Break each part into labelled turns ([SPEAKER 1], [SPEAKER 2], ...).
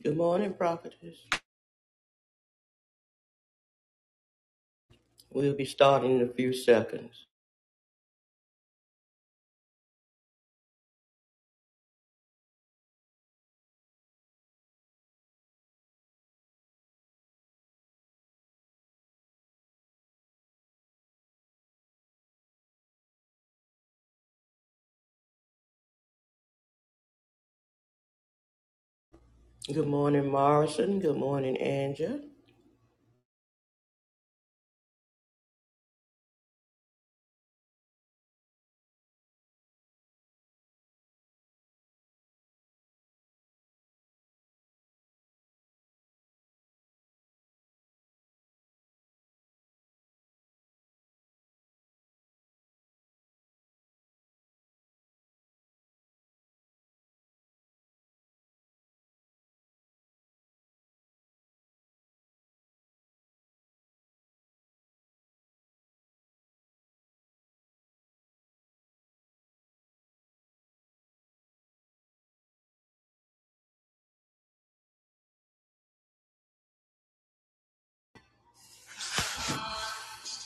[SPEAKER 1] Good morning, prophetess. We'll be starting in a few seconds. Good morning, Morrison. Good morning, Angela.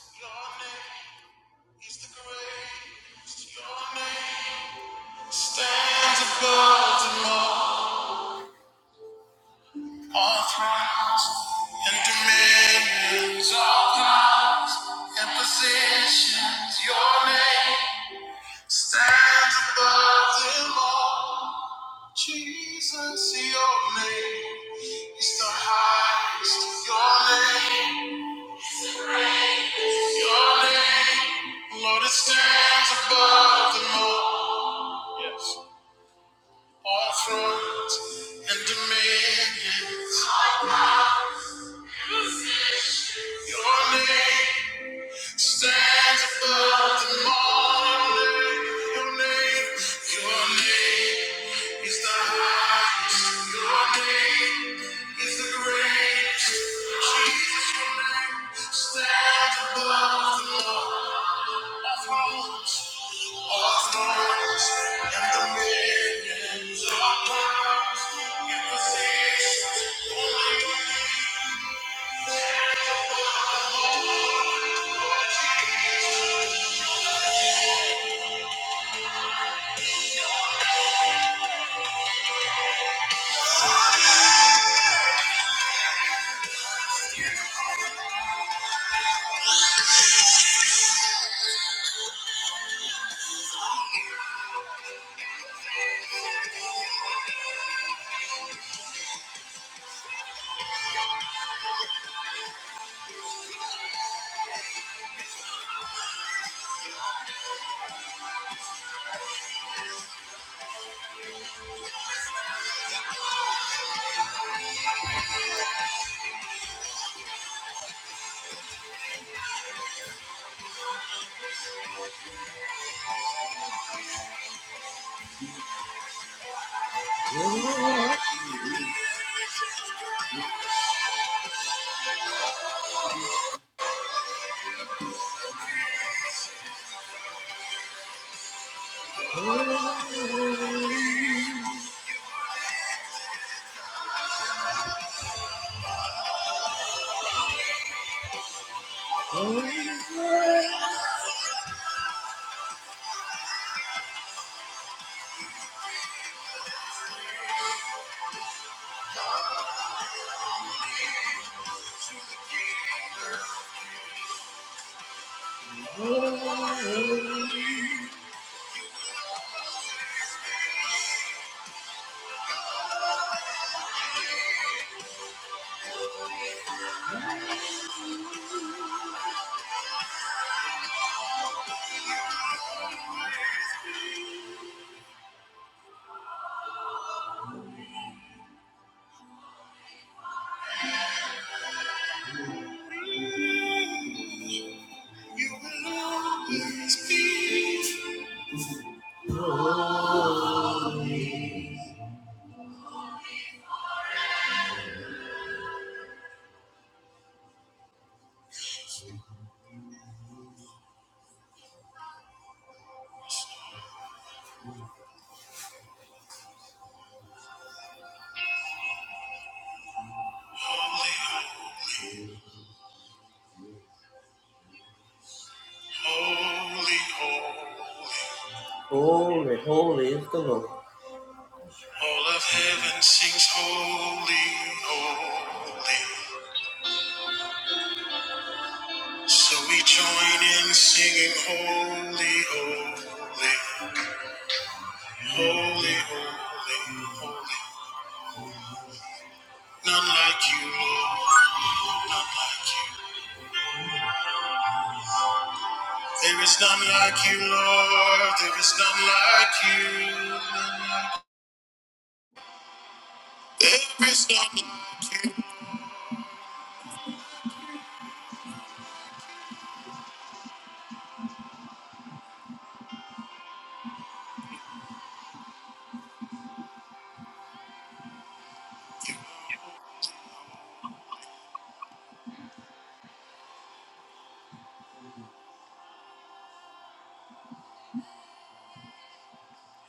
[SPEAKER 1] Your name is the greatest. Your name stands above them all. All thrones and dominions, all powers and positions. Your name stands above them all. Jesus, your name is the highest. Your name, your name, Lord, it stands above them all. Yes. All thrones and dominions. Your name. Stands above the morning, your name, your name is the highest, your name is the greatest. Jesus, your name stands above the law of thrones, all thrones, and the millions of powers and positions. Only you. You will always be holy, holy, holy, holy, holy holy is the Lord. All of heaven sings holy, holy. So we join in singing holy, holy, holy, holy, holy. None like you, Lord, none like you. There is none like you, Lord, there is none like you. There is none like you.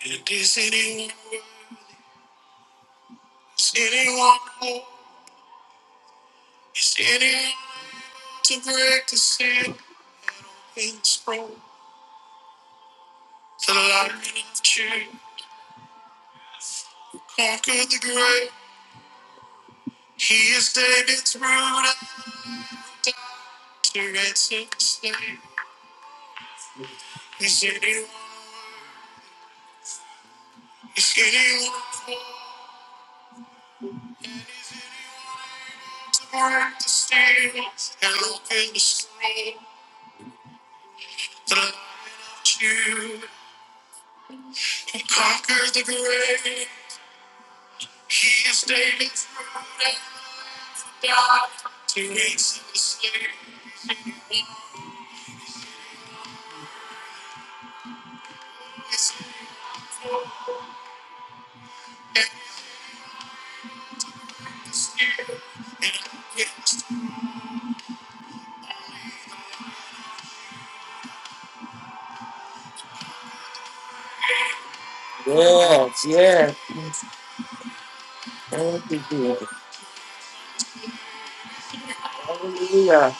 [SPEAKER 1] And is anyone worthy? Is anyone whole? Is anyone to break the sin and scroll? The light of truth conquered the grave. He is David's root and the lion of David, to ransom the slave. Is anyone? Is anyone whole? And is anyone to break the seal and open the scroll? The Lion of Judah, he conquered the grave. He is David's ruler. He makes the slaves. Yes, yes. Thank you, Jesus. Hallelujah.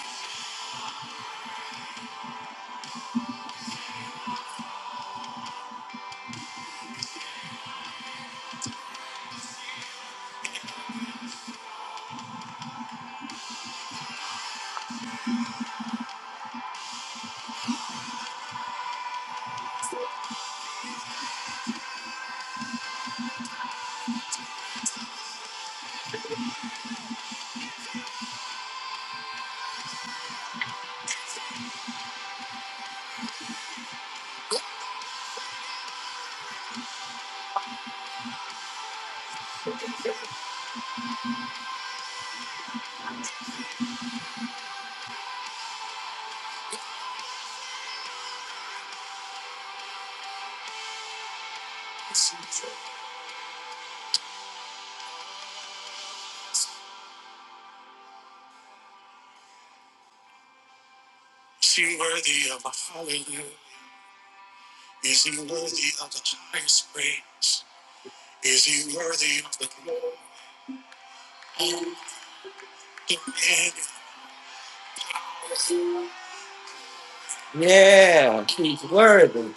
[SPEAKER 1] Is he worthy of a hallelujah? Is he worthy of the highest praise? Is he worthy of the glory? Yeah, he's worthy.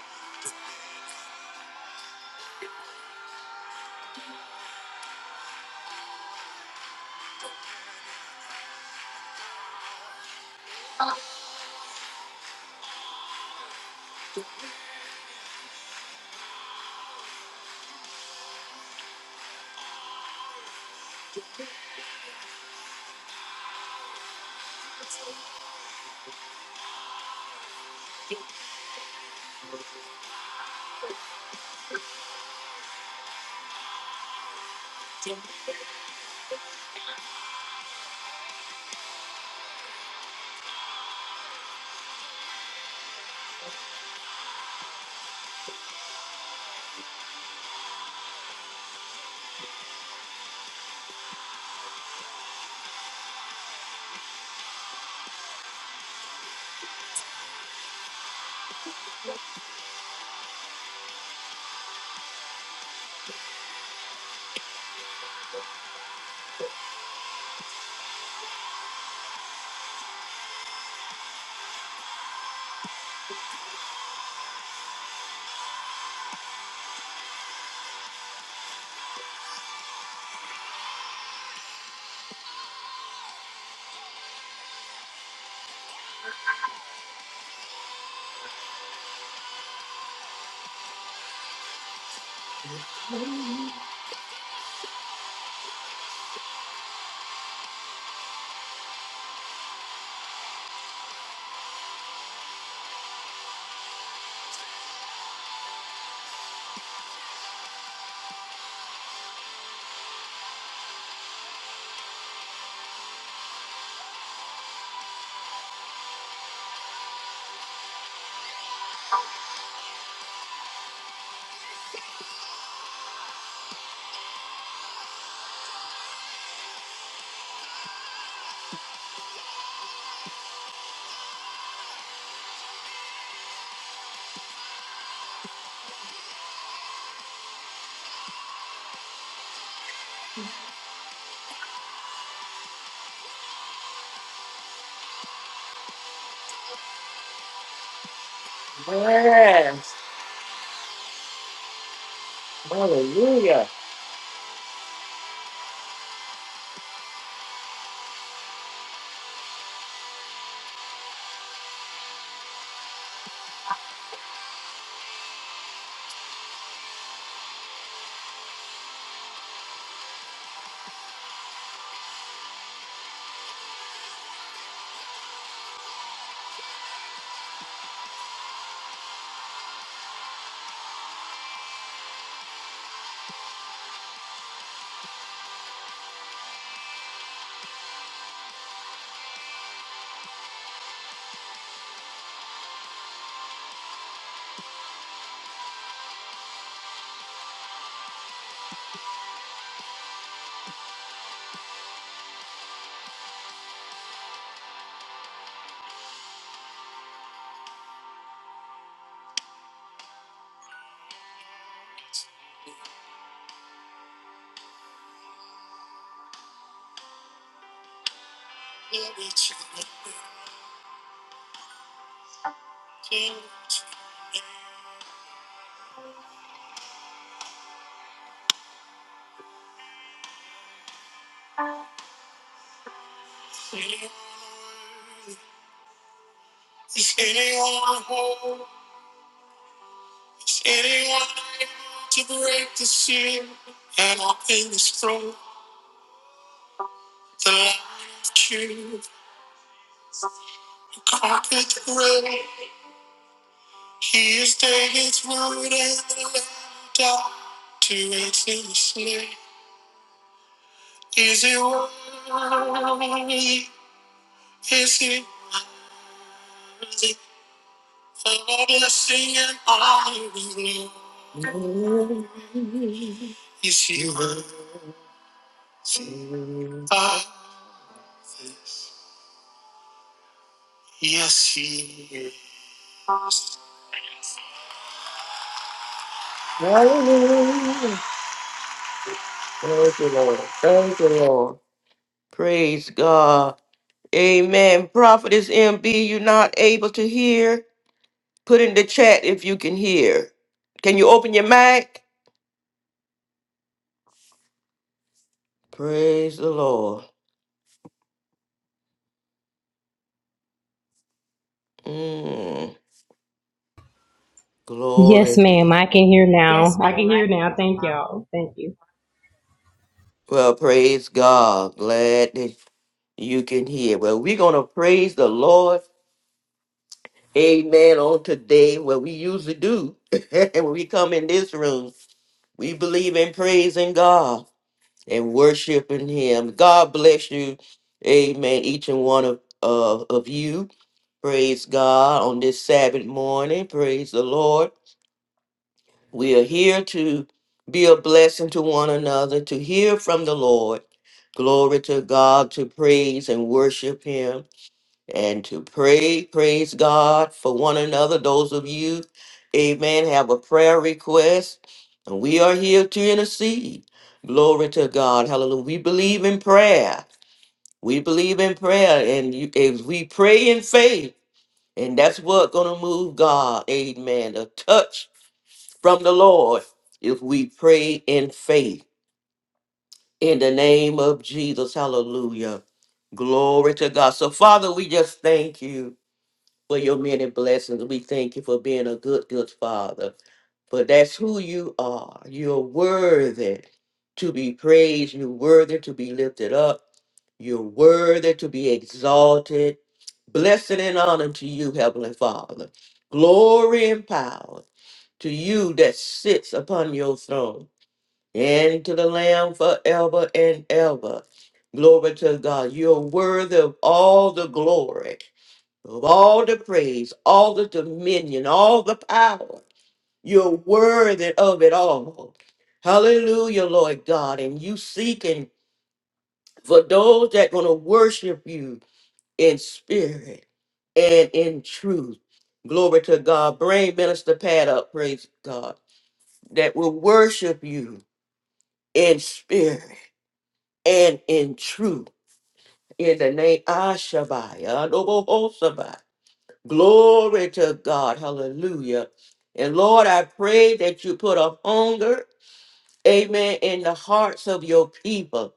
[SPEAKER 1] Hallelujah. Is anyone whole? Is anyone able to break the seal and open this throne? The Lion of Judah, the Carpet Red, He is David's root and the Lamb died to it in the slave. Is it worthy? Is it worthy of all blessing and honor and glory? Yes, he will. Ah, Yes, he is. Hallelujah. Thank you, Lord. Thank you, Lord. Praise God. Amen. Prophetess MB, you're not able to hear? Put in the chat if you can hear. Can you open your mic? Praise the Lord. Mm,
[SPEAKER 2] Yes,
[SPEAKER 1] glory to you.
[SPEAKER 2] ma'am. I can hear
[SPEAKER 1] Yes,
[SPEAKER 2] now. I can
[SPEAKER 1] ma'am.
[SPEAKER 2] hear
[SPEAKER 1] I
[SPEAKER 2] now. Thank
[SPEAKER 1] can.
[SPEAKER 2] y'all. Thank you.
[SPEAKER 1] Well, praise God. Glad that you can hear. Well, we're going to praise the Lord Amen on today, what we usually do when we come in this room. We believe in praising God and worshiping Him. God bless you. Amen. Each and one of, of, of you. Praise God on this Sabbath morning. Praise the Lord. We are here to be a blessing to one another, to hear from the Lord. Glory to God, to praise and worship Him and to pray, praise God for one another. Those of you, amen, have a prayer request, and we are here to intercede. Glory to God. Hallelujah. We believe in prayer. We believe in prayer, and you, if we pray in faith, and that's what gonna move God. Amen. A touch from the Lord if we pray in faith. In the name of Jesus, hallelujah. Glory to God. So, Father, we just thank you for your many blessings. We thank you for being a good, good father. For that's who you are. You're worthy to be praised. You're worthy to be lifted up. You're worthy to be exalted. Blessing and honor to you, Heavenly Father. Glory and power to you that sits upon your throne and to the Lamb forever and ever. Glory to God. You're worthy of all the glory of all the praise, all the dominion, all the power. You're worthy of it all. Hallelujah, Lord God. And you seeking for those that going to worship you in spirit and in truth. Glory to God. Bring Minister Pat up, praise God, that will worship you in spirit and in truth. In the name Ashabai, Glory to God. Hallelujah. And Lord, I pray that you put a hunger, amen, in the hearts of your people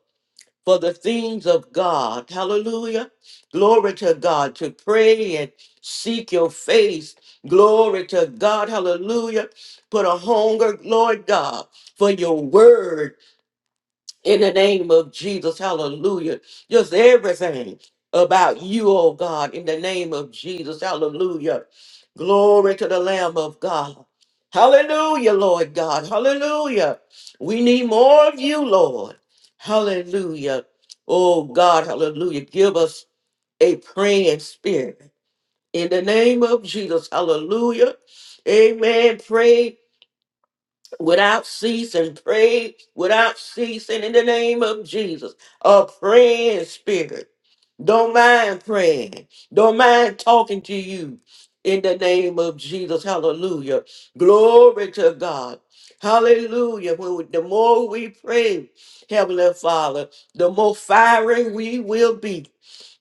[SPEAKER 1] for the things of God. Hallelujah. Glory to God to pray and seek your face. Glory to God. Hallelujah. Put a hunger, Lord God, for your word in the name of Jesus. Hallelujah. Just everything about you, oh God, in the name of Jesus. Hallelujah. Glory to the Lamb of God. Hallelujah, Lord God. Hallelujah. We need more of you, Lord. Hallelujah. Oh God, hallelujah. Give us a praying spirit. In the name of Jesus, hallelujah. Amen. Pray without ceasing. Pray without ceasing in the name of Jesus. A praying spirit. Don't mind praying. Don't mind talking to you in the name of Jesus. Hallelujah. Glory to God. Hallelujah. When we- the more we pray, Heavenly Father, the more fiery we will be.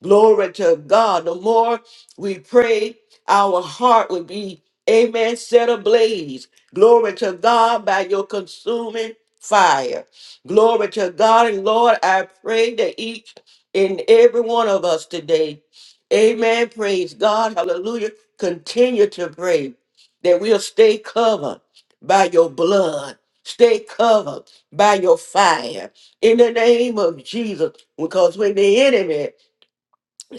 [SPEAKER 1] Glory to God. The more we pray, our heart will be, amen, set ablaze. Glory to God by your consuming fire. Glory to God. And Lord, I pray that each in every one of us today. Amen. Praise God. Hallelujah. Continue to pray that we'll stay covered by your blood. Stay covered by your fire in the name of Jesus. Because when the enemy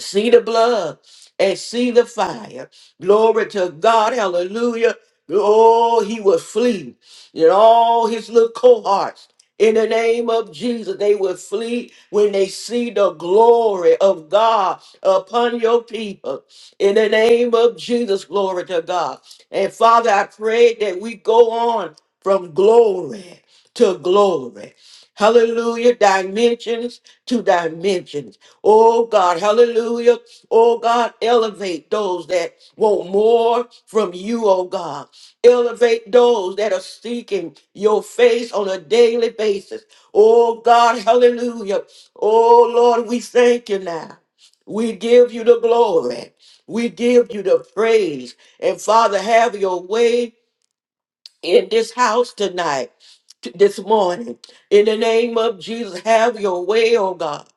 [SPEAKER 1] see the blood and see the fire. Glory to God. Hallelujah. Oh, he would flee. And all his little cohorts, in the name of Jesus, they would flee when they see the glory of God upon your people. In the name of Jesus, glory to God. And Father, I pray that we go on from glory to glory. Hallelujah. Dimensions to dimensions. Oh God, hallelujah. Oh God, elevate those that want more from you, oh God. Elevate those that are seeking your face on a daily basis. Oh God, hallelujah. Oh Lord, we thank you now. We give you the glory. We give you the praise. And Father, have your way in this house tonight, t- this morning. In the name of Jesus, have your way, oh God.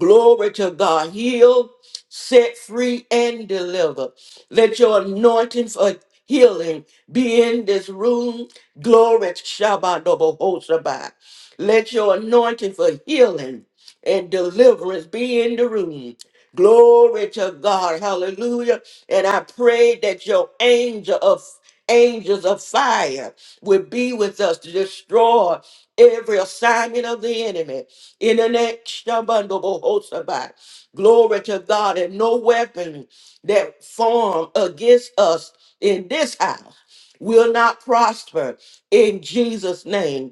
[SPEAKER 1] Glory to God. Heal, set free, and deliver. Let your anointing for healing be in this room. Glory to Shabbat. Let your anointing for healing and deliverance be in the room. Glory to God. Hallelujah. And I pray that your angel of angels of fire would be with us to destroy every assignment of the enemy in the next abundable host of God. Glory to God. And no weapon that form against us in this house will not prosper in Jesus' name.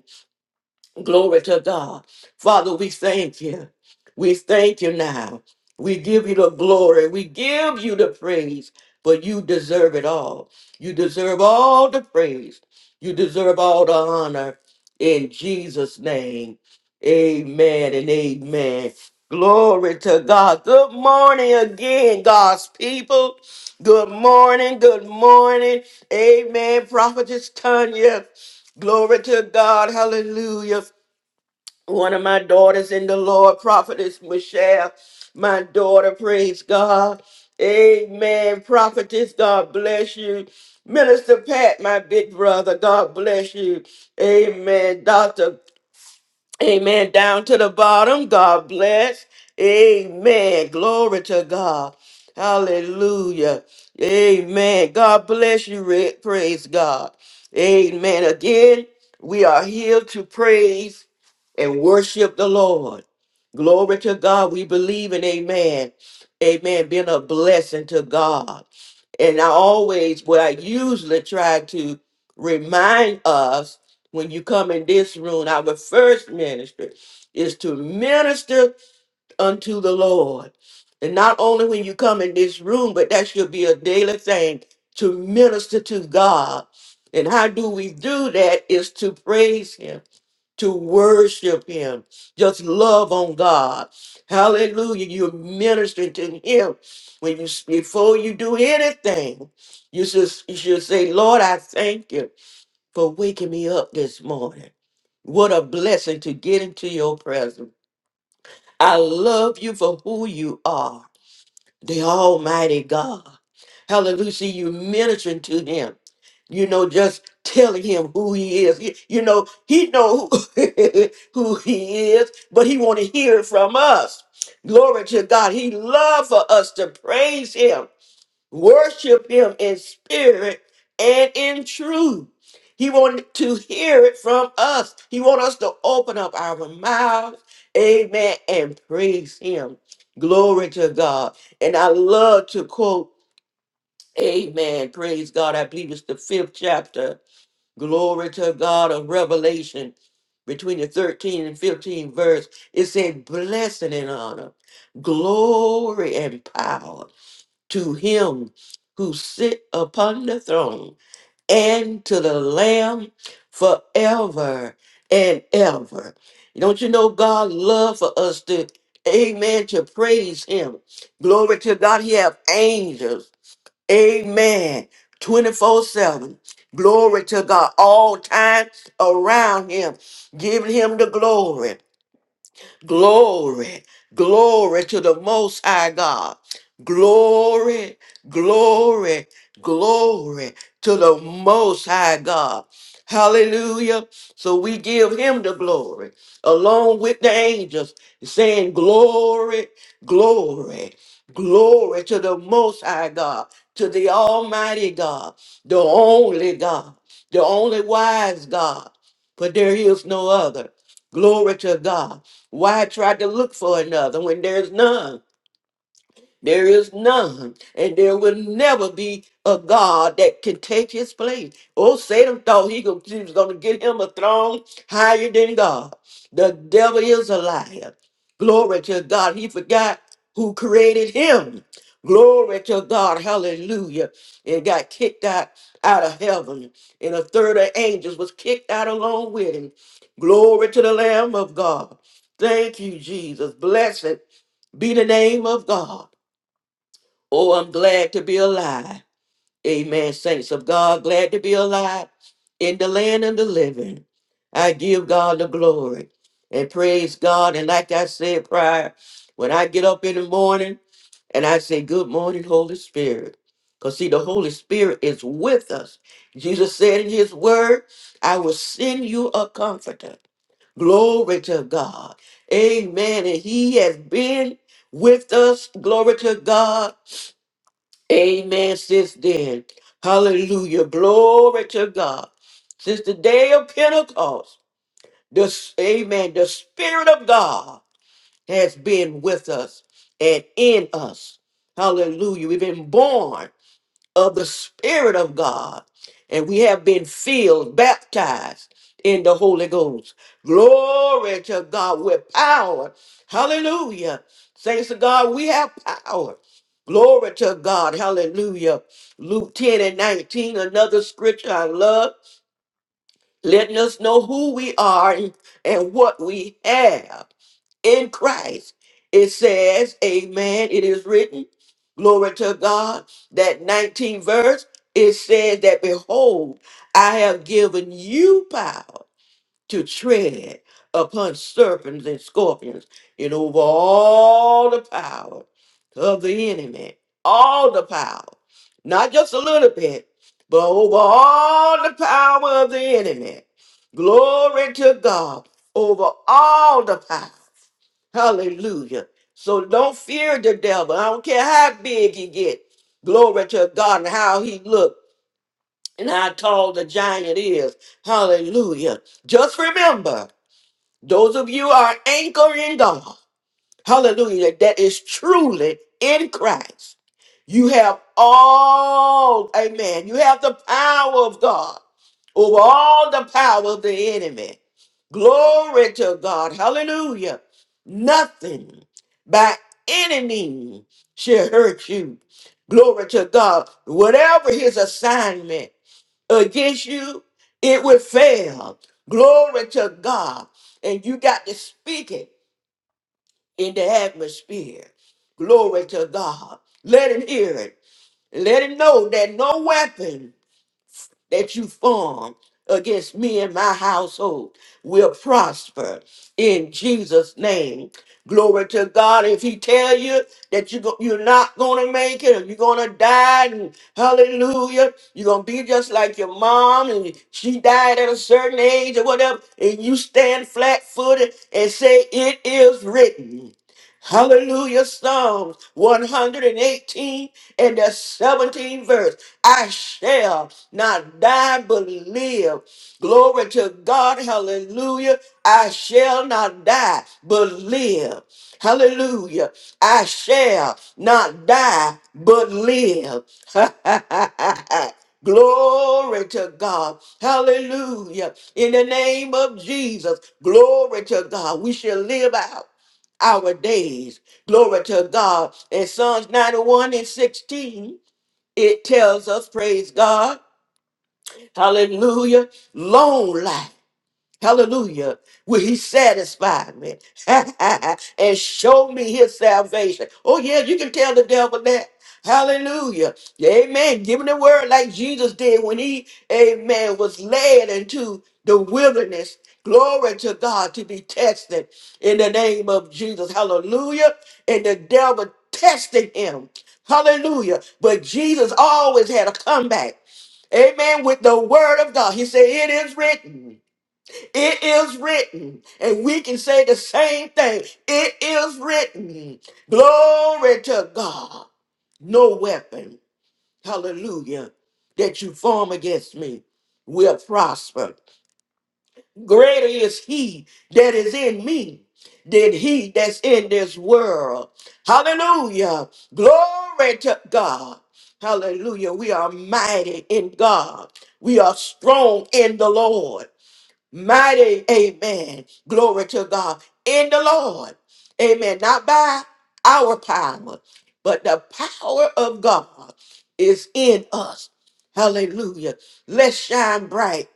[SPEAKER 1] Glory to God. Father, we thank you. We thank you now. We give you the glory. We give you the praise, but you deserve it all. You deserve all the praise. You deserve all the honor in Jesus' name. Amen and amen. Glory to God. Good morning again, God's people. Good morning. Good morning. Amen. Prophetess Tanya. Glory to God. Hallelujah one of my daughters in the Lord, prophetess Michelle, my daughter, praise God. Amen. Prophetess, God bless you. Minister Pat, my big brother, God bless you. Amen. Doctor, amen. Down to the bottom, God bless. Amen. Glory to God. Hallelujah. Amen. God bless you, Rick. Praise God. Amen. Again, we are here to praise and worship the Lord. Glory to God. We believe in amen. Amen. Being a blessing to God. And I always, what I usually try to remind us when you come in this room, our first ministry is to minister unto the Lord. And not only when you come in this room, but that should be a daily thing to minister to God. And how do we do that is to praise Him to worship him. Just love on God. Hallelujah. You're ministering to him. When you before you do anything, you should, you should say, Lord, I thank you for waking me up this morning. What a blessing to get into your presence. I love you for who you are the Almighty God. Hallelujah. See, you ministering to him. You know, just telling him who he is. He- you know, he know who, who he is, but he want to hear it from us. Glory to God. He love for us to praise him worship him in spirit and in truth. He wanted to hear it from us. He wants us to open up our mouths, amen, and praise him. Glory to God. And I love to quote, amen, praise God. I believe it's the fifth chapter, glory to God of Revelation, between the 13 and 15 verse. It said, blessing and honor, glory and power to him who sit upon the throne and to the lamb forever and ever don't you know god love for us to amen to praise him glory to god he have angels amen 24 7 glory to god all time around him giving him the glory Glory, glory to the Most High God. Glory, glory, glory to the Most High God. Hallelujah. So we give him the glory along with the angels, saying, Glory, glory, glory to the Most High God, to the Almighty God, the only God, the only wise God, for there is no other. Glory to God. Why try to look for another when there's none? There is none, and there will never be a God that can take his place. Oh, Satan thought he go- he was going to get him a throne higher than God. The devil is a liar. Glory to God. He forgot who created him. Glory to God. Hallelujah. And got kicked out, out of heaven. And a third of angels was kicked out along with him. Glory to the Lamb of God. Thank you, Jesus. Blessed be the name of God. Oh, I'm glad to be alive. Amen. Saints of God, glad to be alive in the land of the living. I give God the glory and praise God. And like I said prior, when I get up in the morning and I say, Good morning, Holy Spirit. Because see, the Holy Spirit is with us. Jesus said in his word, I will send you a comforter. Glory to God. Amen. And he has been with us. Glory to God. Amen, sis. Then, hallelujah, glory to God. Since the day of Pentecost, this amen, the Spirit of God has been with us and in us. Hallelujah. We've been born of the Spirit of God, and we have been filled, baptized in the Holy Ghost. Glory to God with power. Hallelujah. Thanks to God, we have power. Glory to God. Hallelujah. Luke 10 and 19, another scripture I love letting us know who we are and, and what we have in Christ. It says, Amen. It is written, glory to God. That 19th verse, it says that, Behold, I have given you power to tread upon serpents and scorpions and over all the power of the enemy. All the power. Not just a little bit, but over all the power of the enemy. Glory to God. Over all the power. Hallelujah. So don't fear the devil. I don't care how big he get. Glory to God and how he look and how tall the giant is. Hallelujah. Just remember. Those of you are anchored in God. Hallelujah. That is truly in Christ. You have all, amen. You have the power of God over all the power of the enemy. Glory to God. Hallelujah. Nothing by any means shall hurt you. Glory to God. Whatever his assignment against you, it will fail. Glory to God. And you got to speak it in the atmosphere. Glory to God. Let him hear it. Let him know that no weapon that you form against me and my household will prosper in Jesus' name. Glory to God. If he tell you that you go, you're not going to make it or you're going to die, and hallelujah, you're going to be just like your mom and she died at a certain age or whatever, and you stand flat footed and say, it is written. Hallelujah. Psalms 118 and the 17th verse. I shall not die but live. Glory to God. Hallelujah. I shall not die but live. Hallelujah. I shall not die but live. Glory to God. Hallelujah. In the name of Jesus. Glory to God. We shall live out our days. Glory to God. In Psalms 91 and 16, it tells us, praise God, hallelujah, long life. Hallelujah. Will he satisfy me and show me his salvation? Oh, yeah, you can tell the devil that. Hallelujah. Amen. Give him the word like Jesus did when he, amen, was led into the wilderness. Glory to God to be tested in the name of Jesus. Hallelujah. And the devil tested him. Hallelujah. But Jesus always had a comeback. Amen. With the word of God. He said, It is written. It is written, and we can say the same thing. It is written. Glory to God. No weapon, hallelujah, that you form against me will prosper. Greater is he that is in me than he that's in this world. Hallelujah. Glory to God. Hallelujah. We are mighty in God. We are strong in the Lord. Mighty, amen. Glory to God. In the Lord. Amen. Not by our power, but the power of God is in us. Hallelujah. Let's shine bright.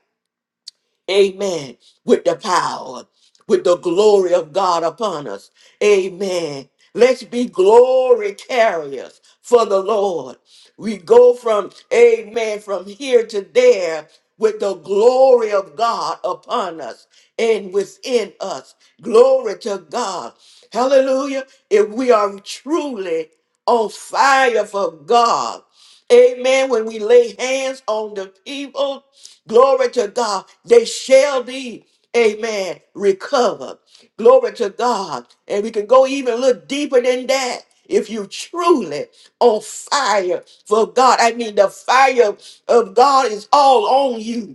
[SPEAKER 1] Amen. With the power, with the glory of God upon us. Amen. Let's be glory carriers for the Lord. We go from, amen, from here to there with the glory of God upon us and within us. Glory to God. Hallelujah. If we are truly on fire for God, Amen. When we lay hands on the people, glory to God, they shall be, amen, recovered. Glory to God. And we can go even a little deeper than that. If you truly on fire for God, I mean, the fire of God is all on you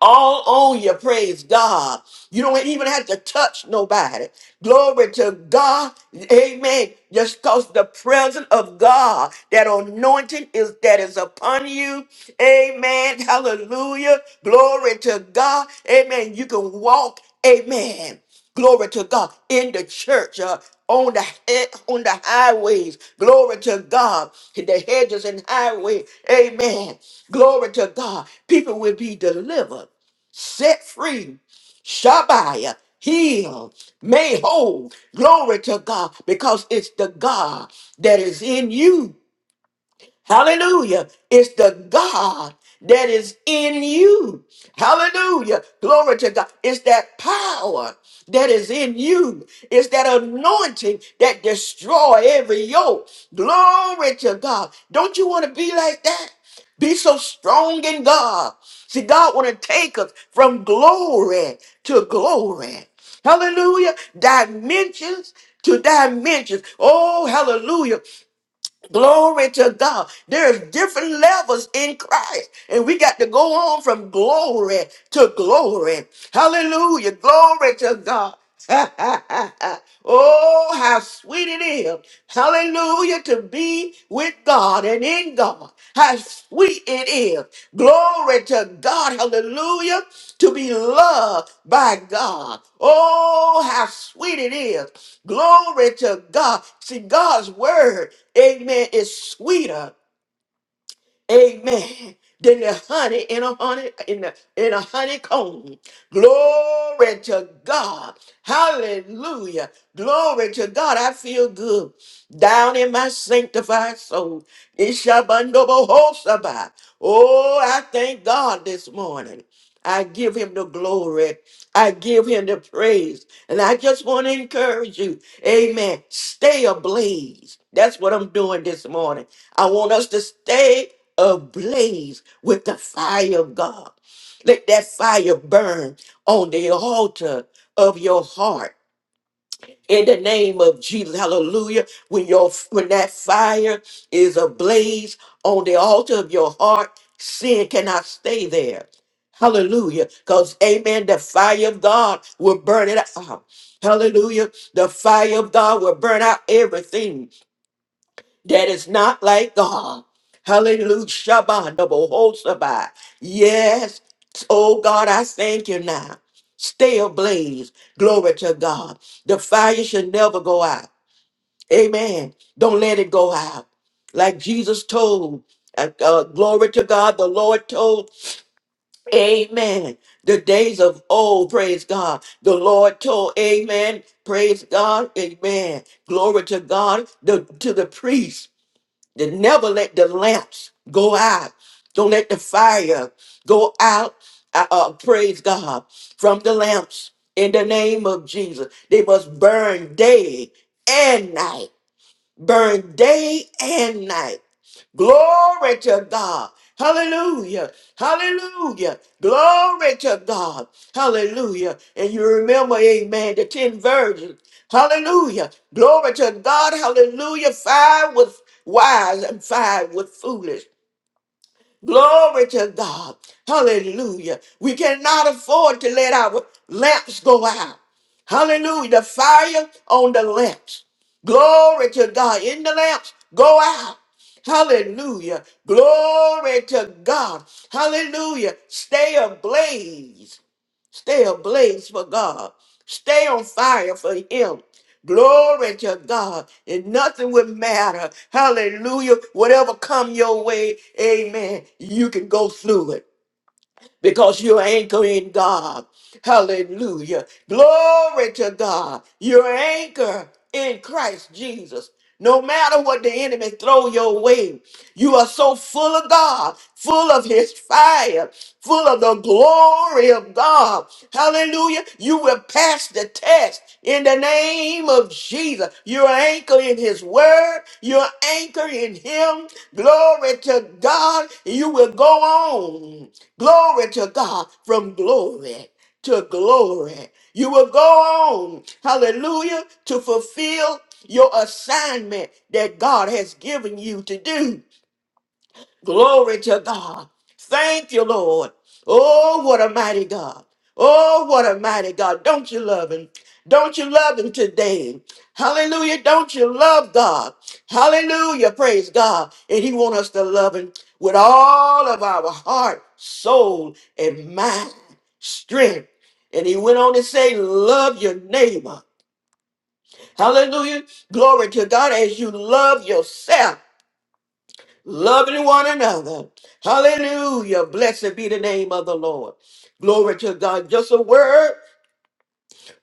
[SPEAKER 1] all on you. Praise God. You don't even have to touch nobody. Glory to God. Amen. Just cause the presence of God, that anointing is that is upon you. Amen. Hallelujah. Glory to God. Amen. You can walk. Amen. Glory to God in the church, uh, on the eh, on the highways. Glory to God in the hedges and highway. Amen. Glory to God. People will be delivered set free, Shabbat, healed, made whole. Glory to God, because it's the God that is in you Hallelujah. It's the God that is in you. Hallelujah. Glory to God. It's that power that is in you. It's that anointing that destroy every yoke. Glory to God. Don't you want to be like that? Be so strong in God. See, God want to take us from glory to glory. Hallelujah. Dimensions to dimensions. Oh, hallelujah. Glory to God. There's different levels in Christ, and we got to go on from glory to glory. Hallelujah. Glory to God. oh, how sweet it is. Hallelujah. To be with with God and in God. How sweet it is. Glory to God. Hallelujah. To be loved by God. Oh, how sweet it is. Glory to God. See, God's word, amen, is sweeter. Amen. Than the honey in a honey in a in a honeycomb. Glory to God. Hallelujah. Glory to God. I feel good. Down in my sanctified soul. Ishabandobohosaba. Oh, I thank God this morning. I give him the glory. I give him the praise. And I just want to encourage you. Amen. Stay ablaze. That's what I'm doing this morning. I want us to stay ablaze with the fire of God. Let that fire burn on the altar of your heart in the name of Jesus. Hallelujah. When your when that fire is ablaze on the altar of your heart, sin cannot stay there. Hallelujah. Because, amen, the fire of God will burn it out. Hallelujah. The fire of God will burn out everything that is not like God. Hallelujah. Shabbat, double Hosabai. Yes. Oh God, I thank you now. Stay ablaze. Glory to God. The fire should never go out. Amen. Don't let it go out. Like Jesus told. uh, uh, glory to God. The Lord told. Amen. The days of old, praise God. The Lord told, Amen. Praise God. Amen. Glory to God. The, to the priest. They never let the lamps go out. Don't let the fire go out. Uh, uh, praise God from the lamps in the name of Jesus. They must burn day and night burn day and night. Glory to God. Hallelujah. Hallelujah. Glory to God. Hallelujah. And you remember, amen, the 10 virgins. Hallelujah. Glory to God. Hallelujah. Five with wise and five with foolish. Glory to God. Hallelujah. We cannot afford to let our lamps go out. Hallelujah. The fire on the lamps. Glory to God. In the lamps, go out. Hallelujah. Glory to God. Hallelujah. Stay ablaze. Stay ablaze for God. Stay on fire for Him. Glory to God. And nothing would matter. Hallelujah. Whatever come your way, amen. You can go through it because you're anchored in God. Hallelujah. Glory to God. Your anchor in Christ Jesus. No matter what the enemy throw your way, you are so full of God, full of his fire, full of the glory of God. Hallelujah. You will pass the test in the name name of Jesus. You're anchored in his word. You're anchored in him. Glory to God. You will go on. Glory to God from glory to glory. You will go on. Hallelujah. To fulfill your assignment that God has given you to do. Glory to God. Thank you, Lord. Oh, what a mighty God. Oh, what a mighty God. Don't you love him? Don't you love him today? Hallelujah. Don't you love God? Hallelujah. Praise God. And he want us to love him with all of our heart, soul, and mind, strength. And he went on to say, love your neighbor. Hallelujah. Glory to God as you love yourself loving one another. Hallelujah. Blessed be the name of the Lord. Glory to God. Just a word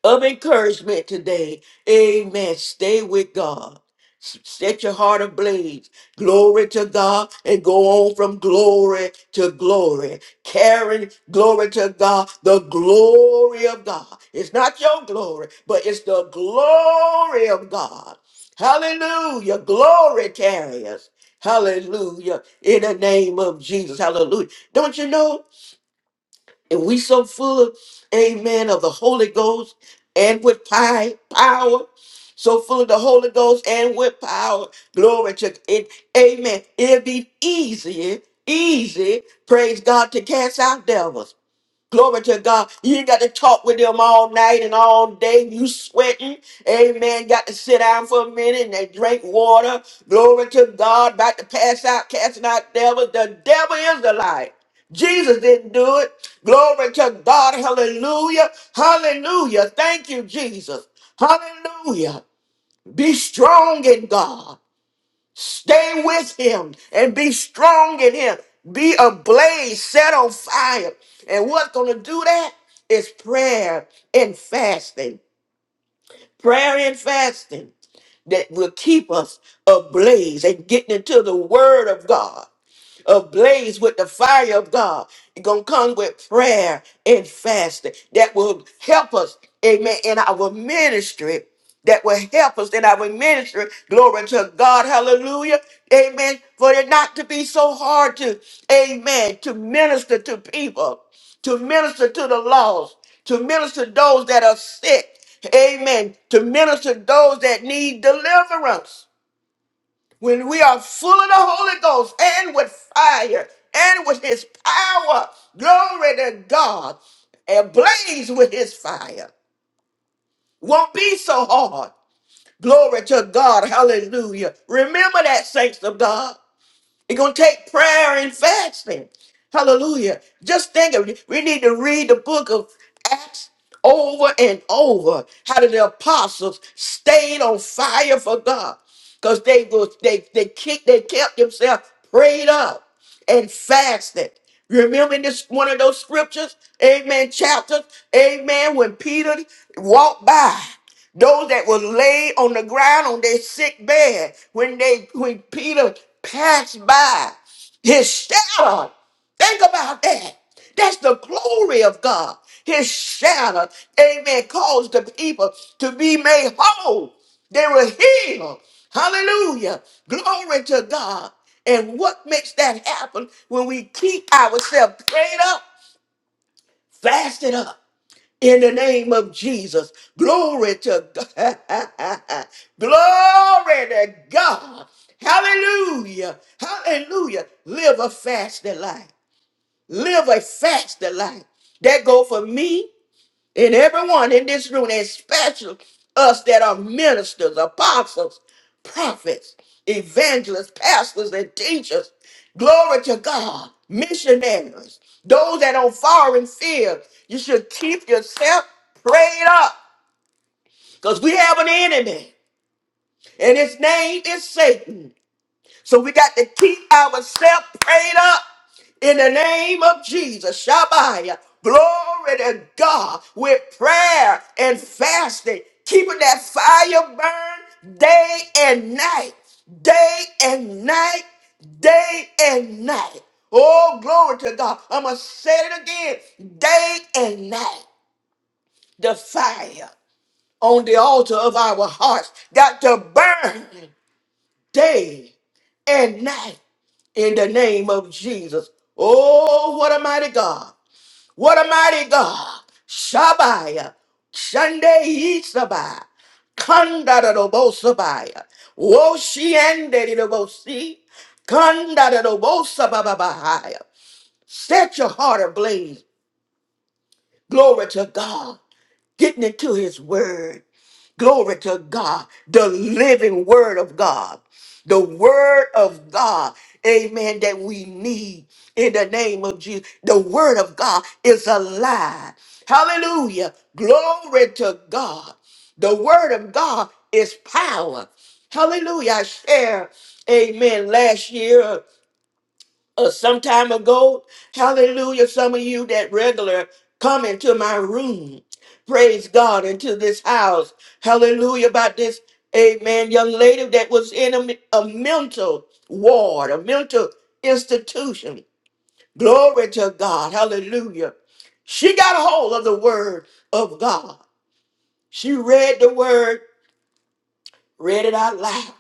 [SPEAKER 1] of encouragement today. Amen. Stay with God. S- Set your heart ablaze. Glory to God and go on from glory to glory. Carrying glory to God, the glory of God. It's not your glory, but it's the glory of God. Hallelujah. Glory carriers. Hallelujah. In the name of Jesus. Hallelujah. Don't you know? And we so full of, amen, of the Holy Ghost and with pi- power. So full of the Holy Ghost and with power. Glory to it. Amen. It'll be easier, easy, praise God, to cast out devils. Glory to God. You got to talk with them all night and all day. You sweating. Amen. Got to sit down for a minute and they drink water. Glory to God. About to pass out, casting out devils. The devil is the lie. Jesus didn't do it. Glory to God. Hallelujah. Hallelujah. Thank you, Jesus. Hallelujah. Be strong in God. Stay with him and be strong in him. Be ablaze, set on fire. And what's going to do that is prayer and fasting. Prayer and fasting that will keep us ablaze and getting into the word of God ablaze with the fire of God. It's going to come with prayer and fasting that will help us, amen, in our ministry that will help us in our ministry. Glory to God. Hallelujah. Amen. For it not to be so hard to, amen, to minister to people, to minister to the lost, to minister to those that are sick. Amen. To minister to those that need deliverance when we are full of the Holy Ghost and with fire and with his power, glory to God, ablaze with his fire. Won't be so hard. Glory to God. Hallelujah. Remember that, saints of God. It's going to take prayer and fasting. Hallelujah. Just think of it. We need to read the book of Acts over and over. How did the apostles stayed on fire for God? Because they was they they kicked, they kept themselves prayed up and fasted. Remember this one of those scriptures, amen, chapters, amen, when Peter walked by those that were laid on the ground on their sick bed when they when Peter passed by his shadow Think about that. That's the glory of God. His shadow, amen, caused the people to be made whole. They were healed. Hallelujah. Glory to God. And what makes that happen when we keep ourselves prayed up, fasted up in the name of Jesus? Glory to God. glory to God. Hallelujah. Hallelujah. Live a fasted life. Live a fasted life. That go for me and everyone in this room, and especially us that are ministers, apostles, prophets, evangelists, pastors, and teachers. Glory to God. Missionaries, those that on foreign field, you should keep yourself prayed up because we have an enemy and his name is Satan. So we got to keep ourselves prayed up in the name of Jesus. Shabbat. Glory to God with prayer and fasting, keeping that fire burn day and night, day and night, day and night. Oh, glory to God. I'm going to say it again day and night. The fire on the altar of our hearts got to burn day and night in the name of Jesus. Oh, what a mighty God. What a mighty God. Shabaya. Shande Isabaya. Kandarabosabaya. Woshiandedidobosi. Kandarabosabababahaya. Set your heart ablaze. Glory to God. Getting into his word. Glory to God, the living word of God, the word of God, amen, that we need in the name of Jesus. The word of God is alive. Hallelujah. Glory to God. The word of God is power. Hallelujah. I shared, amen, last year uh, some time ago. Hallelujah. Some of you that regular come into my room. Praise God into this house. Hallelujah. About this, amen, young lady that was in a, a mental ward, a mental institution. Glory to God. Hallelujah. She got a hold of the word of God. She read the word, read it out loud,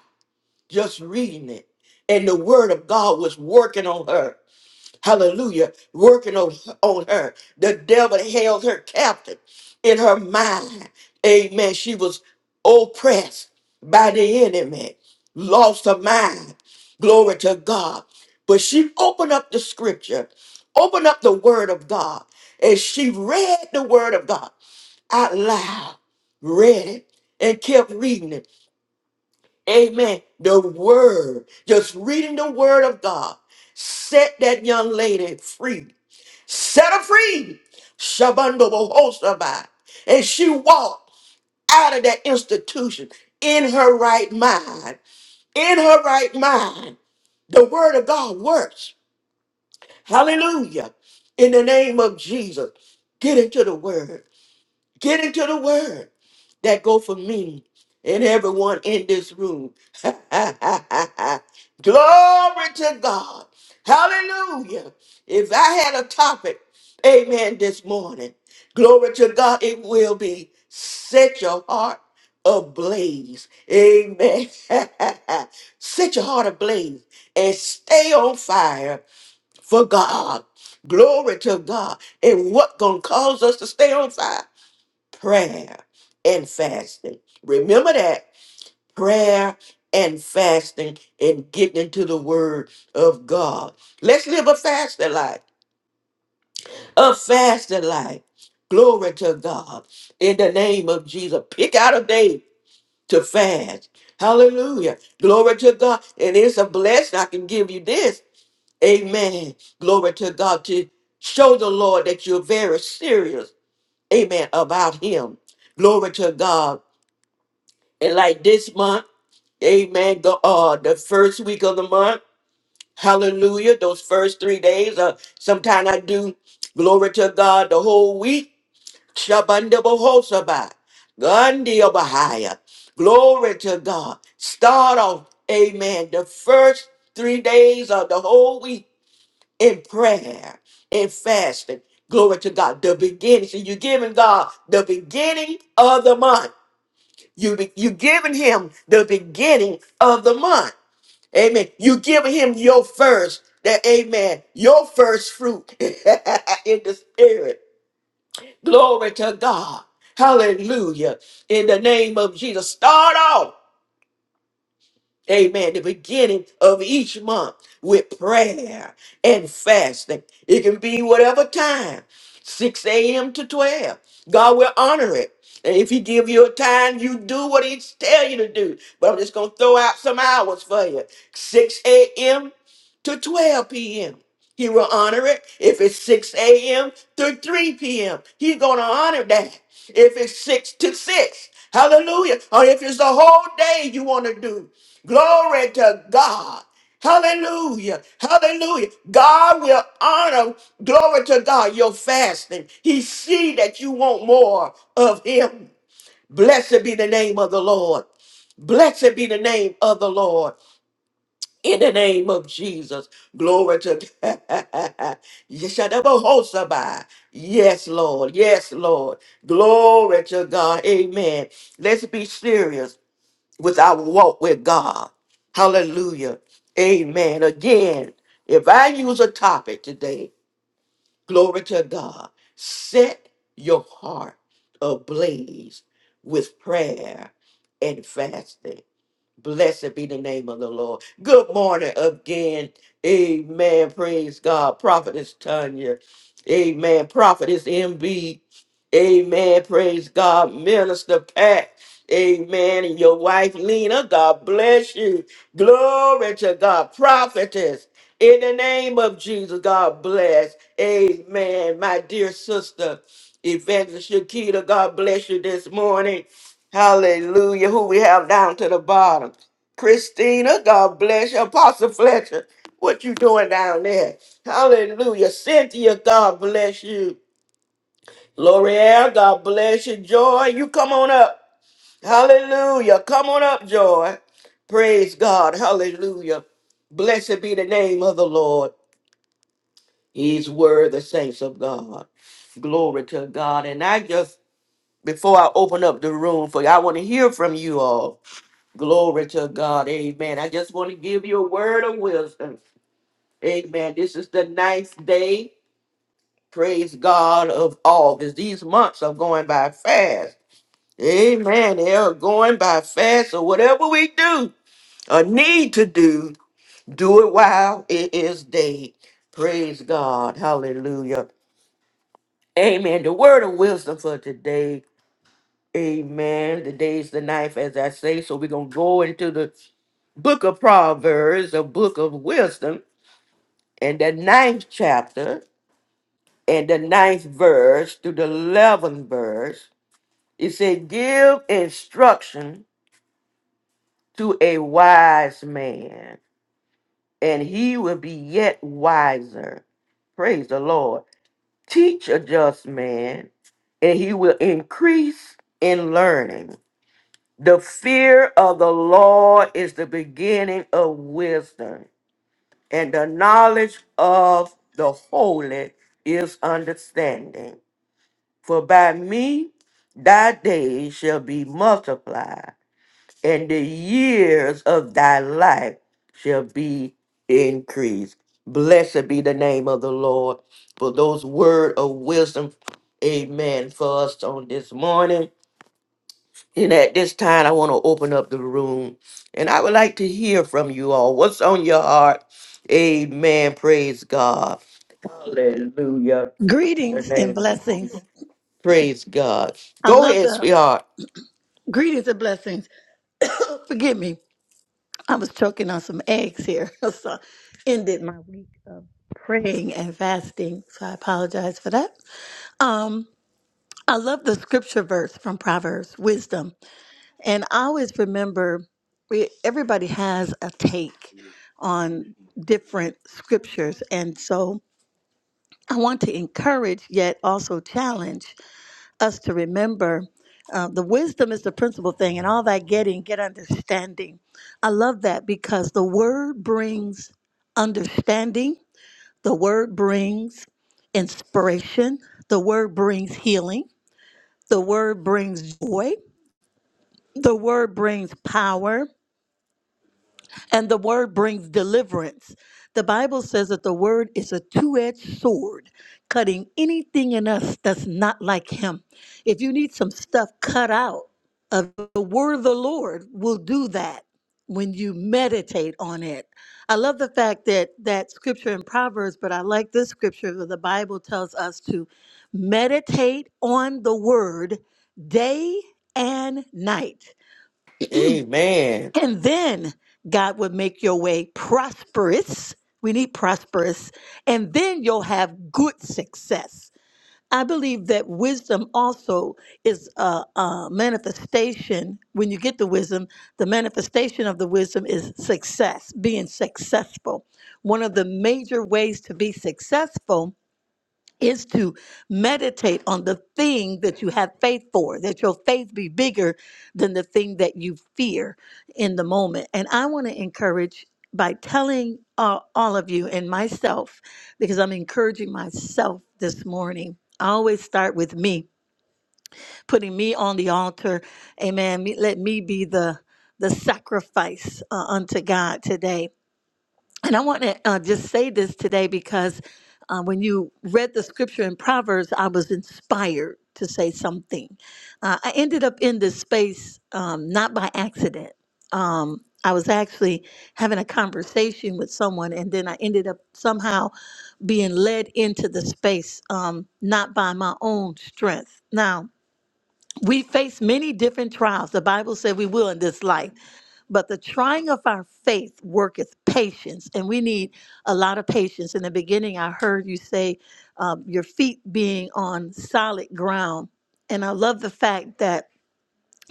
[SPEAKER 1] just reading it. And the word of God was working on her. Hallelujah. Working on, on her. The devil held her captive in her mind. Amen. She was oppressed by the enemy, lost her mind. Glory to God. But she opened up the scripture, opened up the word of God, and she read the word of God out loud, read it, and kept reading it. Amen. The word, just reading the word of God, set that young lady free set her free. Shabando Bohosabai. And she walked out of that institution in her right mind. In her right mind. The word of God works. Hallelujah. In the name of Jesus. Get into the word. Get into the word that go for me and everyone in this room. Glory to God. Hallelujah. If I had a topic, amen, this morning, glory to God, it will be set your heart ablaze. Amen. set your heart ablaze and stay on fire for God. Glory to God. And what gonna cause us to stay on fire? prayer and fasting. Remember that prayer and fasting and getting into the word of God. Let's live a fasted life, a fasted life. Glory to God in the name of Jesus. Pick out a day to fast. Hallelujah. Glory to God. And it's a blessing. I can give you this. Amen. Glory to God to show the Lord that you're very serious. Amen. About Him. Glory to God And like this month, amen, the uh the first week of the month, hallelujah, those first three days, uh sometime I do glory to God the whole week. Shabandabahosabah. Gandhiabahaya. Glory to God. Start off, amen, the first three days of the whole week in prayer and fasting. Glory to God. The beginning. So you're giving God the beginning of the month. You be, you giving him the beginning of the month. Amen. You giving him your first. That amen. Your first fruit in the spirit. Glory to God. Hallelujah. In the name of Jesus. Start off. Amen. The beginning of each month with prayer and fasting. It can be whatever time, 6 a.m. to 12. God will honor it. And if He give you a time, you do what He tell you to do. But I'm just gonna throw out some hours for you: 6 a.m. to 12 p.m. He will honor it if it's 6 a.m. to 3 p.m. He's going to honor that. If it's 6 to 6, hallelujah. Or if it's the whole day you want to do, glory to God. Hallelujah. Hallelujah. God will honor, glory to God, your fasting. He see that you want more of him. Blessed be the name of the Lord. Blessed be the name of the Lord in the name of Jesus. Glory to God. Yeshadabahosabai. Yes, Lord. Yes, Lord. Glory to God. Amen. Let's be serious with our walk with God. Hallelujah. Amen. Again, if I use a topic today, glory to God, set your heart ablaze with prayer and fasting. Blessed be the name of the Lord. Good morning again. Amen. Praise God. Prophetess Tanya. Amen. Prophetess MB. Amen. Praise God. Minister Pat. Amen. And your wife Lena. God bless you. Glory to God. Prophetess. In the name of Jesus, God bless. Amen. My dear sister, Evangelist Shakita, God bless you this morning. Hallelujah. Who we have down to the bottom. Christina, God bless you. Apostle Fletcher, what you doing down there? Hallelujah. Cynthia, God bless you. L'Oreal, God bless you. Joy, you come on up. Hallelujah. Come on up, Joy. Praise God. Hallelujah. Blessed be the name of the Lord. He's worthy, saints of God. Glory to God. And I just, before I open up the room for you, I want to hear from you all. Glory to God. Amen. I just want to give you a word of wisdom. Amen. This is the ninth day. Praise God of August. These months are going by fast. Amen. They're going by fast or whatever we do or need to do, do it while it is day. Praise God. Hallelujah. Amen. The word of wisdom for today. Amen. The day's the knife, as I say. So we're going to go into the book of Proverbs, a book of wisdom, and the ninth chapter and the ninth verse to the eleventh verse. It said, Give instruction to a wise man and he will be yet wiser. Praise the Lord. Teach a just man, and he will increase in learning. The fear of the Lord is the beginning of wisdom, and the knowledge of the holy is understanding. For by me thy days shall be multiplied and the years of thy life shall be increased. Blessed be the name of the Lord for those word of wisdom. Amen. For us on this morning. And at this time, I want to open up the room and I would like to hear from you all. What's on your heart? Amen. Praise God. Hallelujah. The
[SPEAKER 3] Greetings and
[SPEAKER 1] name of
[SPEAKER 3] blessings.
[SPEAKER 1] Praise God.
[SPEAKER 3] I
[SPEAKER 1] Go
[SPEAKER 3] love
[SPEAKER 1] ahead,
[SPEAKER 3] the
[SPEAKER 1] sweetheart.
[SPEAKER 3] greetings and blessings. Forgive me. I was choking on some eggs here. so I ended my week of praying and fasting. So I apologize for that. Um, I love the scripture verse from Proverbs, wisdom. And I always remember we, everybody has a take on different scriptures. And so I want to encourage yet also challenge us to remember uh, the wisdom is the principal thing, and all that getting, get understanding. I love that because the word brings understanding, the word brings inspiration, the word brings healing, the word brings joy, the word brings power, and the word brings deliverance. The Bible says that the word is a two edged sword, cutting anything in us that's not like Him. If you need some stuff cut out of the word of the Lord, will do that when you meditate on it. I love the fact that that scripture in Proverbs, but I like this scripture where the Bible tells us to meditate on the word day and night.
[SPEAKER 1] Amen.
[SPEAKER 3] And then God would make your way prosperous. We need prosperous. And then you'll have good success. I believe that wisdom also is a, a manifestation. When you get the wisdom, the manifestation of the wisdom is success, being successful. One of the major ways to be successful is to meditate on the thing that you have faith for, that your faith be bigger than the thing that you fear in the moment. And I want to encourage by telling uh, all of you and myself, because I'm encouraging myself this morning. I always start with me, putting me on the altar. Amen. Me- Let me be the the sacrifice uh, unto God today. And I want to uh, just say this today because uh, when you read the scripture in Proverbs, I was inspired to say something. Uh, I ended up in this space um, not by accident. Um, I was actually having a conversation with someone, and then I ended up somehow being led into the space, um, not by my own strength. Now, we face many different trials. The Bible said we will in this life. But the trying of our faith worketh patience, and we need a lot of patience. In the beginning, I heard you say um, your feet being on solid ground. And I love the fact that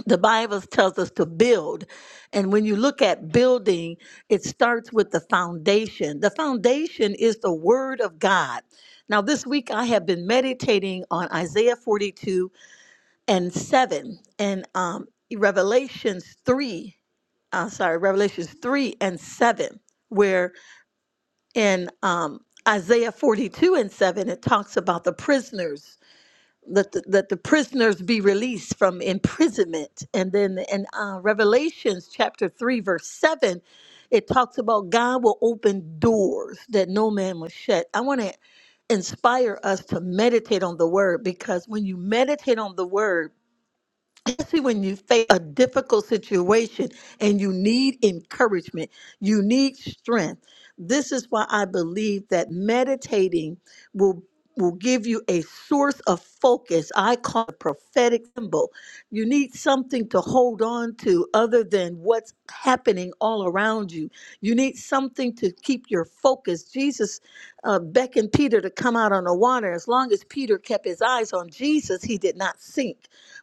[SPEAKER 3] the Bible tells us to build. And when you look at building, it starts with the foundation. The foundation is the Word of God. Now, this week I have been meditating on Isaiah 42 and 7 and um, revelations 3 uh, sorry revelations 3 and 7 where in um, isaiah 42 and 7 it talks about the prisoners that the, that the prisoners be released from imprisonment and then in uh, revelations chapter 3 verse 7 it talks about god will open doors that no man will shut i want to inspire us to meditate on the word because when you meditate on the word especially when you face a difficult situation and you need encouragement, you need strength. This is why I believe that meditating will will give you a source of focus. I call it prophetic symbol. You need something to hold on to other than what's happening all around you. You need something to keep your focus. Jesus uh, beckoned Peter to come out on the water. As long as Peter kept his eyes on Jesus, he did not sink.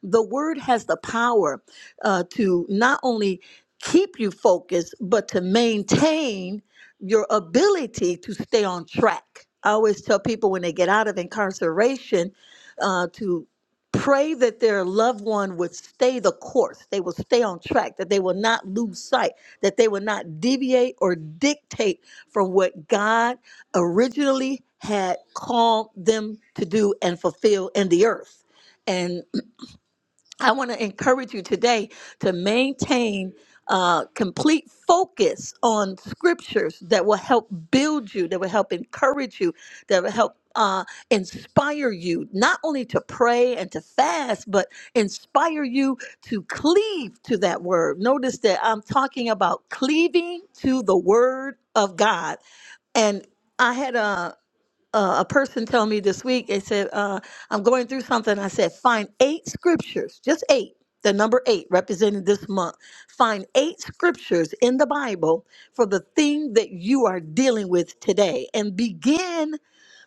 [SPEAKER 3] The word has the power uh, to not only keep you focused, but to maintain your ability to stay on track. I always tell people when they get out of incarceration uh, to pray that their loved one would stay the course, they will stay on track, that they will not lose sight, that they will not deviate or dictate from what God originally had called them to do and fulfill in the earth. I want to encourage you today to maintain uh, complete focus on scriptures that will help build you, that will help encourage you, that will help uh, inspire you not only to pray and to fast, but inspire you to cleave to that word. Notice that I'm talking about cleaving to the word of God and I had a uh, a person told me this week, they said, uh, I'm going through something. I said, find eight scriptures, just eight, the number eight represented this month. Find eight scriptures in the Bible for the thing that you are dealing with today and begin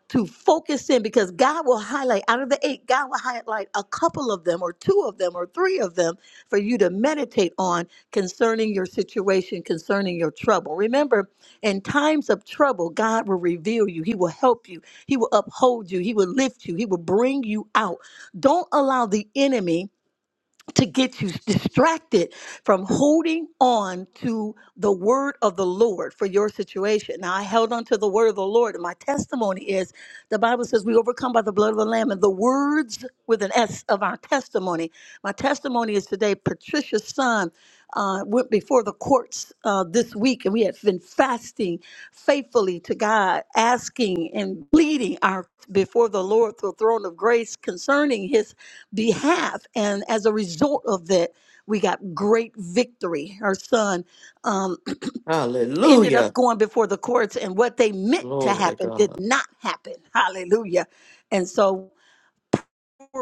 [SPEAKER 3] to focus in because God will highlight out of the eight, God will highlight a couple of them, or two of them, or three of them for you to meditate on concerning your situation, concerning your trouble. Remember, in times of trouble, God will reveal you, He will help you, He will uphold you, He will lift you, He will bring you out. Don't allow the enemy to get you distracted from holding on to the word of the Lord for your situation. Now, I held on to the word of the Lord, and my testimony is the Bible says we overcome by the blood of the Lamb and the words with an S of our testimony. My testimony is today Patricia's son uh, went before the courts uh, this week, and we have been fasting faithfully to God, asking and pleading our before the Lord through the throne of grace concerning His behalf. And as a result of that, we got great victory. Our son um, ended up
[SPEAKER 1] Hallelujah.
[SPEAKER 3] going before the courts, and what they meant to
[SPEAKER 1] Glory to
[SPEAKER 3] happen did
[SPEAKER 1] God.
[SPEAKER 3] not happen. Hallelujah! And so.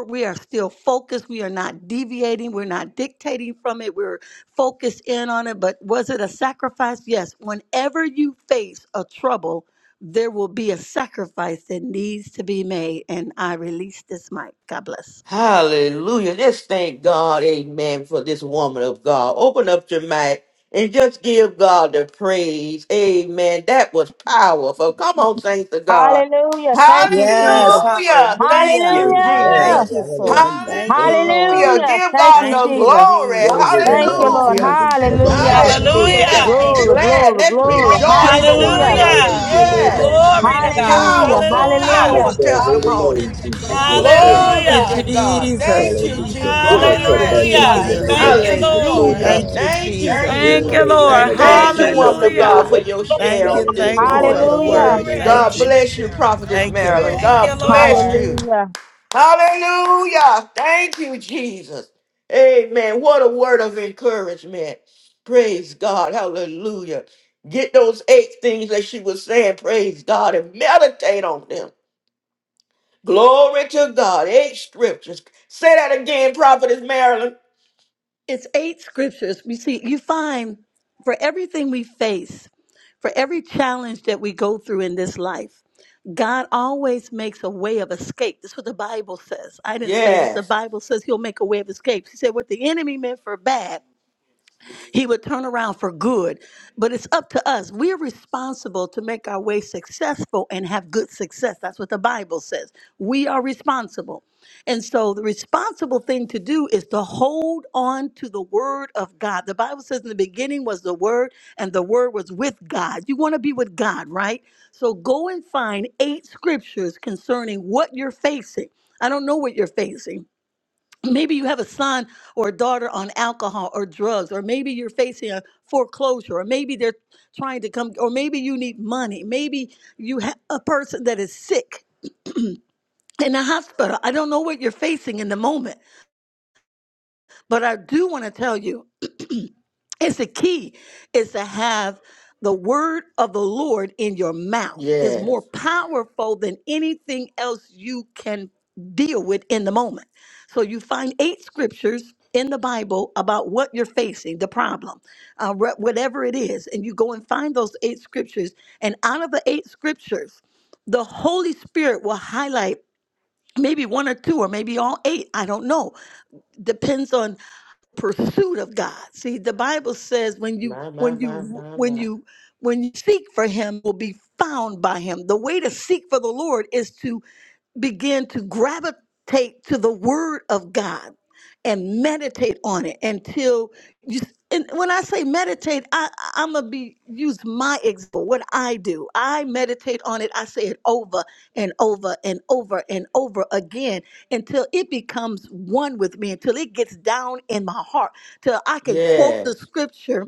[SPEAKER 3] We are still focused. We are not deviating. We're not dictating from it. We're focused in on it. But was it a sacrifice? Yes. Whenever you face a trouble, there will be a sacrifice that needs to be made. And I release this mic. God bless.
[SPEAKER 1] Hallelujah. Let's thank God, amen, for this woman of God. Open up your mic and just give God the praise. Amen. That was powerful. Come on, saints of God.
[SPEAKER 4] Hallelujah. Thank you,
[SPEAKER 5] Yes,
[SPEAKER 4] Jesus.
[SPEAKER 1] Hallelujah. Thank
[SPEAKER 5] hallelujah.
[SPEAKER 1] you,
[SPEAKER 4] Hallelujah.
[SPEAKER 5] Thank
[SPEAKER 1] Jesus.
[SPEAKER 6] Amen.
[SPEAKER 5] you for it.
[SPEAKER 6] Hallelujah.
[SPEAKER 5] Thank
[SPEAKER 6] Thank
[SPEAKER 5] you,
[SPEAKER 6] you, Jesus.
[SPEAKER 5] Lord.
[SPEAKER 1] Hallelujah.
[SPEAKER 4] Hallelujah.
[SPEAKER 1] Give
[SPEAKER 4] Thank
[SPEAKER 1] God
[SPEAKER 4] you,
[SPEAKER 5] Thank
[SPEAKER 1] the
[SPEAKER 5] you,
[SPEAKER 4] Jesus.
[SPEAKER 1] glory.
[SPEAKER 6] Glory
[SPEAKER 5] Jesus.
[SPEAKER 6] to
[SPEAKER 5] Thank
[SPEAKER 4] Thank you,
[SPEAKER 5] you,
[SPEAKER 6] God.
[SPEAKER 4] Lord.
[SPEAKER 1] Hallelujah.
[SPEAKER 5] Jesus.
[SPEAKER 4] Hallelujah.
[SPEAKER 6] Hallelujah.
[SPEAKER 1] Hallelujah. Let's
[SPEAKER 7] Hallelujah.
[SPEAKER 1] be
[SPEAKER 4] Glory,
[SPEAKER 1] glad.
[SPEAKER 4] glory,
[SPEAKER 1] Let's
[SPEAKER 6] Thank
[SPEAKER 4] glory.
[SPEAKER 6] you,
[SPEAKER 1] rejoice for
[SPEAKER 6] Jesus.
[SPEAKER 1] one
[SPEAKER 4] Hallelujah.
[SPEAKER 1] another.
[SPEAKER 7] Hallelujah.
[SPEAKER 6] Hallelujah, Lord
[SPEAKER 1] Yes.
[SPEAKER 6] God, in the name
[SPEAKER 7] Glory to
[SPEAKER 6] of
[SPEAKER 7] God.
[SPEAKER 6] Jesus.
[SPEAKER 4] Hallelujah.
[SPEAKER 5] Jesus.
[SPEAKER 1] Powerful,
[SPEAKER 4] Hallelujah.
[SPEAKER 7] Hallelujah.
[SPEAKER 1] powerful
[SPEAKER 6] Bless your holy
[SPEAKER 1] testimony.
[SPEAKER 6] name, Jesus. Yes, Lord.
[SPEAKER 5] Thank you,
[SPEAKER 1] Glory to
[SPEAKER 7] Hallelujah.
[SPEAKER 1] God. Thank
[SPEAKER 5] Jesus.
[SPEAKER 1] you,
[SPEAKER 6] Hallelujah.
[SPEAKER 1] Jesus.
[SPEAKER 6] Fill us
[SPEAKER 5] Thank
[SPEAKER 6] up
[SPEAKER 5] you,
[SPEAKER 6] back up in the
[SPEAKER 7] Hallelujah.
[SPEAKER 6] name
[SPEAKER 5] Jesus.
[SPEAKER 6] of
[SPEAKER 7] Thank you,
[SPEAKER 6] Jesus, Lord
[SPEAKER 7] Lord.
[SPEAKER 1] Hallelujah.
[SPEAKER 5] Thank
[SPEAKER 6] God.
[SPEAKER 5] you,
[SPEAKER 1] Thank you,
[SPEAKER 5] Jesus.
[SPEAKER 7] Thank
[SPEAKER 6] Fill
[SPEAKER 1] Jesus.
[SPEAKER 7] you,
[SPEAKER 6] your
[SPEAKER 7] Lord.
[SPEAKER 6] women of
[SPEAKER 5] Thank you,
[SPEAKER 6] God
[SPEAKER 1] Thank you,
[SPEAKER 6] back up
[SPEAKER 1] woman
[SPEAKER 5] Jesus.
[SPEAKER 6] in
[SPEAKER 1] of
[SPEAKER 6] the
[SPEAKER 1] God,
[SPEAKER 6] name
[SPEAKER 1] for
[SPEAKER 7] Hallelujah.
[SPEAKER 6] of
[SPEAKER 1] your
[SPEAKER 6] Jesus,
[SPEAKER 1] share
[SPEAKER 5] Thank
[SPEAKER 6] God,
[SPEAKER 5] you,
[SPEAKER 1] on
[SPEAKER 6] and
[SPEAKER 1] this
[SPEAKER 6] give
[SPEAKER 5] thank
[SPEAKER 6] her
[SPEAKER 5] you
[SPEAKER 6] an
[SPEAKER 5] for
[SPEAKER 1] morning.
[SPEAKER 5] the
[SPEAKER 6] overflow in
[SPEAKER 4] Hallelujah.
[SPEAKER 6] the
[SPEAKER 5] word.
[SPEAKER 6] name
[SPEAKER 7] Glory.
[SPEAKER 6] of
[SPEAKER 5] Thank
[SPEAKER 1] God
[SPEAKER 5] you.
[SPEAKER 1] bless you,
[SPEAKER 6] Jesus.
[SPEAKER 1] Prophetess
[SPEAKER 5] Thank you,
[SPEAKER 1] Marilyn.
[SPEAKER 7] Thank
[SPEAKER 5] Lord.
[SPEAKER 7] you,
[SPEAKER 1] God bless
[SPEAKER 7] Lord.
[SPEAKER 1] you.
[SPEAKER 4] Hallelujah.
[SPEAKER 1] Hallelujah. Thank you, Jesus. Amen. What a word of encouragement. Praise God. Hallelujah. Get those eight things that she was saying. Praise God and meditate on them. Glory to God. Eight scriptures. Say that again, Prophetess Marilyn.
[SPEAKER 3] It's eight scriptures. We see, you find for everything we face, for every challenge that we go through in this life, God always makes a way of escape. That's what the Bible says. I didn't say this. The
[SPEAKER 1] Yes.
[SPEAKER 3] Bible says He'll make a way of escape. He said, What the enemy meant for bad. He would turn around for good. But it's up to us. We're responsible to make our way successful and have good success. That's what the Bible says. We are responsible. And so the responsible thing to do is to hold on to the word of God. The Bible says in the beginning was the word, and the word was with God. You want to be with God, right? So go and find eight scriptures concerning what you're facing. I don't know what you're facing maybe you have a son or a daughter on alcohol or drugs or maybe you're facing a foreclosure or maybe they're trying to come or maybe you need money maybe you have a person that is sick in the hospital i don't know what you're facing in the moment but i do want to tell you It's the key is to have the word of the Lord in your mouth is more
[SPEAKER 1] Yes.
[SPEAKER 3] powerful than anything else you can deal with in the moment. So you find eight scriptures in the Bible about what you're facing, the problem, uh, wha- whatever it is, and you go and find those eight scriptures. And out of the eight scriptures, the Holy Spirit will highlight maybe one or two or maybe all eight. I don't know depends on pursuit of God. See, the Bible says when you
[SPEAKER 1] My, my,
[SPEAKER 3] when
[SPEAKER 1] my,
[SPEAKER 3] you
[SPEAKER 1] my,
[SPEAKER 3] when
[SPEAKER 1] my.
[SPEAKER 3] you when you seek for him will be found by him. The way to seek for the Lord is to begin to gravitate to the word of God and meditate on it until you and when I say meditate, I I'm gonna be use my example, what I do. I meditate on it, I say it over and over and over and over again until it becomes one with me, until it gets down in my heart, till I can quote the
[SPEAKER 1] Yes.
[SPEAKER 3] scripture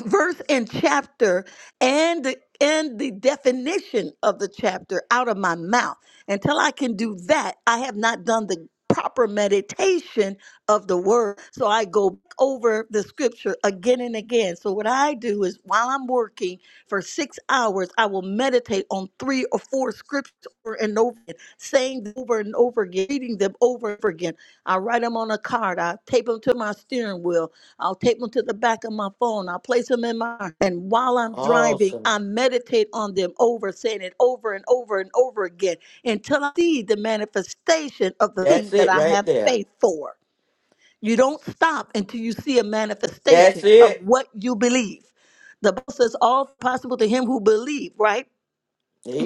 [SPEAKER 3] verse and chapter and the and the definition of the chapter out of my mouth. Until I can do that, I have not done the proper meditation of the word. So I go over the scripture again and again. So what I do is while I'm working for 6 hours, I will meditate on 3 or 4 scriptures over and over again, saying them over and over again, reading them over and over again. I write them on a card, I tape them to my steering wheel, I'll tape them to the back of my phone. I'll place them in my heart. and while I'm driving,
[SPEAKER 1] Awesome.
[SPEAKER 3] I meditate on them over, saying it over and over and over again until I see the manifestation of the
[SPEAKER 1] That's
[SPEAKER 3] thing that
[SPEAKER 1] it
[SPEAKER 3] I
[SPEAKER 1] right
[SPEAKER 3] have
[SPEAKER 1] there.
[SPEAKER 3] faith for. You don't stop until you see a
[SPEAKER 1] That's
[SPEAKER 3] manifestation of
[SPEAKER 1] it.
[SPEAKER 3] what you believe. The Bible says all possible to him who believe, right?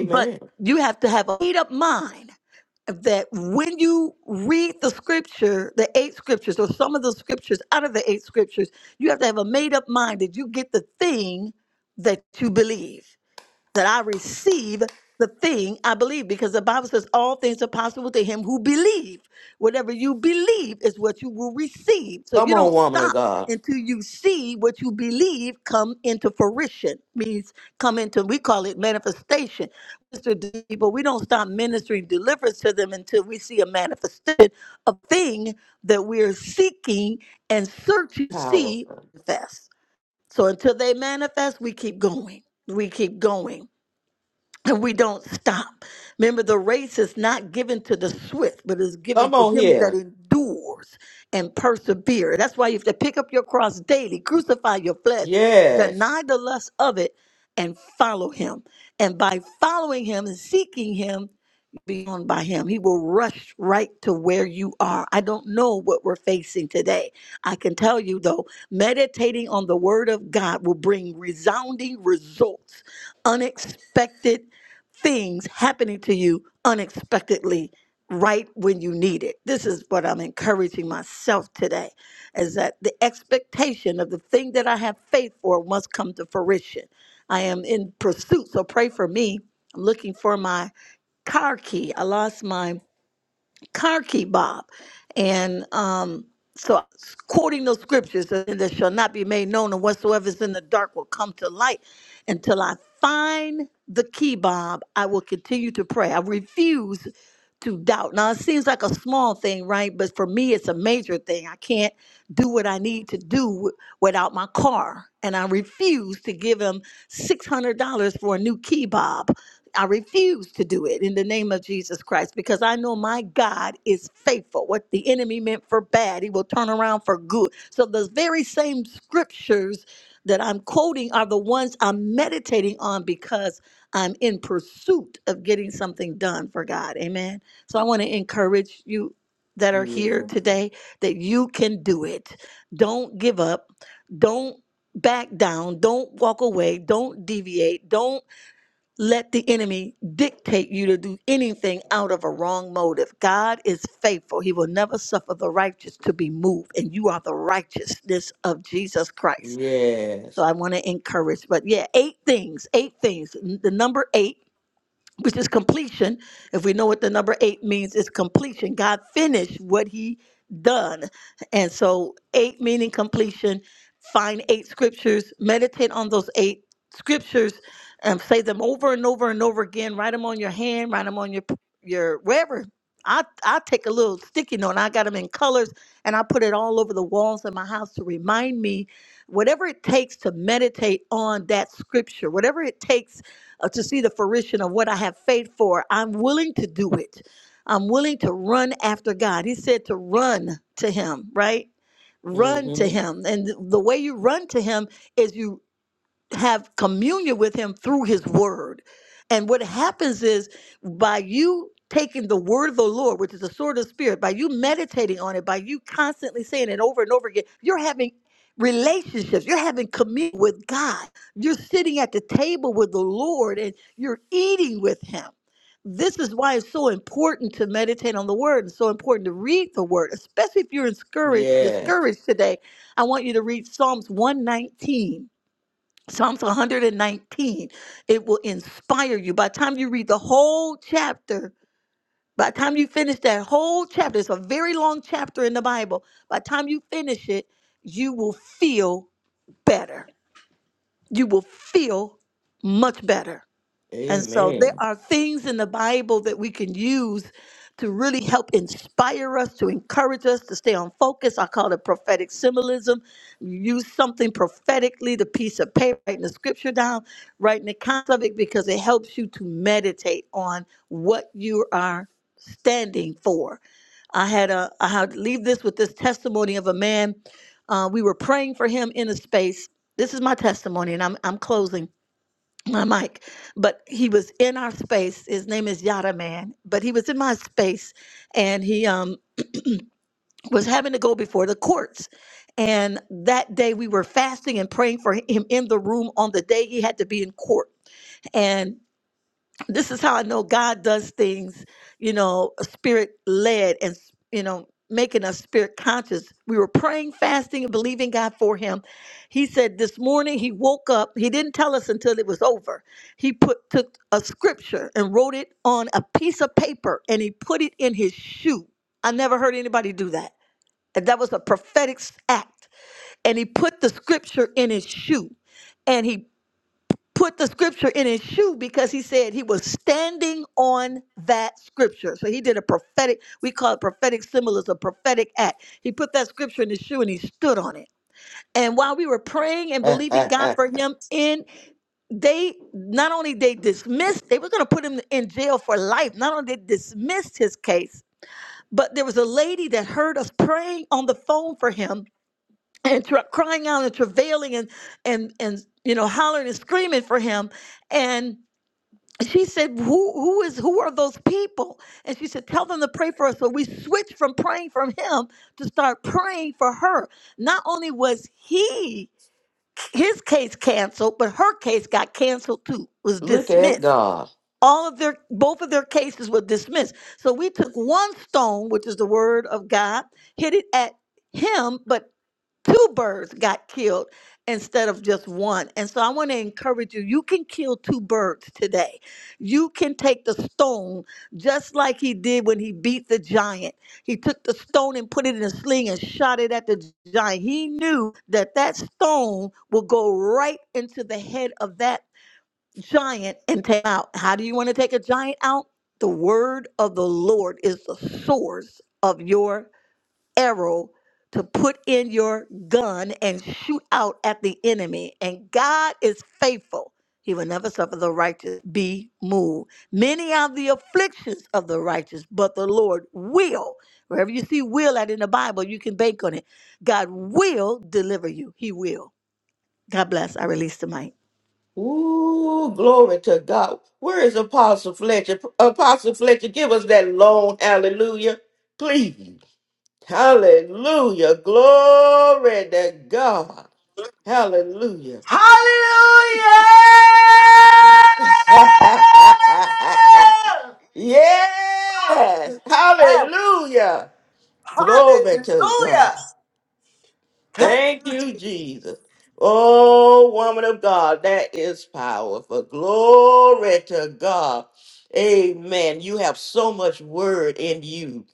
[SPEAKER 3] But you have to have a made up mind that when you read the scripture, the eight scriptures, or some of the scriptures out of the eight scriptures, you have to have a made up mind that you get the thing that you believe that I receive the thing I believe because the Bible says all things are possible to him who believe. Whatever you believe is what you will receive. So
[SPEAKER 1] Come
[SPEAKER 3] you
[SPEAKER 1] on,
[SPEAKER 3] don't
[SPEAKER 1] woman of
[SPEAKER 3] stop
[SPEAKER 1] God.
[SPEAKER 3] until you see what you believe come into fruition. Means come into we call it manifestation. Minister to people, we don't stop ministering deliverance to them until we see a manifestation of thing that we're seeking and searching to see
[SPEAKER 1] Powerful.
[SPEAKER 3] manifest. So until they manifest, we keep going. We keep going and we don't stop. Remember, the race is not given to the swift, but is given
[SPEAKER 1] Come
[SPEAKER 3] to
[SPEAKER 1] on
[SPEAKER 3] him that
[SPEAKER 1] here.
[SPEAKER 3] endures and persevere. That's why you have to pick up your cross daily, crucify your flesh,
[SPEAKER 1] Yes.
[SPEAKER 3] deny the lust of it, and follow him. And by following him and seeking him, be owned by him. He will rush right to where you are. I don't know what we're facing today. I can tell you though, meditating on the word of God will bring resounding results, unexpected things happening to you unexpectedly right when you need it. This is what I'm encouraging myself today is that the expectation of the thing that I have faith for must come to fruition. I am in pursuit, so pray for me. I'm looking for my car key. I lost my. Karki Bob. And um, so quoting those scriptures and that shall not be made known and whatsoever is in the dark will come to light until I find the key, Bob, I will continue to pray. I refuse to doubt. Now it seems like a small thing, right? But for me it's a major thing. I can't do what I need to do w- without my car. And I refuse to give him $600 for a new key, Bob. I refuse to do it in the name of Jesus Christ because I know my God is faithful. What the enemy meant for bad, he will turn around for good. So, the very same scriptures that I'm quoting are the ones I'm meditating on because I'm in pursuit of getting something done for God. Amen. So, I want to encourage you that are here
[SPEAKER 1] Beautiful.
[SPEAKER 3] today that you can do it. Don't give up. Don't back down. Don't walk away. Don't deviate. Don't let the enemy dictate you to do anything out of a wrong motive. God is faithful. He will never suffer the righteous to be moved, and you are the righteousness of Jesus Christ.
[SPEAKER 1] Yes.
[SPEAKER 3] So I want to encourage. But yeah, eight things, eight things. N- The number eight which is completion. If we know what the number eight means, it's completion. God finished what he done. And so eight meaning completion, find eight scriptures, meditate on those eight scriptures and say them over and over and over again. Write them on your hand, write them on your your wherever. I, I take a little sticky note and I got them in colors and I put it all over the walls of my house to remind me whatever it takes to meditate on that scripture, whatever it takes uh, to see the fruition of what I have faith for, I'm willing to do it. I'm willing to run after God. He said to run to Him, right? Run to
[SPEAKER 1] Mm-hmm.
[SPEAKER 3] Him. And the way you run to Him is you have communion with him through his word. And what happens is by you taking the word of the Lord, which is the sword of the spirit, by you meditating on it, by you constantly saying it over and over again, you're having relationships, you're having communion with God. You're sitting at the table with the Lord and you're eating with him. This is why it's so important to meditate on the word and so important to read the word, especially if you're discouraged,
[SPEAKER 1] Yes.
[SPEAKER 3] discouraged today. I want you to read Psalms 119 Psalms 119, it will inspire you. By the time you read the whole chapter, by the time you finish that whole chapter, it's a very long chapter in the Bible. By the time you finish it, you will feel better. You will feel much better. And so there
[SPEAKER 1] Amen.
[SPEAKER 3] are things in the Bible that we can use to really help inspire us, to encourage us to stay on focus. I call it prophetic symbolism. You use something prophetically, the piece of paper, writing the scripture down, writing the concept of it, because it helps you to meditate on what you are standing for. I had a I had leave this with this testimony of a man. Uh, we were praying for him in a space. This is my testimony, and I'm I'm closing my mic, but he was in our space. His name is Yada Man, but he was in my space, and he um was having to go before the courts. And that day we were fasting and praying for him in the room on the day he had to be in court. And this is how I know God does things, you know, spirit led and, you know, making us spirit conscious. We were praying, fasting, and believing God for him. He said this morning he woke up. He didn't tell us until it was over. He put took a scripture and wrote it on a piece of paper and he put it in his shoe. I never heard anybody do that. And that was a prophetic act. And he put the scripture in his shoe put the scripture in his shoe because he said he was standing on that scripture. So he did a prophetic, we call it prophetic symbolism, prophetic act. He put that scripture in his shoe and he stood on it. And while we were praying and believing God for him in they not only they dismissed, they were gonna put him in jail for life. Not only they dismissed his case, but there was a lady that heard us praying on the phone for him and tra- crying out and travailing and and and you know hollering and screaming for him. And she said, who, who is who are those people? And she said, Tell them to pray for us. So we switched from praying for him to start praying for her. Not only was he his case canceled, but her case got canceled too, was
[SPEAKER 1] Look at
[SPEAKER 3] dismissed.
[SPEAKER 1] God.
[SPEAKER 3] All of their both of their cases were dismissed. So we took one stone, which is the word of God, hit it at him, but two birds got killed instead of just one. And so I want to encourage you you can kill two birds today. You can take the stone, just like he did when he beat the giant. He took the stone and put it in a sling and shot it at the gi- giant. He knew that that stone will go right into the head of that giant and take him out. How do you want to take a giant out? The word of the Lord is the source of your arrow to put in your gun and shoot out at the enemy. And God is faithful. He will never suffer the righteous be moved. Many are the afflictions of the righteous, but the Lord will. Wherever you see will at in the Bible, you can bank on it. God will deliver you. He will. God bless. I release the mic.
[SPEAKER 1] Ooh, glory to God. Where is Apostle Fletcher? Apostle Fletcher, give us that long hallelujah, please. Hallelujah. Glory to God. Hallelujah.
[SPEAKER 8] Hallelujah!
[SPEAKER 1] yes. Hallelujah. Glory to God. Thank you, Jesus. Oh, woman of God, that is powerful. Glory to God. Amen. You have so much word in you.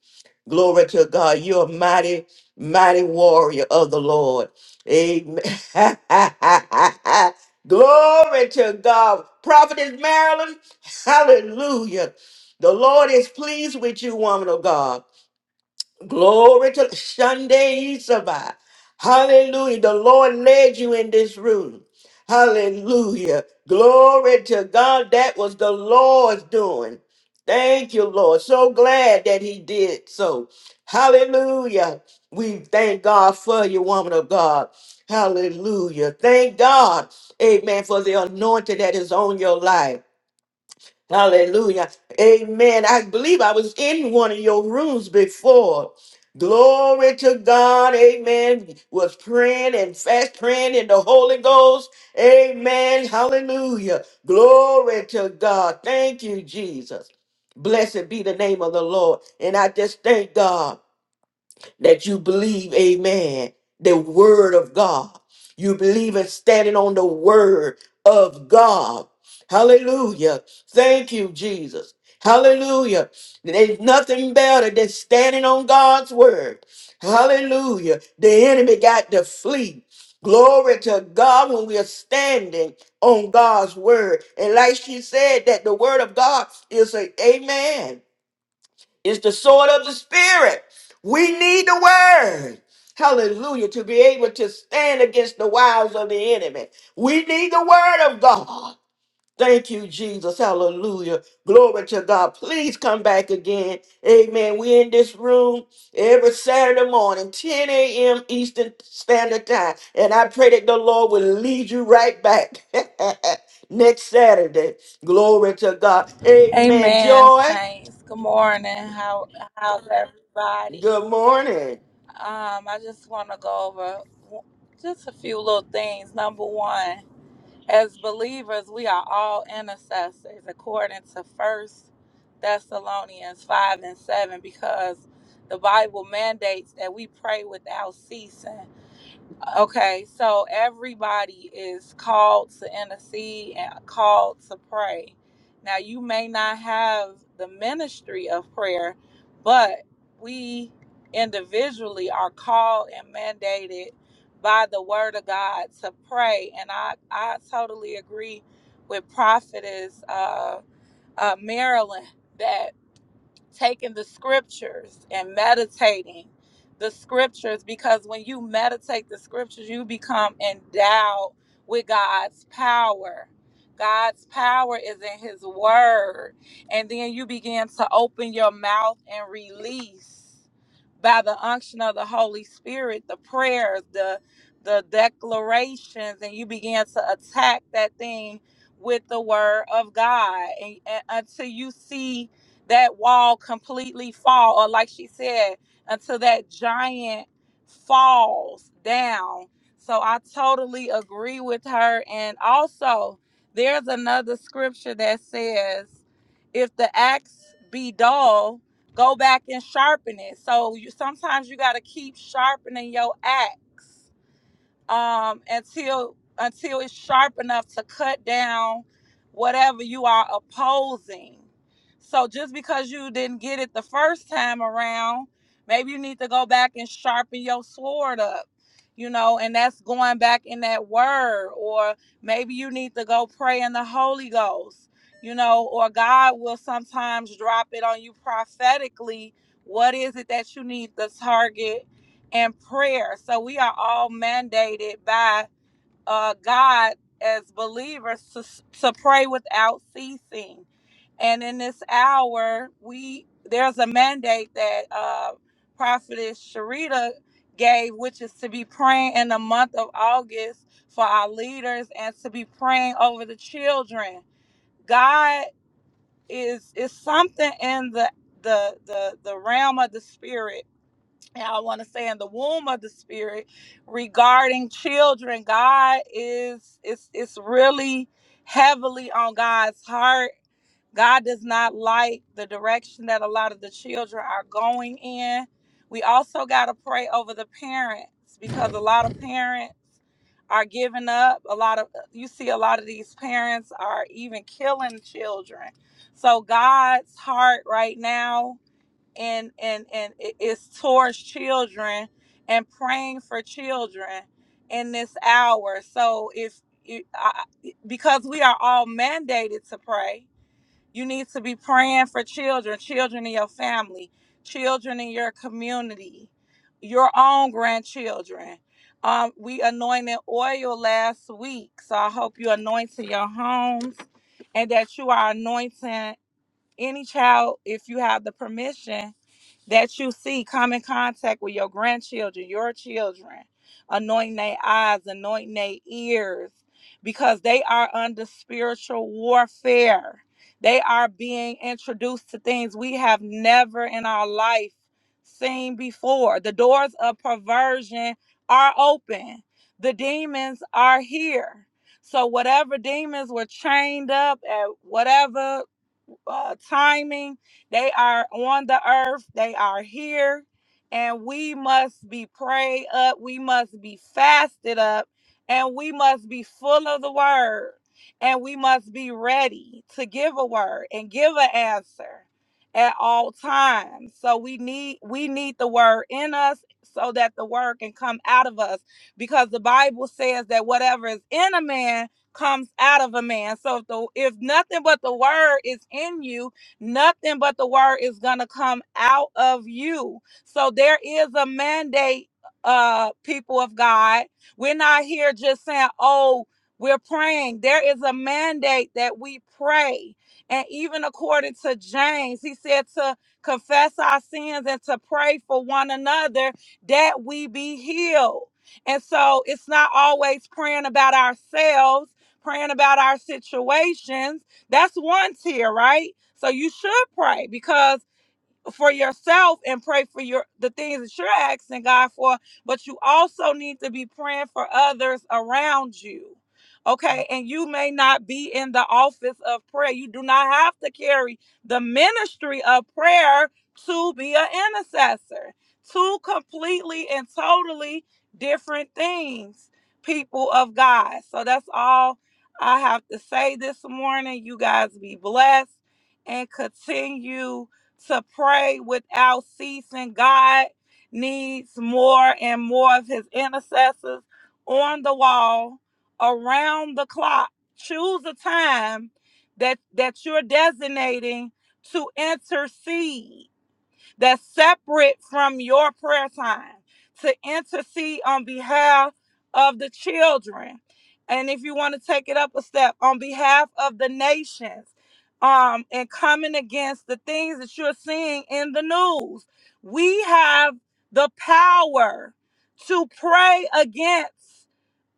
[SPEAKER 1] Glory to God. You're a mighty, mighty warrior of the Lord. Amen. Glory to God. Prophetess Marilyn, hallelujah. The Lord is pleased with you, woman of God. Glory to Sunday Isaba. Hallelujah. The Lord led you in this room. Hallelujah. Glory to God. That was the Lord's doing. Thank you, Lord. So glad that He did so. Hallelujah. We thank God for you, woman of God. Hallelujah. Thank God. Amen. For the anointing that is on your life. Hallelujah. Amen. I believe I was in one of your rooms before. Glory to God. Amen. Was praying and fast praying in the Holy Ghost. Amen. Hallelujah. Glory to God. Thank you, Jesus. Blessed be the name of the Lord. And I just thank God that you believe, amen, the word of God. You believe in standing on the word of God. Hallelujah. Thank you, Jesus. Hallelujah. There's nothing better than standing on God's word. Hallelujah. The enemy got to flee. Glory to God when we are standing on God's word. And like she said, that the word of God is a amen. It's the sword of the spirit. We need the word. Hallelujah. To be able to stand against the wiles of the enemy. We need the word of God. Thank you, Jesus. Hallelujah. Glory to God. Please come back again. Amen. We in this room every Saturday morning, 10 a.m. Eastern Standard Time. And I pray that the Lord will lead you right back next Saturday. Glory to God. Amen.
[SPEAKER 7] Amen,
[SPEAKER 1] Joy.
[SPEAKER 7] saints. Good morning. How how's everybody?
[SPEAKER 1] Good morning.
[SPEAKER 7] Um, I just want to go over w- just a few little things. Number one. As believers, we are all intercessors according to First Thessalonians 5 and 7, because the Bible mandates that we pray without ceasing. Okay, so everybody is called to intercede and called to pray. Now, you may not have the ministry of prayer, but we individually are called and mandated by the word of God to pray. And I, I totally agree with Prophetess uh, uh, Marilyn that taking the scriptures and meditating the scriptures because when you meditate the scriptures, you become endowed with God's power. God's power is in His Word. And then you begin to open your mouth and release by the unction of the Holy Spirit the prayers, the the declarations, and you begin to attack that thing with the word of God and, and until you see that wall completely fall, or like she said, until that giant falls down. So I totally agree with her. And also, there's another scripture that says, if the axe be dull, go back and sharpen it. So you sometimes you got to keep sharpening your axe um, until until it's sharp enough to cut down whatever you are opposing. So just because you didn't get it the first time around, maybe you need to go back and sharpen your sword up, you know, and that's going back in that word, or maybe you need to go pray in the Holy Ghost, you know, or God will sometimes drop it on you prophetically. What is it that you need to target? and prayer. So we are all mandated by uh, God as believers to, to pray without ceasing. And in this hour, we there's a mandate that uh, Prophetess Sharita gave, which is to be praying in the month of August for our leaders and to be praying over the children. God is is something in the the the the realm of the spirit and I want to say in the womb of the spirit regarding children, God is it's it's really heavily on God's heart. God does not like the direction that a lot of the children are going in. We also got to pray over the parents because a lot of parents are giving up. A lot of you see a lot of these parents are even killing children. So God's heart right now and and and it- it's towards children and praying for children in this hour so if you I, because we are all mandated to pray you need to be praying for children children in your family children in your community your own grandchildren um, we anointed oil last week so i hope you anoint anointed your homes and that you are anointing any child if you have the permission that you see come in contact with your grandchildren, your children, anointing their eyes, anointing their ears, because they are under spiritual warfare. They are being introduced to things we have never in our life seen before. The doors of perversion are open, the demons are here. So, whatever demons were chained up at whatever uh, timing. They are on the earth, they are here, and we must be prayed up, we must be fasted up, and we must be full of the word, and we must be ready to give a word and give an answer at all times. So we need we need the word in us so that the word can come out of us because the Bible says that whatever is in a man comes out of a man. So if the if nothing but the word is in you, nothing but the word is gonna come out of you. So there is a mandate, uh, people of God. We're not here just saying, oh, we're praying. There is a mandate that we pray. And even according to James, he said to confess our sins and to pray for one another that we be healed. And so it's not always praying about ourselves praying about our situations. That's one tier, right? So you should pray because for yourself and pray for your the things that you're asking God for, but you also need to be praying for others around you. Okay, and you may not be in the office of prayer. You do not have to carry the ministry of prayer to be an intercessor. Two completely and totally different things, people of God. So that's all I have to say this morning. You guys be blessed and continue to pray without ceasing. God needs more and more of his intercessors on the wall, around the clock. Choose a time that that you're designating to intercede that's separate from your prayer time to intercede on behalf of the children. And if you want to take it up a step, on behalf of the nations, um, and coming against the things that you're seeing in the news, we have the power to pray against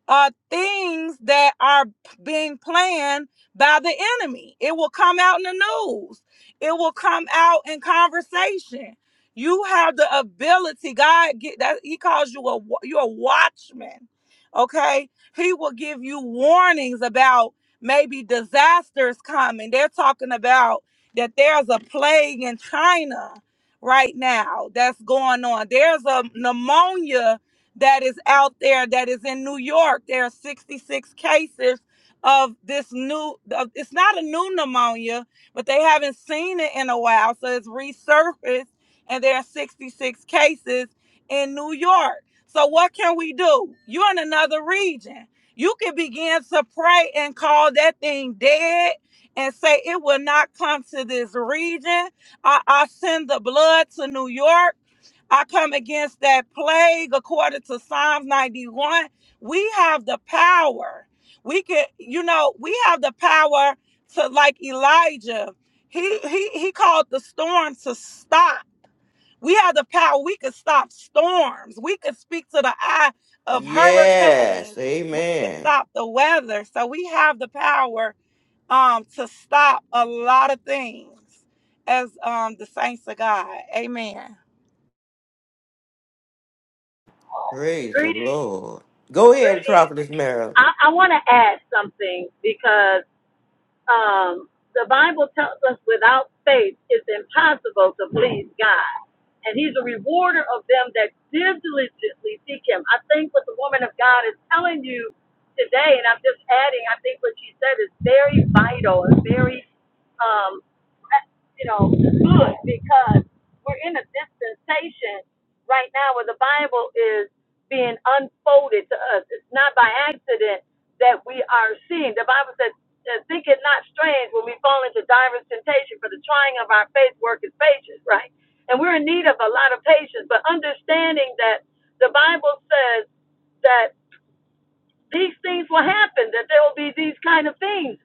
[SPEAKER 7] uh, things that are being planned by the enemy. It will come out in the news, it will come out in conversation. You have the ability, God, get that He calls you a wa- you're a watchman. Okay, He will give you warnings about maybe disasters coming. They're talking about that there's a plague in China right now that's going on. There's a pneumonia that is out there that is in New York. There are 66 cases of this new of, it's not a new pneumonia, but they haven't seen it in a while, so it's resurfaced and there are 66 cases in New York. So what can we do? You're in another region. You can begin to pray and call that thing dead and say it will not come to this region. I, I send the blood to New York. I come against that plague according to Psalms 91. We have the power. We can, you know, we have the power to like Elijah. He he he called the storm to stop. We have the power. We could stop storms. We could speak to the eye of
[SPEAKER 1] Yes,
[SPEAKER 7] hurricanes. We could
[SPEAKER 1] amen.
[SPEAKER 7] stop the weather. So we have the power um to stop a lot of things as um the saints of God. Amen.
[SPEAKER 1] Praise the
[SPEAKER 3] Greetings.
[SPEAKER 1] Lord. Go ahead, Prophetess Mary.
[SPEAKER 3] I, I want to add something because um, the Bible tells us without faith it's impossible to please God. And he's a rewarder of them that diligently seek him. I think what the woman of God is telling you today, and I'm just adding, I think what she said is very vital and very um, you know, good because we're in a dispensation right now where the Bible is being unfolded to us. It's not by accident that we are seeing. The Bible says, uh, think it not strange when we fall into divers temptation, for the trying of our faith worketh patience, right? And we're in need of a lot of patience, but understanding that the Bible says, that these things will happen that there will be these kind of things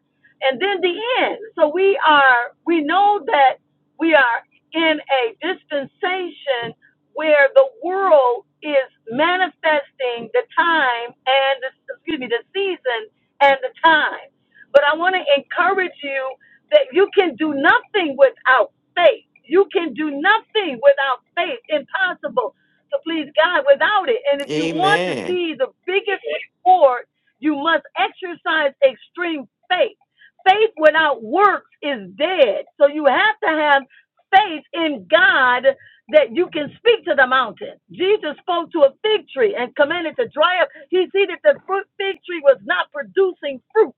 [SPEAKER 3] and then the end so we are we know that we are in a dispensation where the world is manifesting the time and the, excuse me the season and the time but i want to encourage you that you can do nothing without faith you can do nothing without faith impossible to please God without it. And if you want to
[SPEAKER 1] Amen.
[SPEAKER 3] see the biggest reward, you must exercise extreme faith. Faith without works is dead. So you have to have faith in God that you can speak to the mountain. Jesus spoke to a fig tree and commanded to dry up. He see that the fig tree was not producing fruit.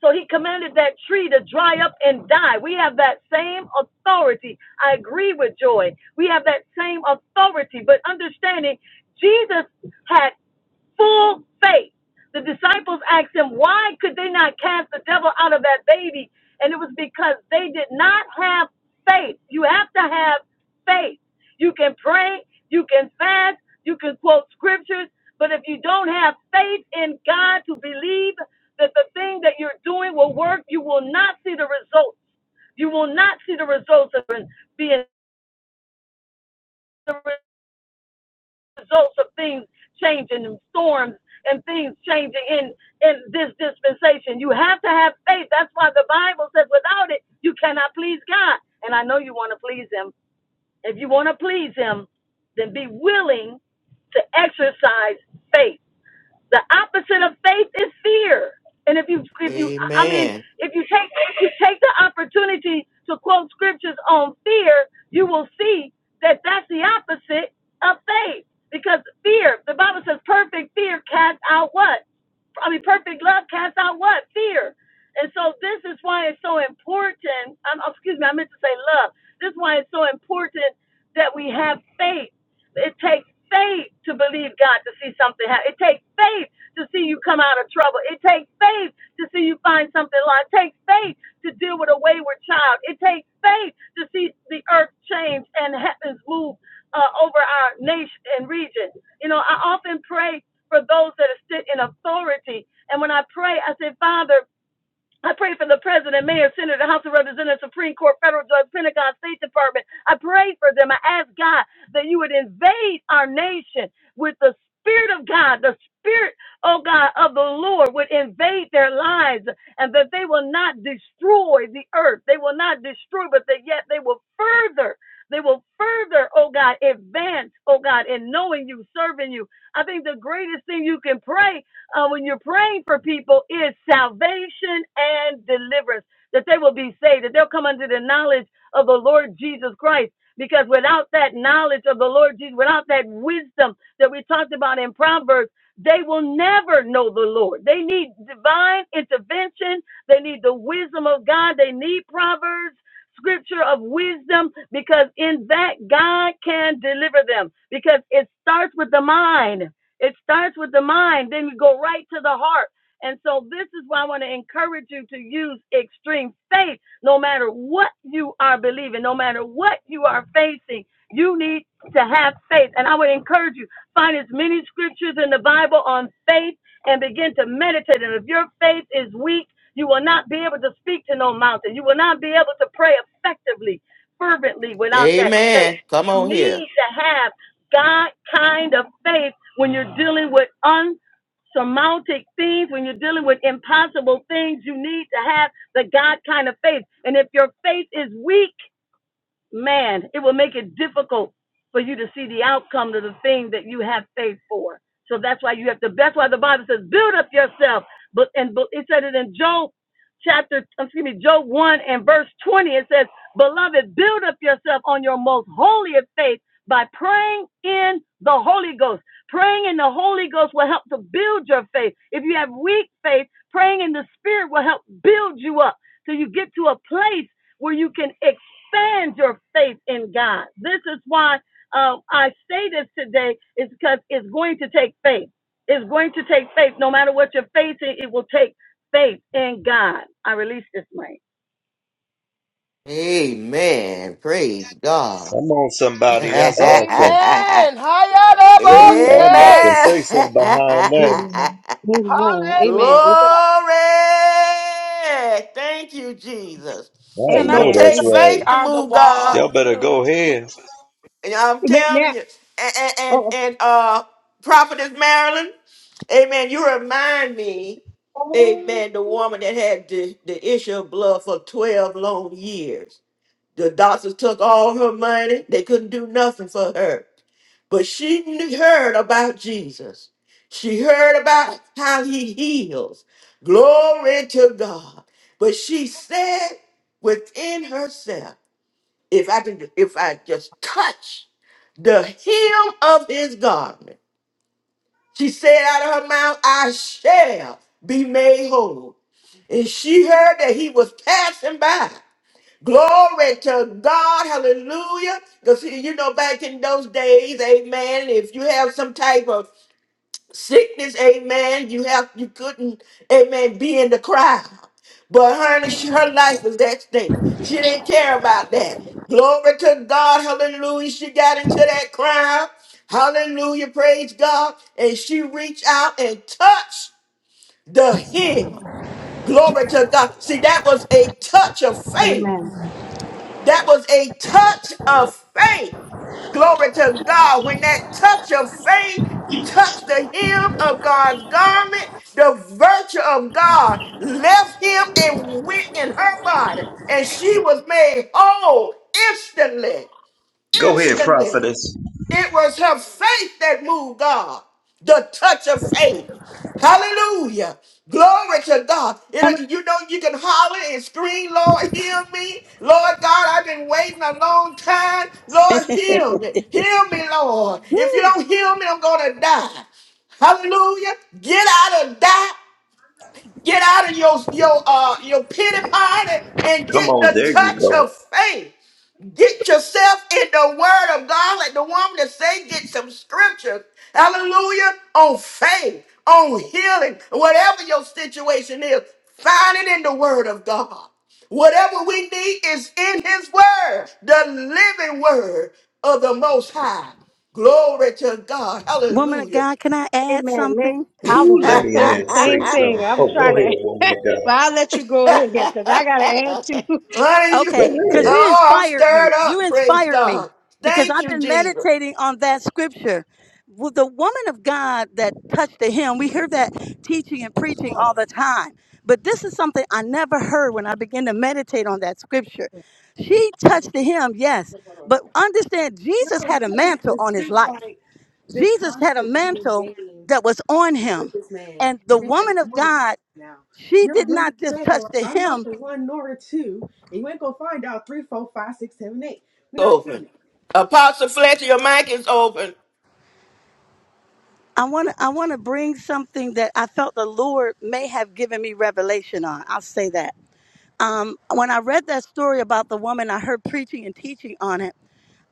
[SPEAKER 3] So he commanded that tree to dry up and die. We have that same authority. I agree with Joy. We have that same authority, but understanding Jesus had full faith. The disciples asked him, why could they not cast the devil out of that baby? And it was because they did not have faith. You have to have faith. You can pray, you can fast, you can quote scriptures, but if you don't have faith in God to believe that the thing that you're doing will work, you will not see the results. You will not see the results of being results of things changing and storms and things changing in in this dispensation. You have to have faith. That's why the Bible says without it you cannot please God. And I know you want to please him. If you want to please him, then be willing to exercise faith the opposite of faith is fear. And if you if you I mean
[SPEAKER 1] Amen.
[SPEAKER 3] if you take if you take the opportunity to quote scriptures on fear, you will see that that's the opposite of faith because fear. The Bible says perfect fear casts out what? I mean, perfect love casts out what? Fear. And so this is why it's so important. Um, excuse me, I meant to say love. This is why it's so important that we have faith it takes faith to believe God to see something happen. It takes faith to see you come out of trouble. It takes faith to see you find something lost. It takes faith to deal with a wayward child. It takes faith to see the earth change and heavens move uh, over our nation and region. You know, I often pray for those that sit in authority. And when I pray, I say, Father, I pray for the president, mayor, senator, House of Representatives, Supreme Court, federal judge, Pentagon, State Department. I pray for them. I ask God that you would invade our nation with the Spirit of God, the Spirit, oh God, of the Lord would invade their lives and that they will not destroy the earth. They will not destroy, but that yet they will further, they will further, oh God, advance, oh God, in knowing you, serving you. I think the greatest thing you can pray uh, when you're praying for people is salvation and deliverance, that they will be saved, that they'll come under the knowledge of the Lord Jesus Christ. Because without that knowledge of the Lord Jesus, without that wisdom that we talked about in Proverbs, they will never know the Lord. They need divine intervention. They need the wisdom of God. They need Proverbs, scripture of wisdom, because in that God can deliver them. Because it starts with the mind. It starts with the mind, then you go right to the heart. And so this is why I want to encourage you to use extreme faith no matter what you are believing, no matter what you are facing. You need to have faith. And I would encourage you, find as many scriptures in the Bible on faith and begin to meditate. And if your faith is weak, you will not be able to speak to no mountain. You will not be able to pray effectively fervently without that faith.
[SPEAKER 1] Amen. Come
[SPEAKER 3] You
[SPEAKER 1] on here.
[SPEAKER 3] need to have God kind of faith when you're dealing with unsurmountable things, when you're dealing with impossible things. You need to have the God kind of faith. And if your faith is weak, man, it will make it difficult for you to see the outcome of the thing that you have faith for. So that's why you have to. That's why the Bible says, "Build up yourself." But and but it said it in Job chapter, excuse me, Job one and verse twenty. It says, "Beloved, build up yourself on your most holy of faith by praying in the Holy Ghost. Praying in the Holy Ghost will help to build your faith. If you have weak faith, praying in the Spirit will help build you up so you get to a place." where you can ex- Stand your faith in God. This is why uh, I say this today is because it's going to take faith. It's going to take faith. No matter what you're facing. it will take faith in God. I release this mic.
[SPEAKER 1] Amen. Praise God.
[SPEAKER 6] Come on, somebody. That's
[SPEAKER 1] amen.
[SPEAKER 6] awesome. Ooh, I'd like to say something behind that.
[SPEAKER 9] Amen. Amen. Amen.
[SPEAKER 1] Glory. Thank you, Jesus.
[SPEAKER 6] I
[SPEAKER 7] Can
[SPEAKER 1] It's
[SPEAKER 7] I
[SPEAKER 6] know
[SPEAKER 1] going
[SPEAKER 9] Amen.
[SPEAKER 1] to
[SPEAKER 7] just
[SPEAKER 6] that's
[SPEAKER 7] say
[SPEAKER 1] take
[SPEAKER 9] Amen.
[SPEAKER 6] right.
[SPEAKER 7] we
[SPEAKER 1] faith to
[SPEAKER 7] are the
[SPEAKER 1] move God.
[SPEAKER 7] wall
[SPEAKER 6] Y'all better
[SPEAKER 7] too?
[SPEAKER 6] go
[SPEAKER 7] We
[SPEAKER 6] ahead.
[SPEAKER 1] And I'm
[SPEAKER 9] May, may I,
[SPEAKER 1] telling you. And and and,
[SPEAKER 9] oh,
[SPEAKER 1] and uh Prophetess Marilyn, amen. You remind me,
[SPEAKER 9] oh,
[SPEAKER 1] amen, the woman that had the, the issue of blood for 12 long years. The doctors took all her money. They couldn't do nothing for her. But she knew- heard about Jesus. She heard about how he heals. Glory to God. But she said within herself, if I can, if I just touch the hem of his garment. She said out of her mouth, I shall be made whole. And she heard that he was passing by. Glory to God, hallelujah. Because, you know, back in those days, amen, if you have some type of sickness, amen. You have you couldn't, amen, be in the crowd. But her, she- her life was that thing. She didn't care about that. Glory to God, hallelujah. She got into that crowd. Hallelujah, praise God. And she reached out and touched the hem. Glory to God. See, that was a touch of faith.
[SPEAKER 9] amen.
[SPEAKER 1] That was a touch of faith. Glory to God. When that touch of faith touched the hem of God's garment, the virtue of God left him and went in her body. And she was made whole instantly.
[SPEAKER 6] Go ahead,
[SPEAKER 1] Instantly.
[SPEAKER 6] prophetess.
[SPEAKER 1] It was her faith that moved God. The touch of faith. Hallelujah. Glory to God. You know, you know, you can holler and scream, Lord, heal me. Lord God, I've been waiting a long time. Lord, heal me. Heal me, Lord. If you don't heal me, I'm going to die. Hallelujah. Get out of that. Get out of your, your, uh, your pity party and
[SPEAKER 6] Come
[SPEAKER 1] get
[SPEAKER 6] on,
[SPEAKER 1] the
[SPEAKER 6] there you
[SPEAKER 1] touch
[SPEAKER 6] go.
[SPEAKER 1] of faith. Get yourself in the word of God. Like the woman that say, get some scriptures. Hallelujah. On faith, on healing, whatever your situation is, find it in the word of God. Whatever we need is in his word, the living word of the most high. Glory to God.
[SPEAKER 3] Woman of
[SPEAKER 1] Hallelujah.
[SPEAKER 3] God, can I add
[SPEAKER 9] Amen. May,
[SPEAKER 3] something?
[SPEAKER 9] I was
[SPEAKER 6] Ooh, let
[SPEAKER 9] going to
[SPEAKER 6] me
[SPEAKER 9] say the
[SPEAKER 6] ask, say
[SPEAKER 9] same thing.
[SPEAKER 6] something.
[SPEAKER 9] I'm
[SPEAKER 6] Oh,
[SPEAKER 9] trying
[SPEAKER 6] go ahead,
[SPEAKER 9] to,
[SPEAKER 6] woman of God.
[SPEAKER 9] but I'll let you go ahead because I got to add to.
[SPEAKER 1] Honey, you,
[SPEAKER 6] Go
[SPEAKER 3] Okay, because
[SPEAKER 6] ahead.
[SPEAKER 3] you
[SPEAKER 1] oh, I'm
[SPEAKER 3] inspired me.
[SPEAKER 1] stirred
[SPEAKER 3] You
[SPEAKER 1] up. Praise
[SPEAKER 3] inspired me
[SPEAKER 1] God.
[SPEAKER 3] because
[SPEAKER 1] Thank
[SPEAKER 3] I've
[SPEAKER 1] you,
[SPEAKER 3] been
[SPEAKER 1] Jesus.
[SPEAKER 3] meditating on that scripture. With the woman of God that touched the hem, we hear that teaching and preaching all the time. But this is something I never heard when I began to meditate on that scripture. She touched the hem, yes, but understand Jesus had a mantle on his life. Jesus had a mantle that was on him. And the woman of God she did not just touch the hem.
[SPEAKER 1] open. Apostle Fletcher, your mic is open.
[SPEAKER 3] I want to I want to bring something that I felt the Lord may have given me revelation on. I'll say that. Um, when I read that story about the woman, I heard preaching and teaching on it.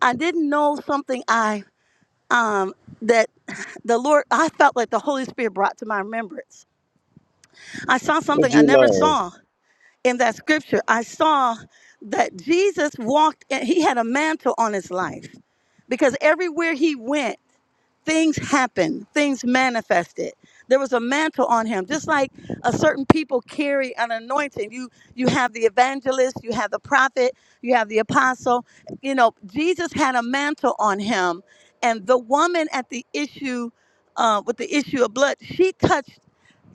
[SPEAKER 3] I didn't know something I um that the Lord I felt like the Holy Spirit brought to my remembrance. I saw something
[SPEAKER 6] What'd
[SPEAKER 3] I
[SPEAKER 6] you
[SPEAKER 3] never
[SPEAKER 6] learn?
[SPEAKER 3] saw in that scripture. I saw that Jesus walked and he had a mantle on his life because everywhere he went things happened, things manifested. There was a mantle on him, just like a certain people carry an anointing. You you have the evangelist, you have the prophet, you have the apostle. You know, Jesus had a mantle on him, and the woman at the issue uh, with the issue of blood, she touched.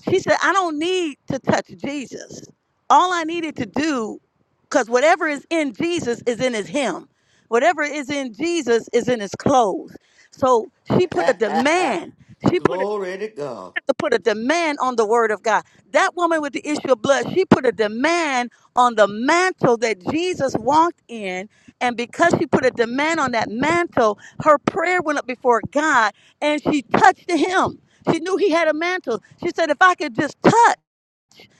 [SPEAKER 3] She said, "I don't need to touch Jesus. All I needed to do." Because whatever is in Jesus is in his him. Whatever is in Jesus is in his clothes. So she put a demand. She put a
[SPEAKER 1] Glory to God.
[SPEAKER 3] had to put a demand on the word of God. That woman with the issue of blood, she put a demand on the mantle that Jesus walked in. And because she put a demand on that mantle, her prayer went up before God and she touched him. She knew he had a mantle. She said, If I could just touch.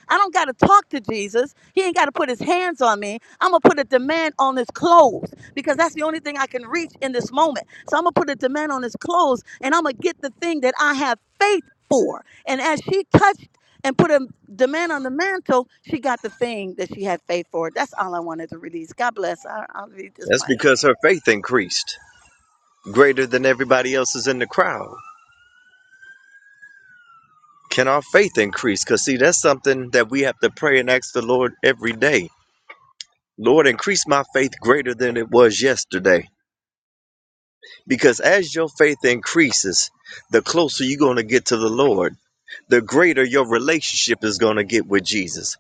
[SPEAKER 3] I don't got to talk to Jesus. He ain't got to put his hands on me. I'm going to put a demand on his clothes because that's the only thing I can reach in this moment. So I'm going to put a demand on his clothes and I'm going to get the thing that I have faith for. And as she touched and put a demand on the mantle, she got the thing that she had faith for. That's all I wanted to release. God bless. I, I'll read this
[SPEAKER 6] That's
[SPEAKER 3] mic.
[SPEAKER 6] because her faith increased greater than everybody else's in the crowd. Can our faith increase? Because, see, that's something that we have to pray and ask the Lord every day. Lord, increase my faith greater than it was yesterday. Because as your faith increases, the closer you're going to get to the Lord. the greater your relationship is going to get with Jesus.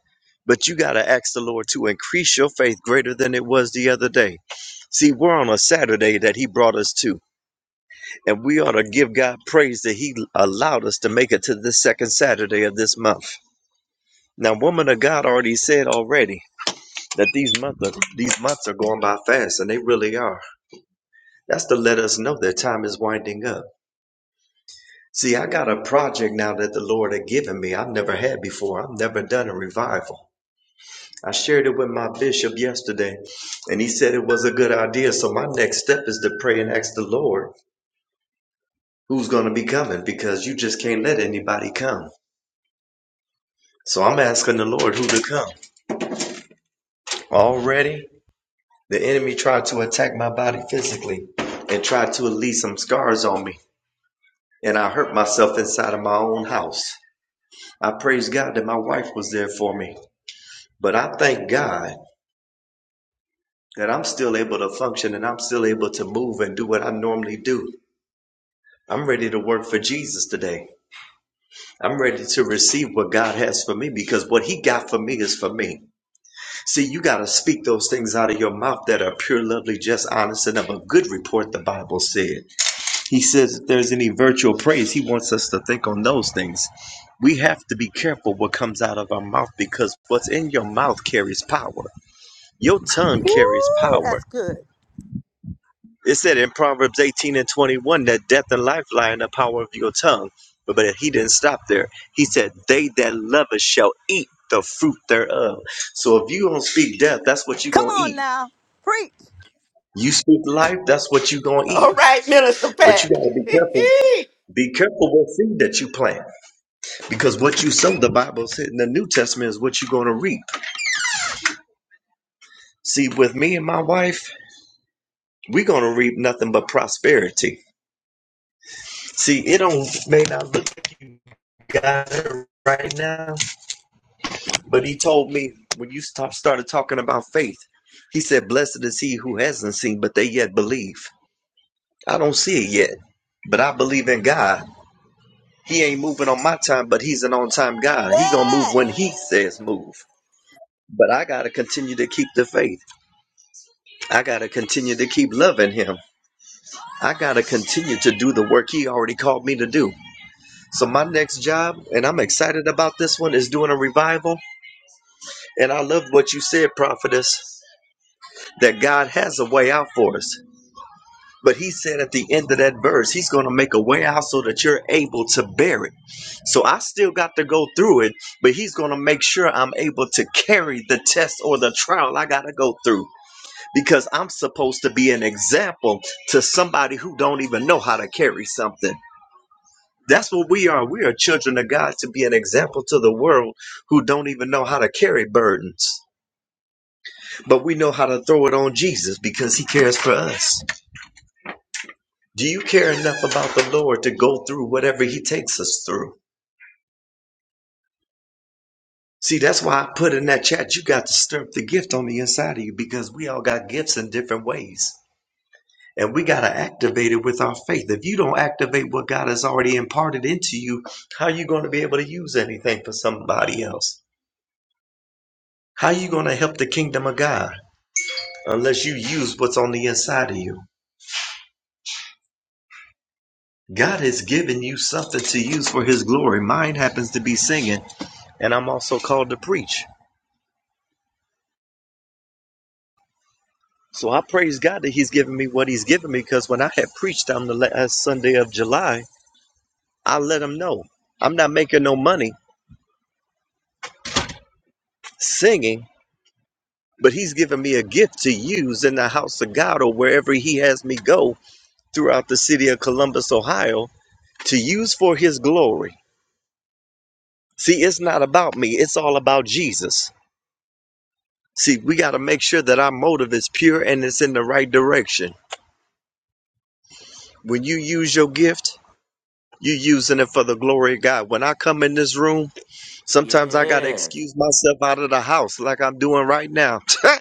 [SPEAKER 6] But you got to ask the Lord to increase your faith greater than it was the other day. See, we're on a Saturday that He brought us to, and we ought to give God praise that He allowed us to make it to the second Saturday of this month. Now, woman of God already said already that these months are, these months are going by fast, and they really are. That's to let us know that time is winding up. See, I got a project now that the Lord had given me. I've never had before. I've never done a revival. I shared it with my bishop yesterday, and he said it was a good idea. So my next step is to pray and ask the Lord who's going to be coming because you just can't let anybody come. So I'm asking the Lord who to come. Already, the enemy tried to attack my body physically and tried to leave some scars on me, and I hurt myself inside of my own house. I praise God that my wife was there for me, but I thank God that I'm still able to function and I'm still able to move and do what I normally do I'm ready to work for Jesus today. I'm ready to receive what God has for me because what He got for me is for me. See, you got to speak those things out of your mouth that are pure, lovely, just, honest, and of a good report, the Bible said. He says if there's any virtual praise, He wants us to think on those things. We have to be careful what comes out of our mouth because what's in your mouth carries power. Your tongue carries
[SPEAKER 3] Ooh,
[SPEAKER 6] power.
[SPEAKER 3] that's good.
[SPEAKER 6] It said in Proverbs 18 and 21 that death and life lie in the power of your tongue. But, but he didn't stop there. He said, They that love us shall eat the fruit thereof. So if you don't speak death, that's what you're
[SPEAKER 3] Come
[SPEAKER 6] going to
[SPEAKER 3] on
[SPEAKER 6] eat.
[SPEAKER 3] now. Preach.
[SPEAKER 6] You speak life, that's what you're going to eat.
[SPEAKER 1] All right, Minister
[SPEAKER 6] But you
[SPEAKER 1] Pat.
[SPEAKER 6] got to be careful. Be careful what seed that you plant because what you sow, the Bible said in the New Testament, is what you're going to reap. See, with me and my wife, we're going to reap nothing but prosperity. See, it don't may not look like you got it right now, But he told me when you stop started talking about faith, he said, Blessed is he who hasn't seen, but they yet believe. I don't see it yet, but I believe in God. He ain't moving on my time, but he's an on time God. He gonna move
[SPEAKER 3] Yes.
[SPEAKER 6] when he says move. But I gotta continue to keep the faith. I gotta continue to keep loving him. I gotta continue to do the work he already called me to do. So my next job, and I'm excited about this one, is doing a revival. And I loved what you said, prophetess, that God has a way out for us. But he said at the end of that verse, he's going to make a way out so that you're able to bear it. So I still got to go through it, but he's going to make sure I'm able to carry the test or the trial I got to go through because I'm supposed to be an example to somebody who don't even know how to carry something. That's what we are. We are children of God to be an example to the world who don't even know how to carry burdens. But we know how to throw it on Jesus because he cares for us. Do you care enough about the Lord to go through whatever He takes us through? See, that's why I put in that chat, you got to stir up the gift on the inside of you because we all got gifts in different ways. And we got to activate it with our faith. If you don't activate what God has already imparted into you, how are you going to be able to use anything for somebody else? How are you going to help the kingdom of God unless you use what's on the inside of you? God has given you something to use for His glory. Mine happens to be singing, and I'm also called to preach. So I praise God that He's given me what He's given me because when I had preached on the last Sunday of July, I let Him know I'm not making no money singing, but He's given me a gift to use in the house of God or wherever He has me go throughout the city of Columbus, Ohio, to use for His glory. See, it's not about me, it's all about Jesus. See, we got to make sure that our motive is pure and it's in the right direction. When you use your gift, you're using it for the glory of God. When I come in this room, Sometimes I gotta
[SPEAKER 1] yes,
[SPEAKER 6] excuse myself out of the house like I'm doing right now.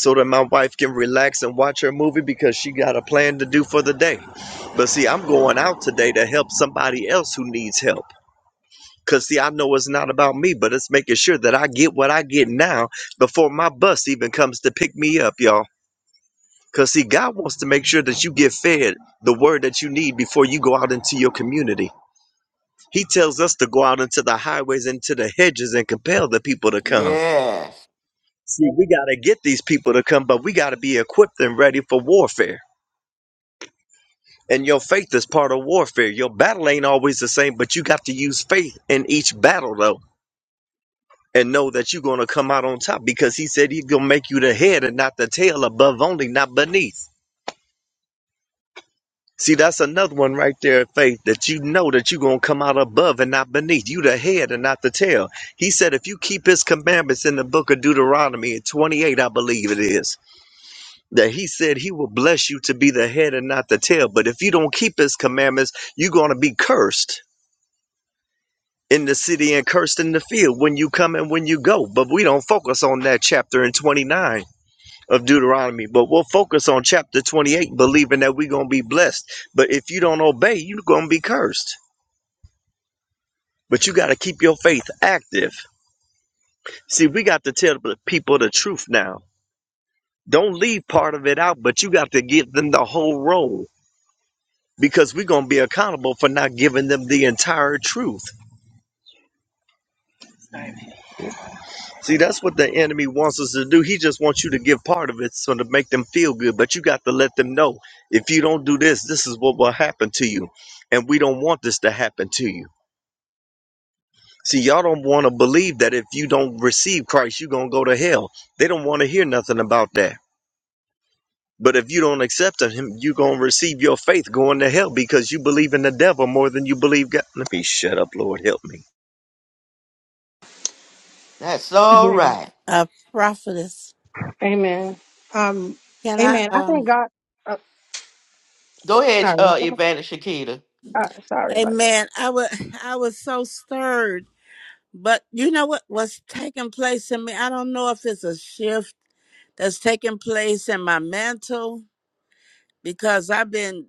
[SPEAKER 6] So that my wife can relax and watch her movie because she got a plan to do for the day. But see, I'm going out today to help somebody else who needs help. Because see, I know it's not about me, but it's making sure that I get what I get now before my bus even comes to pick me up, y'all. Because see, God wants to make sure that you get fed the word that you need before you go out into your community. He tells us to go out into the highways and to the hedges and compel the people to come.
[SPEAKER 1] yes.
[SPEAKER 6] See, we got to get these people to come, but we got to be equipped and ready for warfare. And your faith is part of warfare. Your battle ain't always the same, but you got to use faith in each battle, though, and know that you're going to come out on top because he said he's going to make you the head and not the tail, above only, not beneath. See, that's another one right there, faith, that you know that you're going to come out above and not beneath. You the head and not the tail. He said if you keep his commandments in the book of Deuteronomy 28, I believe it is that he said he will bless you to be the head and not the tail. But if you don't keep his commandments, you're going to be cursed in the city and cursed in the field when you come and when you go. But we don't focus on that chapter in 29 of Deuteronomy, but we'll focus on chapter 28, believing that we're going to be blessed. But if you don't obey, you're going to be cursed. But you got to keep your faith active. See, we got to tell the people the truth now. Don't leave part of it out, but you got to give them the whole role because we're going to be accountable for not giving them the entire truth. See, that's what the enemy wants us to do. He just wants you to give part of it so to make them feel good, but you got to let them know if you don't do this, this is what will happen to you. And we don't want this to happen to you. See, y'all don't want to believe that if you don't receive Christ, you're going to go to hell. They don't want to hear nothing about that. But if you don't accept him, you're going to receive your faith going to hell because you believe in the devil more than you believe God. Let me shut up, Lord. Help me.
[SPEAKER 1] That's all
[SPEAKER 9] Amen.
[SPEAKER 1] right.
[SPEAKER 5] A prophetess.
[SPEAKER 9] Amen. Um,
[SPEAKER 5] Can I
[SPEAKER 9] amen. I
[SPEAKER 5] um
[SPEAKER 9] thank God. Uh,
[SPEAKER 1] Go ahead,
[SPEAKER 9] sorry.
[SPEAKER 1] uh, Evangelist Shakita.
[SPEAKER 9] Uh, sorry about that.
[SPEAKER 5] Amen. I was I was so stirred. But you know what was taking place in me? I don't know if it's a shift that's taking place in my mental because I've been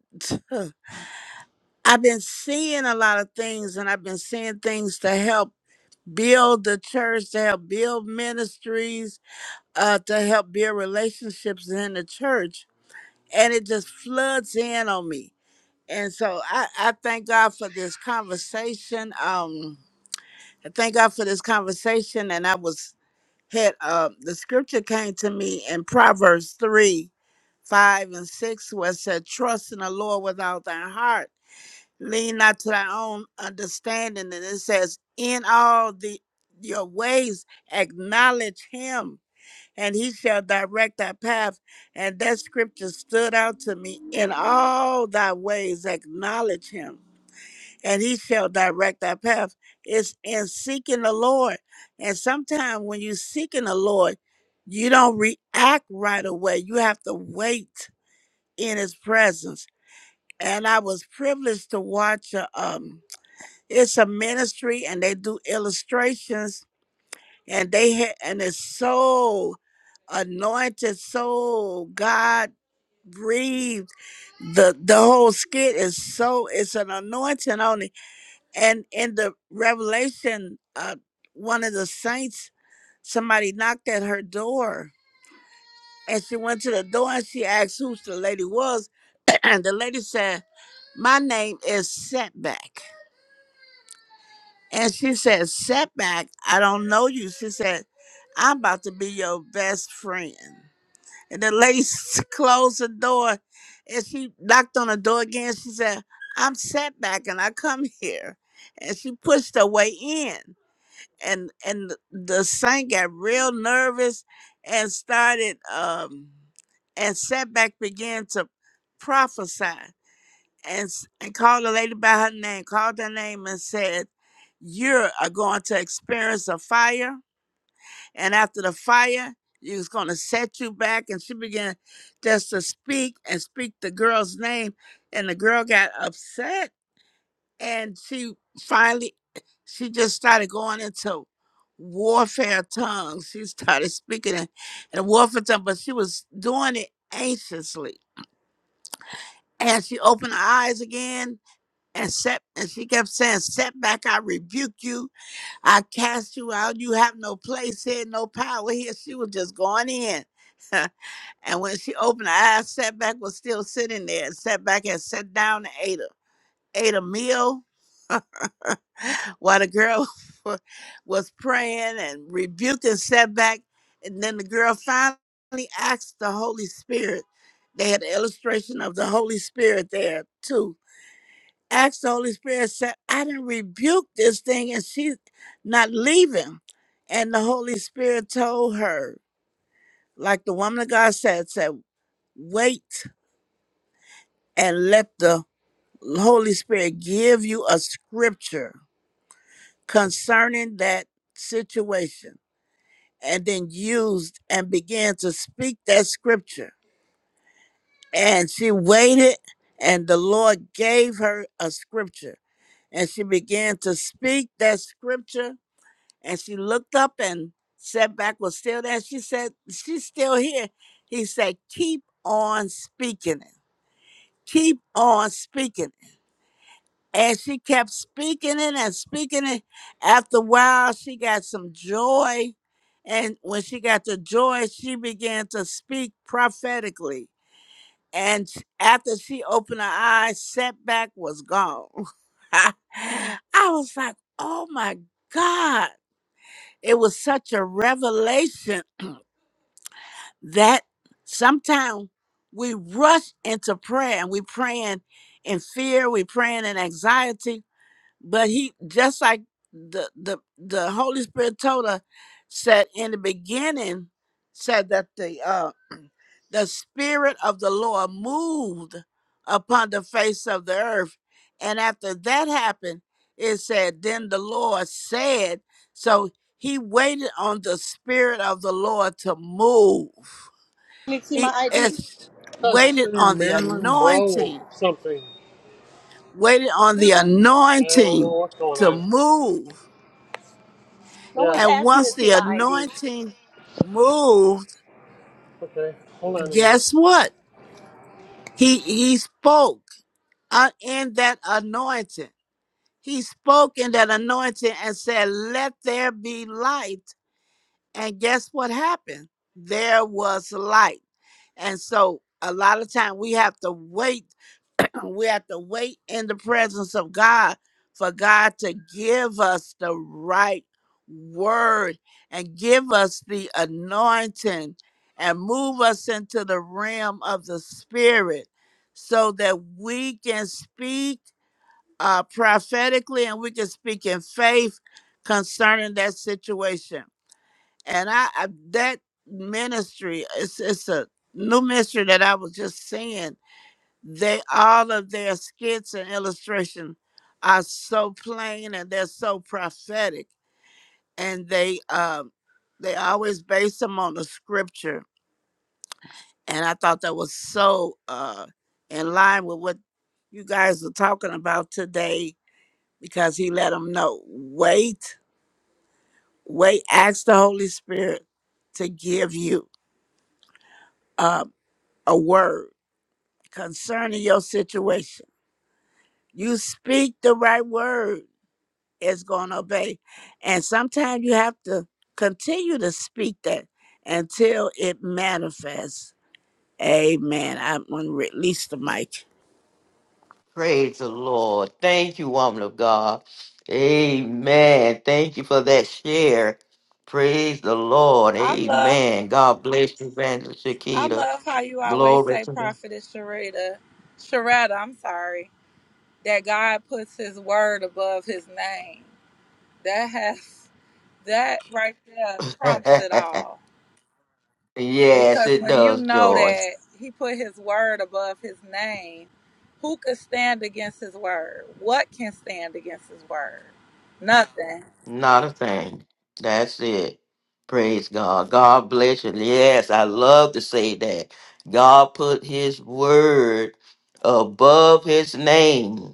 [SPEAKER 5] I've been seeing a lot of things and I've been seeing things to help build the church, to help build ministries, uh, to help build relationships in the church. And it just floods in on me. And so I, I thank God for this conversation. Um, I thank God for this conversation. And I was had uh, the scripture came to me in Proverbs 3 5 and 6, where it said, Trust in the Lord with all thy heart, lean not to thy own understanding. And it says, In all the your ways, acknowledge him, and he shall direct thy path. And that scripture stood out to me. In all thy ways, acknowledge him and he shall direct thy path. It's in seeking the Lord. And sometimes when you seeking the Lord, you don't react right away. You have to wait in his presence. And I was privileged to watch a, um it's a ministry and they do illustrations and they had and it's so anointed, so God breathed. The the whole skit is so it's an anointing on it and in the revelation, uh, one of the saints, somebody knocked at her door. And she went to the door and she asked who the lady was. And the lady said, My name is Setback. And she said, Setback, I don't know you. She said, I'm about to be your best friend. And the lady s- closed the door and she knocked on the door again. She said, I'm Setback and I come here. And she pushed her way in and and the saint got real nervous and started um and setback began to prophesy and s- and called the lady by her name called her name and said you're uh, going to experience a fire and after the fire it's going to set you back and she began just to speak and speak the girl's name and the girl got upset and she finally she just started going into warfare tongues. She started speaking in, in warfare tongues, but she was doing it anxiously. And she opened her eyes again and set and she kept saying, Set back, I rebuke you, I cast you out, you have no place here, no power here. She was just going in. and when she opened her eyes, setback was still sitting there. Setback had sat down and ate a ate a meal while the girl was praying and rebuking setback. And then the girl finally asked the Holy Spirit. They had an illustration of the Holy Spirit there too. Asked the Holy Spirit, said, I didn't rebuke this thing and she's not leaving. And the Holy Spirit told her, like the woman of God said, said, wait and let the Holy Spirit give you a scripture concerning that situation and then used and began to speak that scripture. And she waited, and the Lord gave her a scripture. And she began to speak that scripture. And she looked up and setback was still there. She said, She's still here. He said, Keep on speaking it. Keep on speaking. And she kept speaking it and speaking it. After a while, she got some joy. And when she got the joy, she began to speak prophetically. And sh- after she opened her eyes, setback was gone. I was like, oh my God. It was such a revelation that sometimes we rush into prayer and we praying in fear, we praying in anxiety, but he just like the the the Holy Spirit told her said in the beginning said that the uh the spirit of the Lord moved upon the face of the earth. And after that happened, it said, Then the Lord said, so he waited on the spirit of the Lord to move.
[SPEAKER 3] Let me see my
[SPEAKER 5] He
[SPEAKER 3] ID.
[SPEAKER 5] is
[SPEAKER 3] Because it's
[SPEAKER 5] waited
[SPEAKER 3] in
[SPEAKER 5] on the
[SPEAKER 3] Maryland, bro,
[SPEAKER 5] anointing,
[SPEAKER 3] or something.
[SPEAKER 5] waited on the
[SPEAKER 3] No. I don't know
[SPEAKER 5] anointing
[SPEAKER 3] what's going
[SPEAKER 5] to
[SPEAKER 3] on.
[SPEAKER 5] move
[SPEAKER 3] No Yeah. one's
[SPEAKER 5] And
[SPEAKER 3] asked me to
[SPEAKER 5] once
[SPEAKER 3] see
[SPEAKER 5] the
[SPEAKER 3] my ID.
[SPEAKER 5] anointing moved,
[SPEAKER 3] Okay. Hold on a minute.
[SPEAKER 5] guess what? He he spoke uh, in that anointing. He spoke in that anointing and said, "Let there be light." And guess what happened? There was light. And so a lot of time we have to wait we have to wait in the presence of God for God to give us the right word and give us the anointing and move us into the realm of the spirit so that we can speak uh, prophetically and we can speak in faith concerning that situation. And I, I that ministry, it's, it's a new ministry that I was just seeing they all of their skits and illustration are so plain and they're so prophetic, and they um they always base them on the scripture. And I thought that was so uh in line with what you guys are talking about today because he let them know wait, wait, ask the Holy Spirit to give you uh, a word concerning your situation. You speak the right word is going to obey. And sometimes you have to continue to speak that until it manifests. Amen. I'm going to release the mic.
[SPEAKER 1] Praise the Lord. Thank you, woman of God. Amen. Thank you for that share. Praise the Lord.
[SPEAKER 7] I love
[SPEAKER 1] Amen. God bless you, Evangelist
[SPEAKER 7] I
[SPEAKER 1] Shakita.
[SPEAKER 7] love how you always
[SPEAKER 1] Glory
[SPEAKER 7] say
[SPEAKER 1] to
[SPEAKER 7] prophetess Sharita. Sharetta, I'm sorry. That God puts his word above his name. That has that right there
[SPEAKER 1] God.
[SPEAKER 7] trumps it all.
[SPEAKER 1] yes,
[SPEAKER 7] Because
[SPEAKER 1] it
[SPEAKER 7] when you
[SPEAKER 1] does,
[SPEAKER 7] know
[SPEAKER 1] Joy.
[SPEAKER 7] that he put his word above his name, who could stand against his word? What can stand against his word? Nothing.
[SPEAKER 1] Not a thing. That's it. Praise God. God bless you. Yes, I love to say that. God put his word above his name.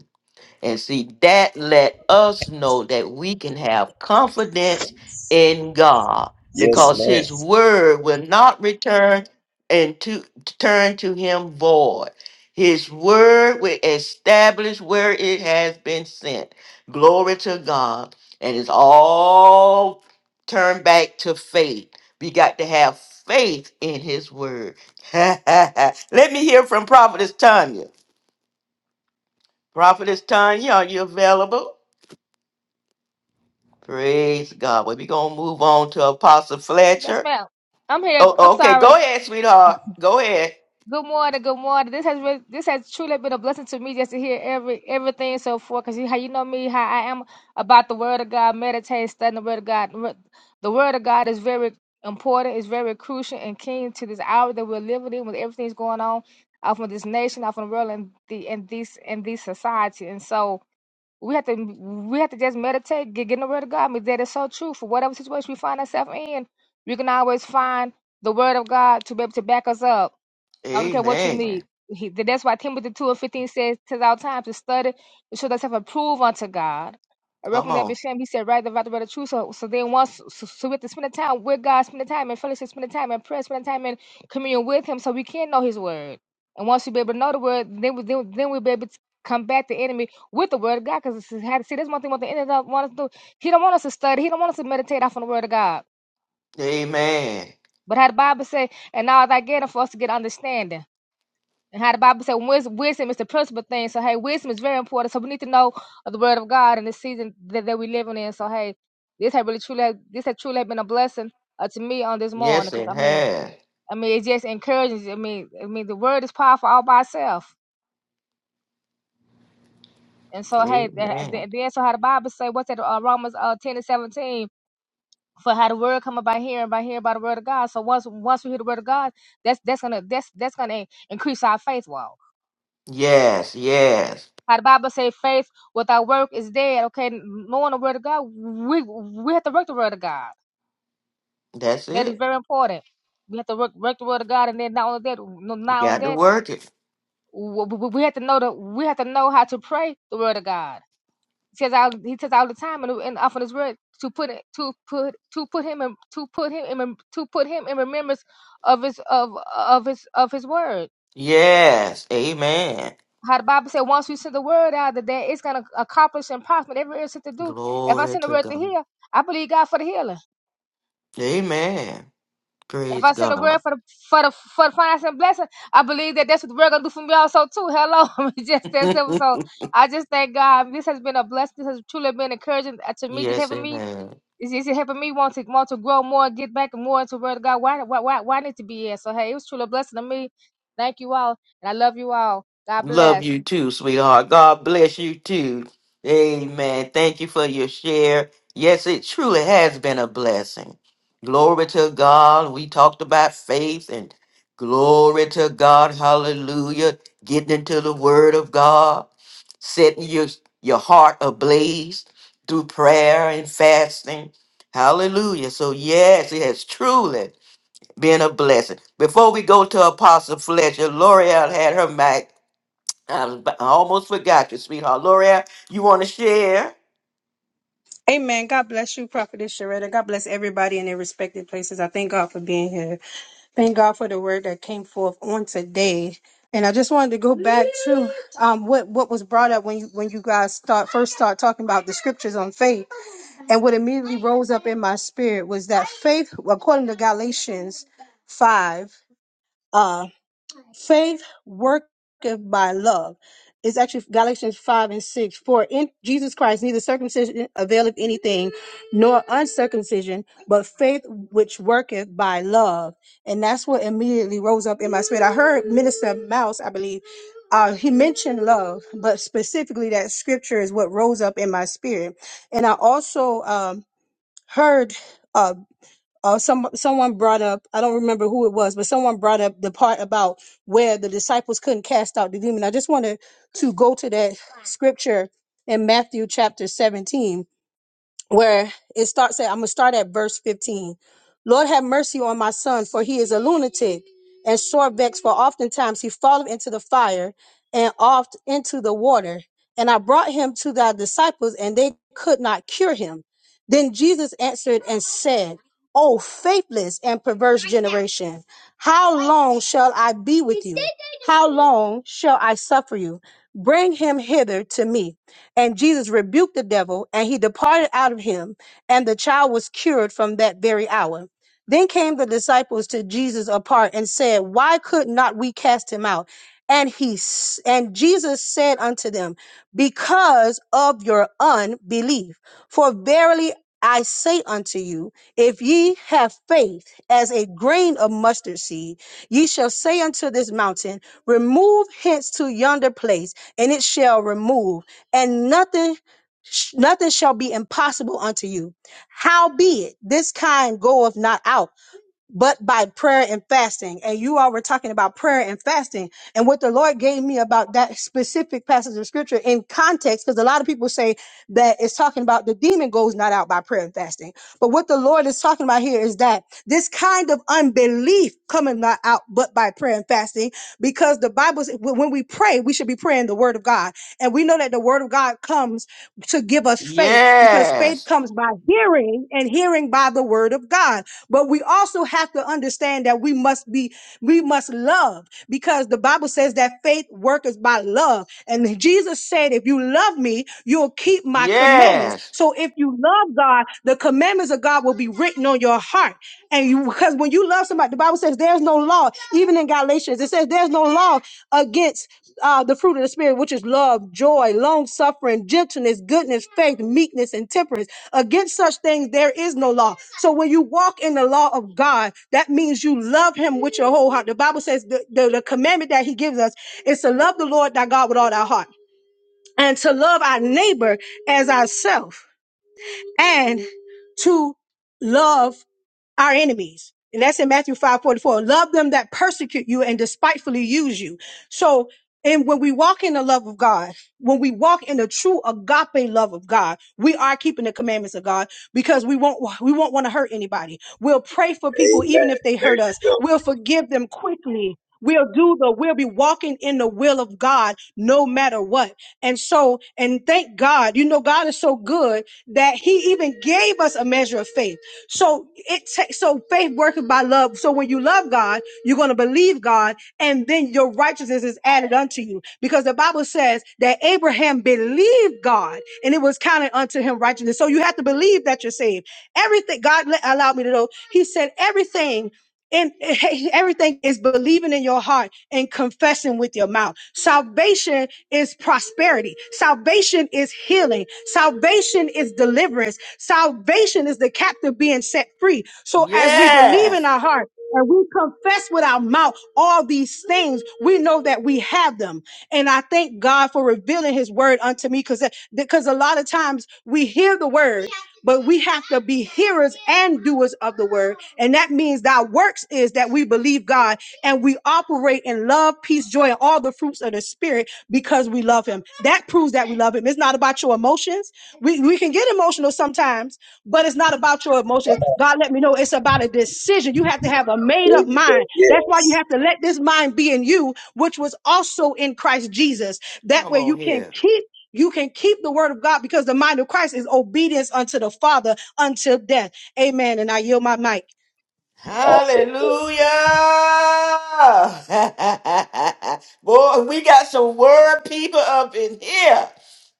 [SPEAKER 1] And see, that let us know that we can have confidence in God
[SPEAKER 6] Yes,
[SPEAKER 1] because
[SPEAKER 6] ma'am.
[SPEAKER 1] his word will not return and to turn to him void. His word will establish where it has been sent. Glory to God. And it's all turned back to faith. We got to have faith in his word. Let me hear from Prophetess Tanya. Prophetess Tanya, are you available? Praise God. Well, we're going to move on to Apostle Fletcher. Oh, okay. Go ahead, sweetheart. Go ahead. Come on. Amen. Yes, it has. Amen. Yes, yes. That's it. You got to work it. Yes. Amen. Glory to God. Amen. Praise God. Yes, it has. Love you too, sweetheart. God bless you too. Amen. Thank you for your share. Yes, it truly has been a blessing. Glory to God. We talked about faith and glory to God. Hallelujah. Getting into the word of God, setting your, your heart ablaze through prayer and fasting. Hallelujah. So, yes, it has truly been a blessing. Before we go to Apostle Fletcher, L'Oreal had her mic I, was, I almost forgot you, sweetheart. L'Oreal, you want to share?
[SPEAKER 9] Amen. God bless you, Prophetess Sharetta. God bless everybody in their respective places. I thank God for being here. Thank God for the word that came forth on today. And I just wanted to go back to um, what what was brought up when you when you guys start first start talking about the scriptures on faith, and what immediately rose up in my spirit was that faith, according to Galatians five. uh, faith worketh by love. It's actually Galatians 5 and 6. For in Jesus Christ, neither circumcision availeth anything, nor uncircumcision, but faith which worketh by love. And that's what immediately rose up in my spirit. I heard Minister Mouse, I believe, uh, he mentioned love, but specifically that scripture is what rose up in my spirit. And I also um, heard. uh, uh, some someone brought up i don't remember who it was but someone brought up the part about where the disciples couldn't cast out the demon i just wanted to go to that scripture in matthew chapter 17 where it starts at, I'm going to start at verse 15. Lord, have mercy on my son, for he is a lunatic and sore vexed, for oftentimes he falleth into the fire and oft into the water. And I brought him to thy disciples, and they could not cure him. Then Jesus answered and said, O faithless and perverse generation, how long shall I be with you? How long shall I suffer you? Bring him hither to me. And Jesus rebuked the devil, and he departed out of him, and the child was cured from that very hour. Then came the disciples to Jesus apart and said, Why could not we cast him out? And he s- and Jesus said unto them, Because of your unbelief. For verily I say unto you, if ye have faith as a grain of mustard seed, ye shall say unto this mountain, Remove hence to yonder place, and it shall remove and nothing sh- nothing shall be impossible unto you howbeit this kind goeth not out but by prayer and fasting. And you all were talking about prayer and fasting. And what the Lord gave me about that specific passage of scripture in context, because a lot of people say that it's talking about the demon goes not out by prayer and fasting. But what the Lord is talking about here is that this kind of unbelief coming not out but by prayer and fasting, because the Bible, says when when we pray, we should be praying the word of God. And we know that the word of God comes to give us faith because faith
[SPEAKER 1] Yes.
[SPEAKER 9] comes by hearing and hearing by the word word of God. But we also have to understand that we must be, we must love because the Bible says that faith worketh by love. And Jesus said, if you love me, you'll keep my commandments.
[SPEAKER 1] Yes.
[SPEAKER 9] So if you love God, the commandments of God will be written on your heart. And you, because when you love somebody, the Bible says there's no law, even in Galatians, it says there's no law against uh, the fruit of the Spirit, which is love, joy, long suffering, gentleness, goodness, faith, meekness, and temperance. Against such things, there is no law. So when you walk in the law of God, that means you love Him with your whole heart. The Bible says the, the, the commandment that He gives us is to love the Lord thy God with all thy heart and to love our neighbor as ourself and to love our enemies. And that's in Matthew 5 44. Love them that persecute you and despitefully use you. So, and when we walk in the love of God, when we walk in the true agape love of God, we are keeping the commandments of God because we won't, we won't want to hurt anybody. We'll pray for people even
[SPEAKER 6] Amen.
[SPEAKER 9] if they
[SPEAKER 6] There
[SPEAKER 9] hurt
[SPEAKER 6] you
[SPEAKER 9] us.
[SPEAKER 6] go.
[SPEAKER 9] We'll forgive them quickly. We'll do the, we'll be walking in the will of God no matter what. And so, and thank God, you know, God is so good that he even gave us a measure of faith. So it takes so faith working by love. So when you love God, you're going to believe God, and then your righteousness is added unto you, because the Bible says that Abraham believed God, and it was counted unto him righteousness. So you have to believe that you're saved. Everything God let, allowed me to know, He said everything and everything is believing in your heart and confessing with your mouth. Salvation is prosperity. Salvation is healing. Salvation is deliverance. Salvation is the captive being set free. So as we believe in
[SPEAKER 1] Yes.
[SPEAKER 9] our heart and we confess with our mouth all these things, we know that we have them. And I thank God for revealing his word unto me because because a lot of times we hear the word but we have to be hearers and doers of the word. And that means that works is that we believe God and we operate in love, peace, joy, and all the fruits of the spirit because we love him. That proves that we love him. It's not about your emotions. We, we can get emotional sometimes, but it's not about your emotions. God let me know it's about a decision. You have to have a made
[SPEAKER 6] There
[SPEAKER 9] up
[SPEAKER 6] you go.
[SPEAKER 9] mind. That's why
[SPEAKER 6] Yes.
[SPEAKER 9] you have to let this mind be in you, which was also in Christ Jesus. That
[SPEAKER 1] Come
[SPEAKER 9] way
[SPEAKER 1] on
[SPEAKER 9] you can
[SPEAKER 1] here.
[SPEAKER 9] keep you can keep the word of God because the mind of Christ is obedience unto the Father until death. Amen. And I yield my mic.
[SPEAKER 6] Awesome.
[SPEAKER 1] Hallelujah.
[SPEAKER 6] Boy.
[SPEAKER 1] Boy, we got some word people up in here.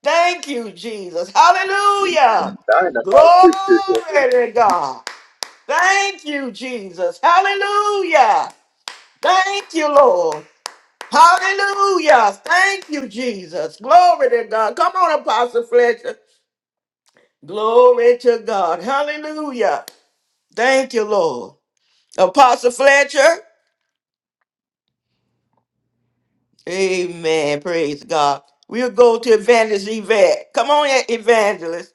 [SPEAKER 1] Thank you, Jesus. Hallelujah.
[SPEAKER 6] Dynamite
[SPEAKER 1] Glory
[SPEAKER 6] preachers.
[SPEAKER 1] to God. Thank you, Jesus. Hallelujah. Thank you, Lord. Hallelujah. Thank you, Jesus. Glory to God. Come on, Apostle Fletcher. Glory to God. Hallelujah. Thank you, Lord. Apostle Fletcher. Amen. Praise God. We'll go to Evangelist Yvette. Come on, E- Evangelist.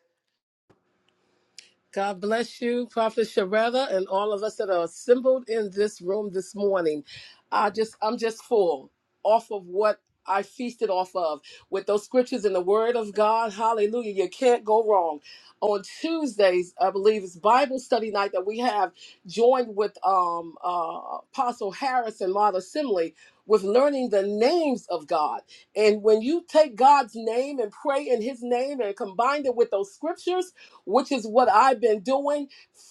[SPEAKER 10] God bless you, Prophet Sharetta, and all of us that are assembled in this room this morning. I just, I'm just full off of what I feasted off of with those scriptures and the Word of God. Hallelujah! You can't go wrong. On Tuesdays, I believe it's Bible study night that we have joined with um, uh, Apostle Harris and Martha Simley with learning the names of God. And when you take God's name and pray in His name and combine it with those scriptures which is what I've been doing.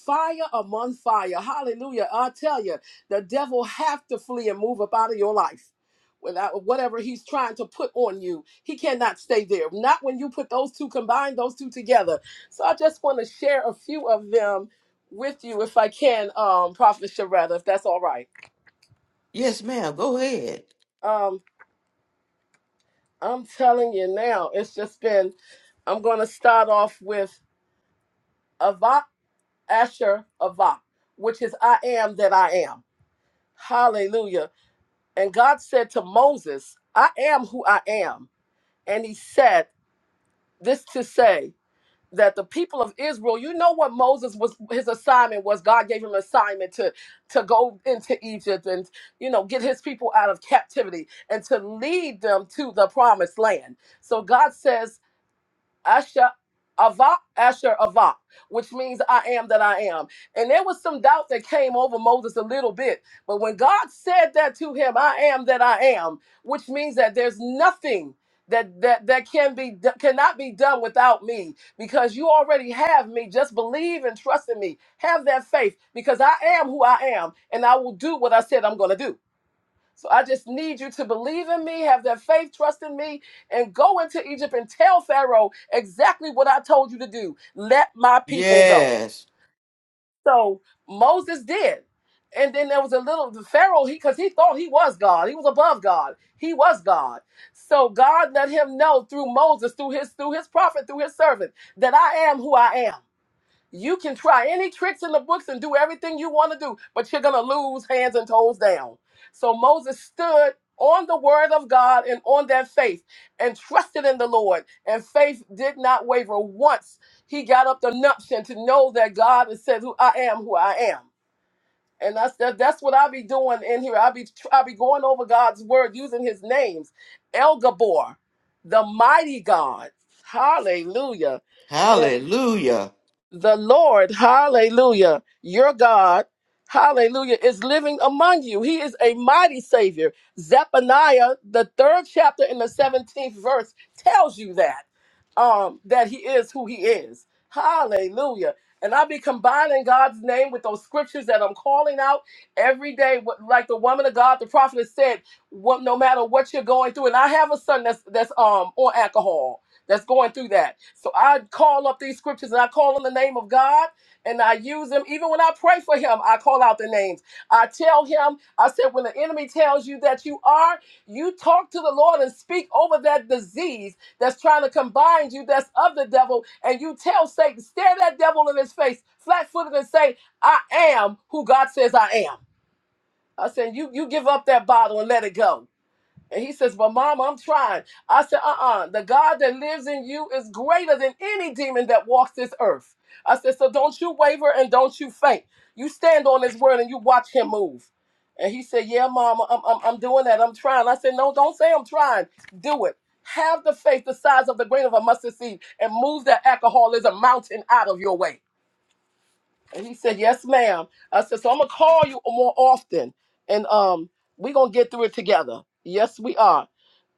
[SPEAKER 10] Fire among fire. Hallelujah. I tell you, the devil have to flee and move up out of your life. Without whatever he's trying to put on you, he cannot stay there. Not when you put those two combine those two together. So I just want to share a few of them with you, if I can, um, Prophet Sharetta, if that's all right.
[SPEAKER 1] Yes, ma'am. Go ahead.
[SPEAKER 10] Um, I'm telling you now, it's just been. I'm going to start off with Avak Asher Avak, which is I am that I am. Hallelujah. And God said to Moses, I am who I am. And he said this to say that the people of Israel, you know what Moses was his assignment was God gave him an assignment to to go into Egypt and you know get his people out of captivity and to lead them to the promised land. So God says Asher Ava, Asher Ava, which means I am that I am. And there was some doubt that came over Moses a little bit. But when God said that to him, I am that I am, which means that there's nothing that that that can be do- cannot be done without me because you already have me just believe and trust in me have that faith because I am who I am and I will do what I said I'm going to do so I just need you to believe in me, have that faith, trust in me, and go into Egypt and tell Pharaoh exactly what I told you to do. Let my people go.
[SPEAKER 1] Yes.
[SPEAKER 10] So Moses did. And then there was a little the Pharaoh, he because he thought he was God. He was above God. He was God. So God let him know through Moses, through his through his prophet, through his servant, that I am who I am. You can try any tricks in the books and do everything you want to do, but you're going to lose hands and toes down. So Moses stood on the word of God and on that faith and trusted in the Lord. And faith did not waver once. He got up the nuption to know that God has said, "Who I am, who I am." And that's that, that's what I be doing in here. I be tr- I be going over God's word using His names, El Gabor, the mighty God. Hallelujah
[SPEAKER 1] Hallelujah.
[SPEAKER 10] the Lord, hallelujah, your God, hallelujah, is living among you. He is a mighty Savior. Zephaniah, the third chapter in the 17th verse, tells you that, um, that He is who He is. Hallelujah. And I'll be combining God's name with those scriptures that I'm calling out every day. What- Like the woman of God, the prophet said, what, no matter what you're going through. And I have a son that's that's um on alcohol that's going through that. So I call up these scriptures and I call on the name of God and I use them. Even when I pray for him, I call out the names. I tell him, I said, when the enemy tells you that you are, you talk to the Lord and speak over that disease that's trying to combine you, that's of the devil, and you tell Satan, stare that devil in his face, flat footed, and say, I am who God says I am. I said, you you give up that bottle and let it go. And he says, Well, Mama, I'm trying. I said, Uh uh the God that lives in you is greater than any demon that walks this earth. I said, So don't you waver and don't you faint. You stand on his word and you watch him move. And he said, Yeah, Mama, I'm, I'm, I'm doing that. I'm trying. I said, No, don't say I'm trying. Do it. Have the faith the size of the grain of a mustard seed and move that alcoholism mountain out of your way. And he said, Yes, ma'am. I said, So I'm gonna call you more often and um we're gonna get through it together. Yes, we are.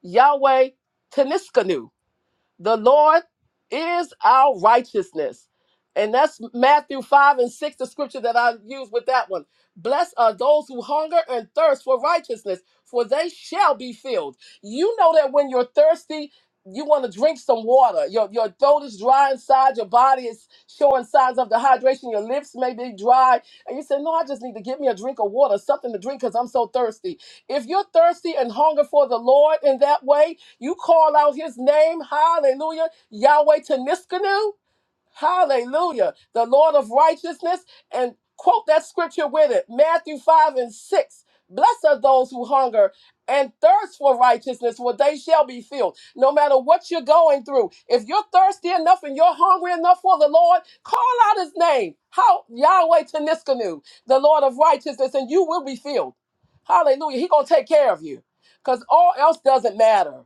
[SPEAKER 10] Yahweh Teniskanu. The Lord is our righteousness. And that's Matthew 5 and 6, the scripture that I use with that one. Blessed are those who hunger and thirst for righteousness, for they shall be filled. You know that when you're thirsty, you want to drink some water. Your, your throat is dry inside, your body is showing signs of dehydration, your lips may be dry. And you say, No, I just need to give me a drink of water, something to drink because I'm so thirsty. If you're thirsty and hunger for the Lord in that way, you call out his name, hallelujah, Yahweh Teniskanu, hallelujah, the Lord of righteousness, and quote that scripture with it, Matthew 5 and 6. Blessed are those who hunger and thirst for righteousness, for they shall be filled. No matter what you're going through, if you're thirsty enough and you're hungry enough for the Lord, call out his name, how Yahweh Teniskanu, the Lord of righteousness, and you will be filled. Hallelujah. He gonna take care of you. Because all else doesn't matter.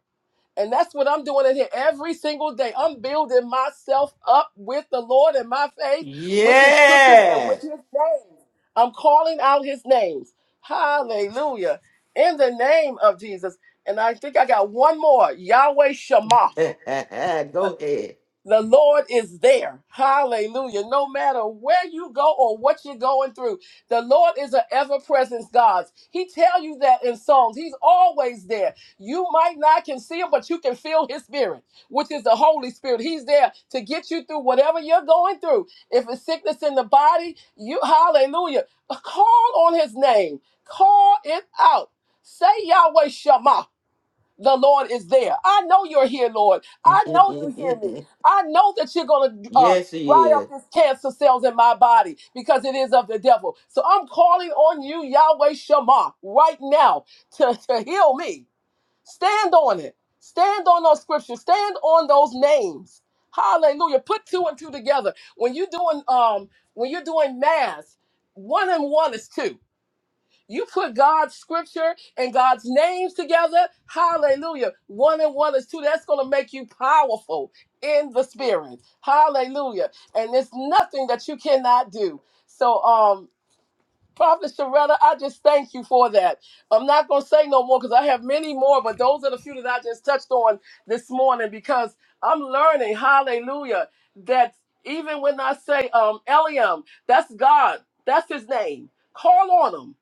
[SPEAKER 10] And that's what I'm doing in here every single day. I'm building myself up with the Lord and my faith, with his scriptures and with
[SPEAKER 1] Yes.
[SPEAKER 10] his names. I'm calling out his names. Hallelujah. In the name of Jesus. And I think I got one more. Yahweh Shema.
[SPEAKER 1] go ahead.
[SPEAKER 10] The Lord is there. Hallelujah. No matter where you go or what you're going through, the Lord is an ever-present God. He tell you that in Psalms. He's always there. You might not can see him, but you can feel his spirit, which is the Holy Spirit. He's there to get you through whatever you're going through. If it's sickness in the body, you hallelujah. Call on his name. Call it out. Say Yahweh Shema the Lord is there. I know you're here, Lord. I know you hear me. I know that you're going to uh,
[SPEAKER 1] yes,
[SPEAKER 10] dry
[SPEAKER 1] he is.
[SPEAKER 10] up this cancer cells in my body because it is of the devil. So I'm calling on you, Yahweh Shema, right now to, to heal me. Stand on it. Stand on those scriptures. Stand on those names. Hallelujah. Put two and two together. When you're doing um when you're doing mass, one and one is two. You put God's scripture and God's names together. Hallelujah. One and one is two. That's going to make you powerful in the spirit. Hallelujah. And there's nothing that you cannot do. So, um. Prophet Sharetta, I just thank you for that. I'm not going to say no more because I have many more, but those are the few that I just touched on this morning because I'm learning, hallelujah, that even when I say um, Eliam, that's God, that's his name. Call on him.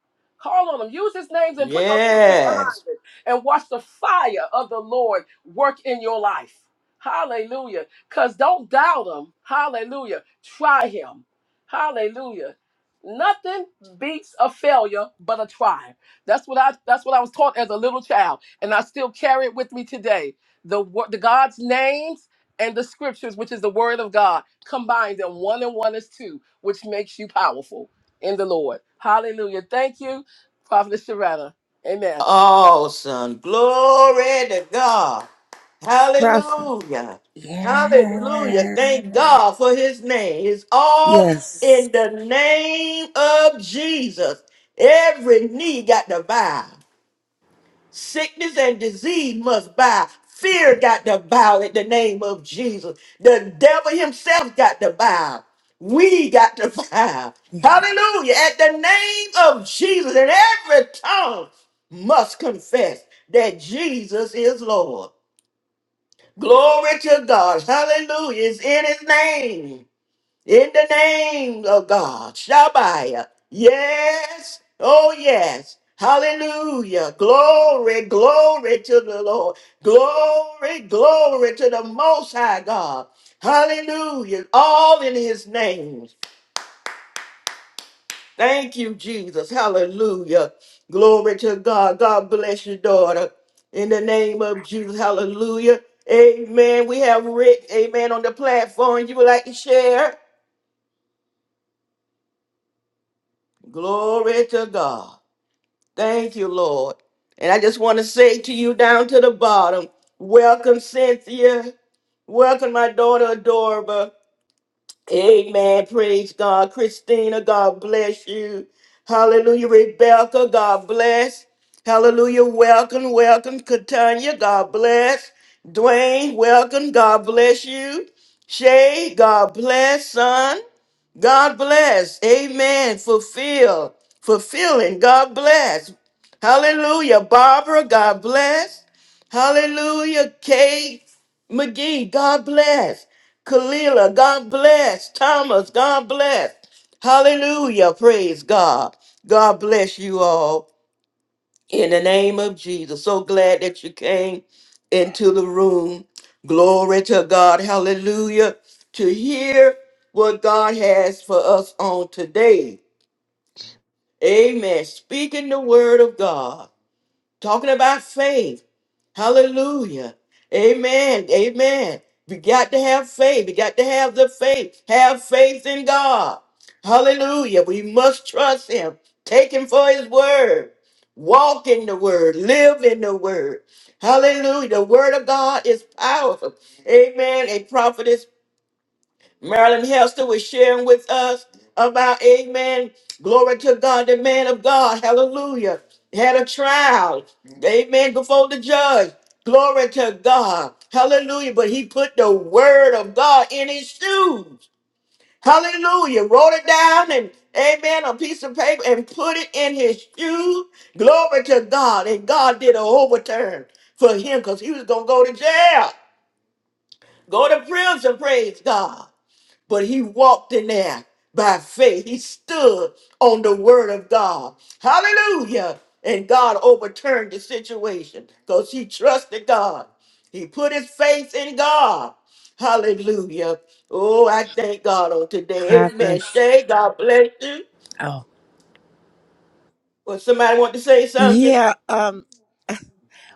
[SPEAKER 10] Call on him. Use his names and put those scriptures
[SPEAKER 1] Yes.
[SPEAKER 10] behind it and watch the fire of the Lord work in your life. Hallelujah. Because don't doubt him. Hallelujah. Try him. Hallelujah. Nothing beats a failure but a triumph. That's what I that's what I was taught as a little child and I still carry it with me today. The word the God's names and the scriptures which is the word of God combined them one and one is two which makes you powerful in the Lord. Hallelujah. Thank you Prophet Sharetta. Amen.
[SPEAKER 1] Awesome. Glory to God. Hallelujah. Hallelujah.
[SPEAKER 5] Yeah.
[SPEAKER 1] Thank God for his name. It's all
[SPEAKER 5] Yes.
[SPEAKER 1] in the name of Jesus. Every knee got to bow. Sickness and disease must bow. Fear got to bow at the name of Jesus. The devil himself got to bow. We got to bow.
[SPEAKER 5] Yeah.
[SPEAKER 1] Hallelujah. At the name of Jesus, and every tongue must confess that Jesus is Lord. Glory to God. Hallelujah. It's in his name. In the name of God, Shabbat. Yes. Oh, yes. Hallelujah. Glory, glory to the Lord. Glory, glory to the Most High God. Hallelujah. All in His name. Thank you, Jesus. Hallelujah. Glory to God. God bless your daughter. In the name of Jesus. Hallelujah. Amen. We have Rick, amen, on the platform. You would like to share? Glory to God. Thank you, Lord. And I just want to say to you down to the bottom, welcome, Cynthia. Welcome, my daughter, Adora. Amen. Praise God. Christina, God bless you. Hallelujah. Rebecca, God bless. Hallelujah. Welcome, welcome. Katanya, God bless. Dwayne, welcome. God bless you. Shay, God bless, son. God bless. Amen. Fulfill. Fulfilling. God bless. Hallelujah. Barbara, God bless. Hallelujah. Kate McGee, God bless. Kalila, God bless. Thomas, God bless. Hallelujah. Praise God. God bless you all in the name of Jesus. So glad that you came into the room. Glory to God. Hallelujah. To hear what God has for us on today. Amen. Speaking the word of God, talking about faith. Hallelujah. Amen. Amen. We got to have faith. We got to have the faith. Have faith in God. Hallelujah. We must trust Him. Take Him for His word. Walk in the word. Live in the word. Hallelujah. The word of God is powerful. Amen. A prophet Marilyn Hester was sharing with us about, amen, glory to God, the man of God, hallelujah, had a trial, amen, before the judge, glory to God, hallelujah, but he put the word of God in his shoes, hallelujah, wrote it down and, amen, on a piece of paper and put it in his shoes, glory to God, and God did an overturn for him because he was going to go to jail, go to prison, praise God but he walked in there by faith. He stood on the word of God. Hallelujah. And God overturned the situation because he trusted God. He put his faith in God. Hallelujah. Oh, I thank God on today. Amen.
[SPEAKER 5] Prophets.
[SPEAKER 1] Shay, God bless you.
[SPEAKER 5] Oh.
[SPEAKER 1] Well, somebody want to say something?
[SPEAKER 5] Yeah, um,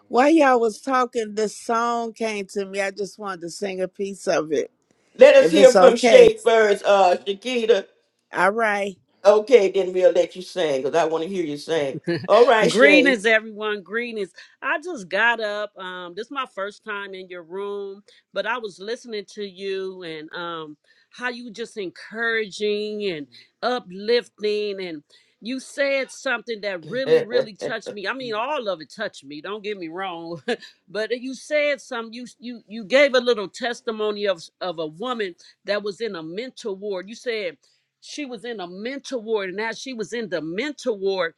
[SPEAKER 5] while y'all was talking, this song came to me. I just wanted to sing a piece of it,
[SPEAKER 1] Let us
[SPEAKER 5] if it's
[SPEAKER 1] hear from
[SPEAKER 5] okay.
[SPEAKER 1] Shay first, uh, Shakita.
[SPEAKER 5] All right.
[SPEAKER 1] Okay, then we'll let you sing because I want to hear you sing. All right, Shay.
[SPEAKER 11] Greetings, everyone. Greetings. I just got up. Um, this is my first time in your room, but I was listening to you and um, how you just encouraging and uplifting, and you said something that really, really touched me. I mean, all of it touched me. Don't get me wrong, but you said some. You you you gave a little testimony of of a woman that was in a mental ward. You said. She was in a mental ward, and as she was in the mental ward,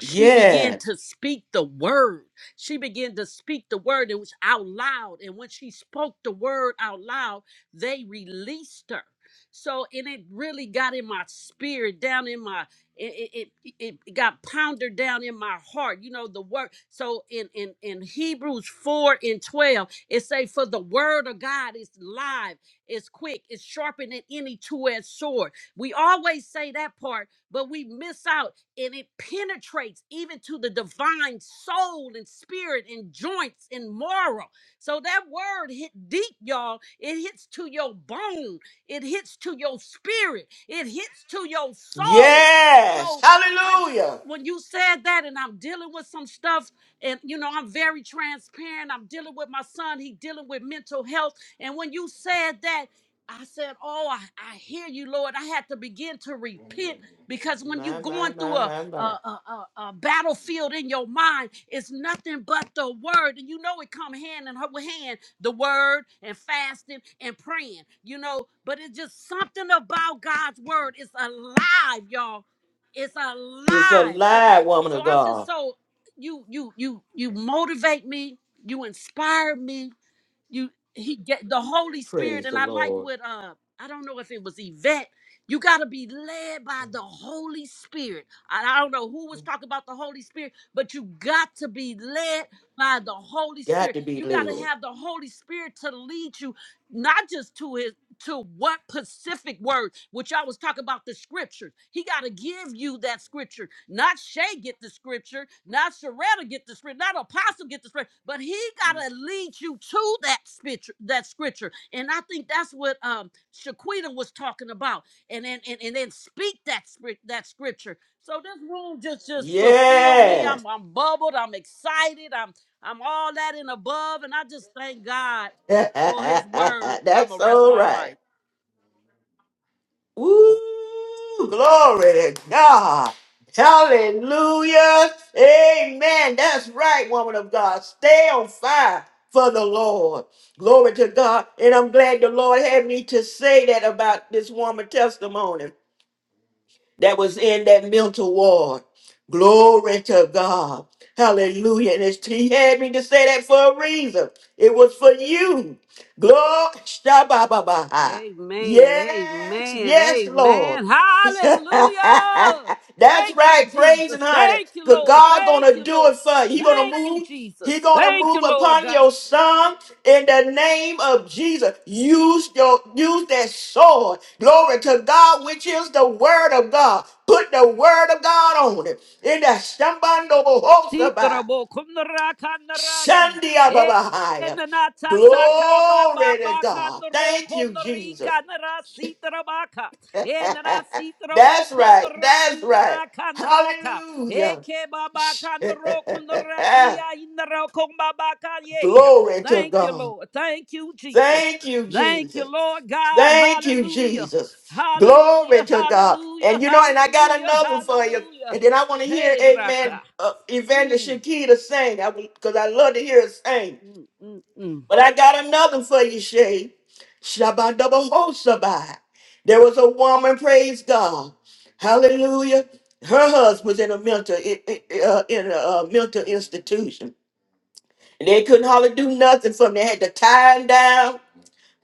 [SPEAKER 11] she began
[SPEAKER 1] yes.
[SPEAKER 11] to speak the word. She began to speak the word. It was out loud. And when she spoke the word out loud, they released her. So, and it really got in my spirit, down in my, it, it, it it got pounded down in my heart. You know, the word. So in, in, in Hebrews 4 and 12, it say, for the word of God is live, it's quick, it's sharper than any two-edged sword. We always say that part, but we miss out and it penetrates even to the divine soul and spirit and joints and marrow. So that word hit deep, y'all. It hits to your bone, it hits to your spirit, it hits to your soul.
[SPEAKER 1] Yes.
[SPEAKER 11] So I just
[SPEAKER 1] Hallelujah.
[SPEAKER 11] when you said that and I'm dealing with some stuff and you know I'm very transparent. I'm dealing with my son, he dealing with mental health and when you said that I said, "Oh, I, I hear you, Lord. I had to begin to repent because when you're
[SPEAKER 1] My, my,
[SPEAKER 11] going
[SPEAKER 1] my,
[SPEAKER 11] through a,
[SPEAKER 1] my,
[SPEAKER 11] a,
[SPEAKER 1] my.
[SPEAKER 11] a, a- battlefield in your mind, it's nothing but the word. And you know it come hand in with hand, the word and fasting and praying, you know. But it's just something about God's word. It's alive, y'all. It's
[SPEAKER 1] It's a
[SPEAKER 11] alive.
[SPEAKER 1] lie,
[SPEAKER 11] Okay.
[SPEAKER 1] woman
[SPEAKER 11] So
[SPEAKER 1] of
[SPEAKER 11] I'm just
[SPEAKER 1] God.
[SPEAKER 11] so you you you you motivate me, you inspire me you he get the holy spirit
[SPEAKER 1] Praise
[SPEAKER 11] and
[SPEAKER 1] the
[SPEAKER 11] i like
[SPEAKER 1] Lord.
[SPEAKER 11] what uh i don't know if it was yvette you got to be led by the holy spirit I, I don't know who was talking about the holy spirit but you got to be led by the holy
[SPEAKER 1] Got
[SPEAKER 11] spirit
[SPEAKER 1] to be
[SPEAKER 11] you got to
[SPEAKER 1] led.
[SPEAKER 11] have the holy spirit to lead you not just to his to what specific word, which I was talking about the scriptures. He got to give you that scripture. Not Shay get the scripture, not Sharetta get the scripture, not Apostle get the scripture, but he got to lead you to that scripture, that scripture. And I think that's what um Shaquita was talking about. And then and, and then speak that script that scripture. So this room just just fulfilled me.
[SPEAKER 1] Yes.
[SPEAKER 11] I'm I'm bubbled, I'm excited, I'm I'm all that and above. And I just thank God for his word. And I'm
[SPEAKER 1] That's
[SPEAKER 11] gonna rest
[SPEAKER 1] all
[SPEAKER 11] my
[SPEAKER 1] right.
[SPEAKER 11] mic.
[SPEAKER 1] Woo. Glory to God. Hallelujah. Amen. That's right, woman of God. Stay on fire for the Lord. Glory to God. And I'm glad the Lord had me to say that about this woman testimony. that was in that mental ward. Glory to God. Hallelujah. And it's, he had me to say that for a reason. It was for you. Glory. Shabba-ba-ba-ha.
[SPEAKER 11] Amen.
[SPEAKER 1] Yes,
[SPEAKER 11] Amen.
[SPEAKER 1] yes, Lord.
[SPEAKER 11] Amen.
[SPEAKER 1] That's
[SPEAKER 11] Hallelujah. Thank you,
[SPEAKER 1] right. Praise and
[SPEAKER 11] Jesus.
[SPEAKER 1] honor.
[SPEAKER 11] Thank you,
[SPEAKER 1] Because
[SPEAKER 11] Lord.
[SPEAKER 1] God
[SPEAKER 11] Thank
[SPEAKER 1] gonna
[SPEAKER 11] you,
[SPEAKER 1] do it
[SPEAKER 11] Lord.
[SPEAKER 1] for you. He gonna
[SPEAKER 11] Thank you,
[SPEAKER 1] move he
[SPEAKER 11] Jesus.
[SPEAKER 1] gonna
[SPEAKER 11] Thank
[SPEAKER 1] move
[SPEAKER 11] you, Lord
[SPEAKER 1] upon
[SPEAKER 11] God.
[SPEAKER 1] your son in the name of Jesus. Use your use that sword. Glory to God, which is the word of God. Put the word of God on it. In the Shambando Bohosaba.
[SPEAKER 11] Titrabo kundraka naraki.
[SPEAKER 1] Shandia
[SPEAKER 11] Eh.
[SPEAKER 1] Babahaya.
[SPEAKER 11] Enanataka baba
[SPEAKER 1] Glory to
[SPEAKER 11] baka
[SPEAKER 1] God.
[SPEAKER 11] bakandro
[SPEAKER 1] Thank you, Jesus.
[SPEAKER 11] konrika narasitrabaka. Enarasitrabo
[SPEAKER 1] That's right. That's
[SPEAKER 11] konraki
[SPEAKER 1] right.
[SPEAKER 11] naraka naraka.
[SPEAKER 1] Hallelujah.
[SPEAKER 11] Eke baba kandro konraki ainro kon baba kaye.
[SPEAKER 1] Glory to
[SPEAKER 11] Thank you,
[SPEAKER 1] God.
[SPEAKER 11] Lord. Thank you, Jesus.
[SPEAKER 1] Thank you,
[SPEAKER 11] Thank you,
[SPEAKER 1] Jesus.
[SPEAKER 11] Lord God.
[SPEAKER 1] Thank you,
[SPEAKER 11] Hallelujah.
[SPEAKER 1] Jesus. Glory
[SPEAKER 11] Hallelujah.
[SPEAKER 1] to God. And
[SPEAKER 11] Hallelujah.
[SPEAKER 1] you know, and I got
[SPEAKER 11] Hallelujah.
[SPEAKER 1] another for you.
[SPEAKER 11] Hallelujah.
[SPEAKER 1] And then I want to hear,
[SPEAKER 11] Hey,
[SPEAKER 1] amen,
[SPEAKER 11] Raka.
[SPEAKER 1] uh, Evangelist
[SPEAKER 11] Mm,
[SPEAKER 1] Shakita sing. I Because I love to hear her sing.
[SPEAKER 11] mm, mm, mm.
[SPEAKER 1] But I got another for you, Shay. Shabbat double hosabai. There was a woman, praise God. Hallelujah. Her husband was in a mental, i- i- uh, in a uh, mental institution. And they couldn't hardly do nothing for him. They had to tie him down.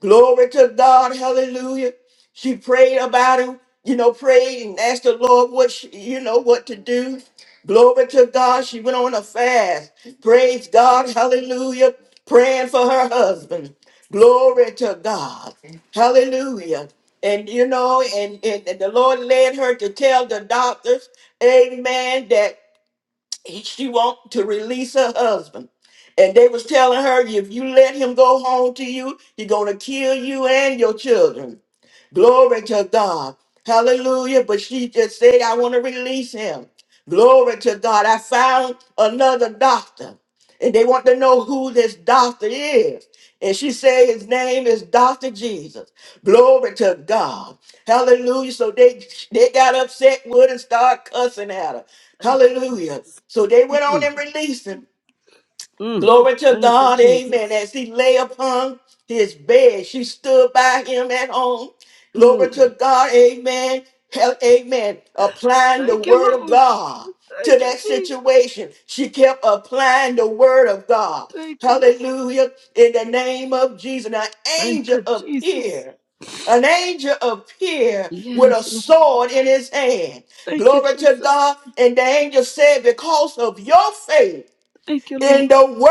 [SPEAKER 1] Glory to God. Hallelujah. She prayed about him, you know, prayed and asked the Lord what she, you know what to do. Glory to God. She went on a fast. Praise God. Hallelujah. Praying for her husband. Glory to God. Hallelujah. And you know, and, and, and the Lord led her to tell the doctors, amen, That he- she want to release her husband and they was telling her if you let him go home to you he gonna kill you and your children Glory to God. Hallelujah. But she just said, I want to release him. Glory to God. I found another doctor. And they want to know who this doctor is. And she said his name is Dr. Jesus. Glory to God. Hallelujah. So they they got upset with her and started cussing at her.
[SPEAKER 11] Thank you,
[SPEAKER 1] Hallelujah.
[SPEAKER 11] Jesus.
[SPEAKER 1] So they went on
[SPEAKER 11] Mm,
[SPEAKER 1] and released him.
[SPEAKER 11] mm.
[SPEAKER 1] Glory to
[SPEAKER 11] Thank you,
[SPEAKER 1] God, amen. As
[SPEAKER 11] Jesus.
[SPEAKER 1] he lay upon his bed, she stood by him at home. Glory
[SPEAKER 11] Mm.
[SPEAKER 1] to God, amen. Hell, amen. Applying the
[SPEAKER 11] Thank you,
[SPEAKER 1] word of
[SPEAKER 11] Lord.
[SPEAKER 1] God to
[SPEAKER 11] Thank you,
[SPEAKER 1] that
[SPEAKER 11] Jesus.
[SPEAKER 1] situation. She kept applying the word of God.
[SPEAKER 11] Thank you, Lord.
[SPEAKER 1] Hallelujah. In the name of Jesus, an
[SPEAKER 11] Thank
[SPEAKER 1] angel
[SPEAKER 11] you, Jesus.
[SPEAKER 1] appeared. An angel appeared with a
[SPEAKER 11] Yes, Lord.
[SPEAKER 1] sword in his hand.
[SPEAKER 11] Thank you,
[SPEAKER 1] Glory to
[SPEAKER 11] Jesus.
[SPEAKER 1] God. And the angel said, Because of your faith,
[SPEAKER 11] Thank you, Lord.
[SPEAKER 1] in the word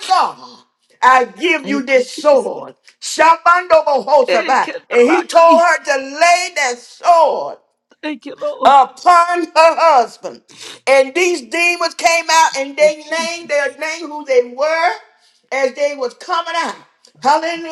[SPEAKER 1] of God, I give you
[SPEAKER 11] Thank
[SPEAKER 1] this
[SPEAKER 11] you, Jesus.
[SPEAKER 1] sword. Shabando
[SPEAKER 11] Thank
[SPEAKER 1] bohosaba.
[SPEAKER 11] you,
[SPEAKER 1] And he told
[SPEAKER 11] Rocky.
[SPEAKER 1] her to lay that sword
[SPEAKER 11] Thank you, Lord.
[SPEAKER 1] upon her husband. And these demons came out and
[SPEAKER 11] Thank
[SPEAKER 1] they
[SPEAKER 11] you,
[SPEAKER 1] named
[SPEAKER 11] Jesus.
[SPEAKER 1] their name who they were as they was coming out.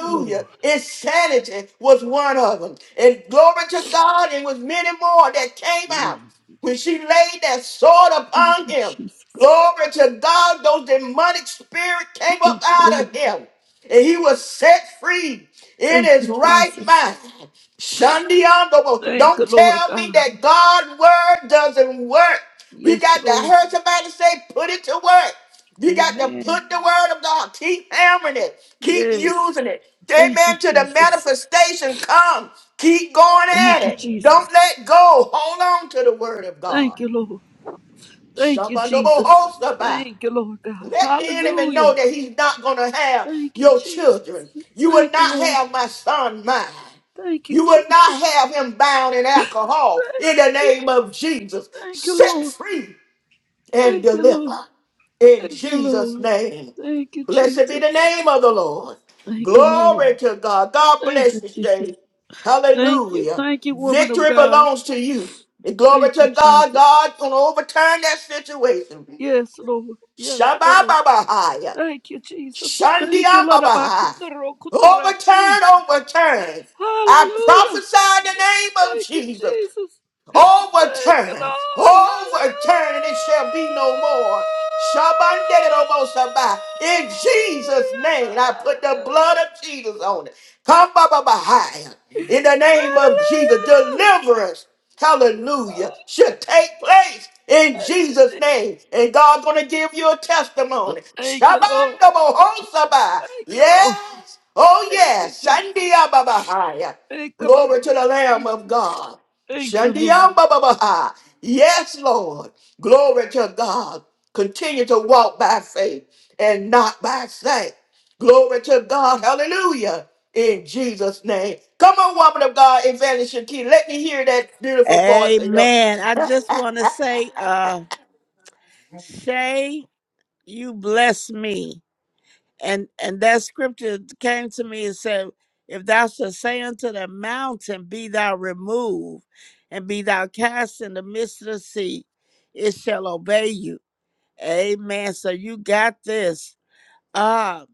[SPEAKER 11] Lord.
[SPEAKER 1] Insanity was one of them. And glory to God, it was many more that came out
[SPEAKER 11] Mm.
[SPEAKER 1] when she laid that sword
[SPEAKER 11] Thank
[SPEAKER 1] upon
[SPEAKER 11] you,
[SPEAKER 1] him.
[SPEAKER 11] Jesus.
[SPEAKER 1] Glory to God, those demonic spirit came up
[SPEAKER 11] Yes,
[SPEAKER 1] out
[SPEAKER 11] Lord.
[SPEAKER 1] of him. And he was set free in
[SPEAKER 11] Thank
[SPEAKER 1] his
[SPEAKER 11] you,
[SPEAKER 1] right
[SPEAKER 11] Jesus.
[SPEAKER 1] mind. Shandiondobo.
[SPEAKER 11] Thank you,
[SPEAKER 1] Don't
[SPEAKER 11] Lord
[SPEAKER 1] tell me
[SPEAKER 11] God.
[SPEAKER 1] that God's word doesn't work. We
[SPEAKER 11] Yes,
[SPEAKER 1] got to
[SPEAKER 11] Lord.
[SPEAKER 1] hear somebody say, put it to work. You got to
[SPEAKER 11] Amen.
[SPEAKER 1] put the word of God. Keep hammering it. Keep
[SPEAKER 11] Yes.
[SPEAKER 1] using it.
[SPEAKER 11] Thank you,
[SPEAKER 1] Amen. To the
[SPEAKER 11] Jesus.
[SPEAKER 1] manifestation come. Keep going at
[SPEAKER 11] Thank you,
[SPEAKER 1] it.
[SPEAKER 11] Jesus.
[SPEAKER 1] Don't let go. Hold on to the word of God.
[SPEAKER 11] Thank you, Lord. Thank you, Jesus.
[SPEAKER 1] Shabandobo
[SPEAKER 11] Thank you, Lord God.
[SPEAKER 1] let the enemy
[SPEAKER 11] Hallelujah.
[SPEAKER 1] know that he's not going to have
[SPEAKER 11] Thank you,
[SPEAKER 1] your children.
[SPEAKER 11] Jesus.
[SPEAKER 1] You will
[SPEAKER 11] Thank you,
[SPEAKER 1] not
[SPEAKER 11] Lord.
[SPEAKER 1] have my son mine.
[SPEAKER 11] Thank you,
[SPEAKER 1] You will
[SPEAKER 11] Jesus.
[SPEAKER 1] not have him bound in alcohol in
[SPEAKER 11] Thank you,
[SPEAKER 1] the
[SPEAKER 11] Jesus.
[SPEAKER 1] name of Jesus.
[SPEAKER 11] Thank you,
[SPEAKER 1] Set
[SPEAKER 11] Lord.
[SPEAKER 1] free and
[SPEAKER 11] Thank you,
[SPEAKER 1] deliver
[SPEAKER 11] Lord.
[SPEAKER 1] in
[SPEAKER 11] Thank you,
[SPEAKER 1] Jesus'
[SPEAKER 11] Lord.
[SPEAKER 1] name.
[SPEAKER 11] Thank you,
[SPEAKER 1] Blessed be
[SPEAKER 11] Jesus.
[SPEAKER 1] the name of the Lord.
[SPEAKER 11] Thank you, Lord.
[SPEAKER 1] Glory to God. God
[SPEAKER 11] Thank you,
[SPEAKER 1] bless you
[SPEAKER 11] Jesus.
[SPEAKER 1] today.
[SPEAKER 11] Thank you.
[SPEAKER 1] Hallelujah.
[SPEAKER 11] Thank you, woman of
[SPEAKER 1] Victory
[SPEAKER 11] God.
[SPEAKER 1] belongs to you. And glory
[SPEAKER 11] Thank you,
[SPEAKER 1] to God.
[SPEAKER 11] Jesus.
[SPEAKER 1] God gonna overturn that situation.
[SPEAKER 11] Yes, Lord. Yes, Lord.
[SPEAKER 1] Shabbat
[SPEAKER 11] Thank you, Jesus. Thank you,
[SPEAKER 1] Shandia
[SPEAKER 11] Lord.
[SPEAKER 1] Baba, Overturn, overturn. I
[SPEAKER 11] Hallelujah.
[SPEAKER 1] prophesy in the name of
[SPEAKER 11] Thank you,
[SPEAKER 1] Jesus.
[SPEAKER 11] Jesus. Thank you,
[SPEAKER 1] Overturn,
[SPEAKER 11] Lord. Hallelujah.
[SPEAKER 1] overturn, and it shall be no more. Shabanderobosabai. In Jesus' name, I put the
[SPEAKER 11] Hallelujah.
[SPEAKER 1] blood of Jesus on it. Come, Baba Bahia. In the name of Jesus, deliverance,
[SPEAKER 11] Hallelujah.
[SPEAKER 1] hallelujah, should take place in
[SPEAKER 11] Thank you, Lord. Thank you,
[SPEAKER 1] Jesus'
[SPEAKER 11] Jesus.
[SPEAKER 1] name. And God's going to give you a testimony.
[SPEAKER 11] Thank you, Lord.
[SPEAKER 1] Shabandobohosabai.
[SPEAKER 11] Thank you, Lord.
[SPEAKER 1] Yes, oh
[SPEAKER 11] Thank you,
[SPEAKER 1] yes.
[SPEAKER 11] Jesus.
[SPEAKER 1] Sandia Baba Bahia.
[SPEAKER 11] Thank you, Mother.
[SPEAKER 1] Glory to the Lamb of God.
[SPEAKER 11] Thank you, Lord.
[SPEAKER 1] Shandiyamba Babaha. Yes, Lord. Glory to God. Continue to walk by faith and not by sight. Glory to God. Hallelujah. In Jesus' name. Come on, woman of God, Evangelist Shakira. Let me hear that beautiful voice in your
[SPEAKER 5] Amen. I just want to say, uh, Shay, you bless me. and and that scripture came to me and said if thou shalt say unto the mountain be thou removed and be thou cast in the midst of the sea it shall obey you amen so you got this ah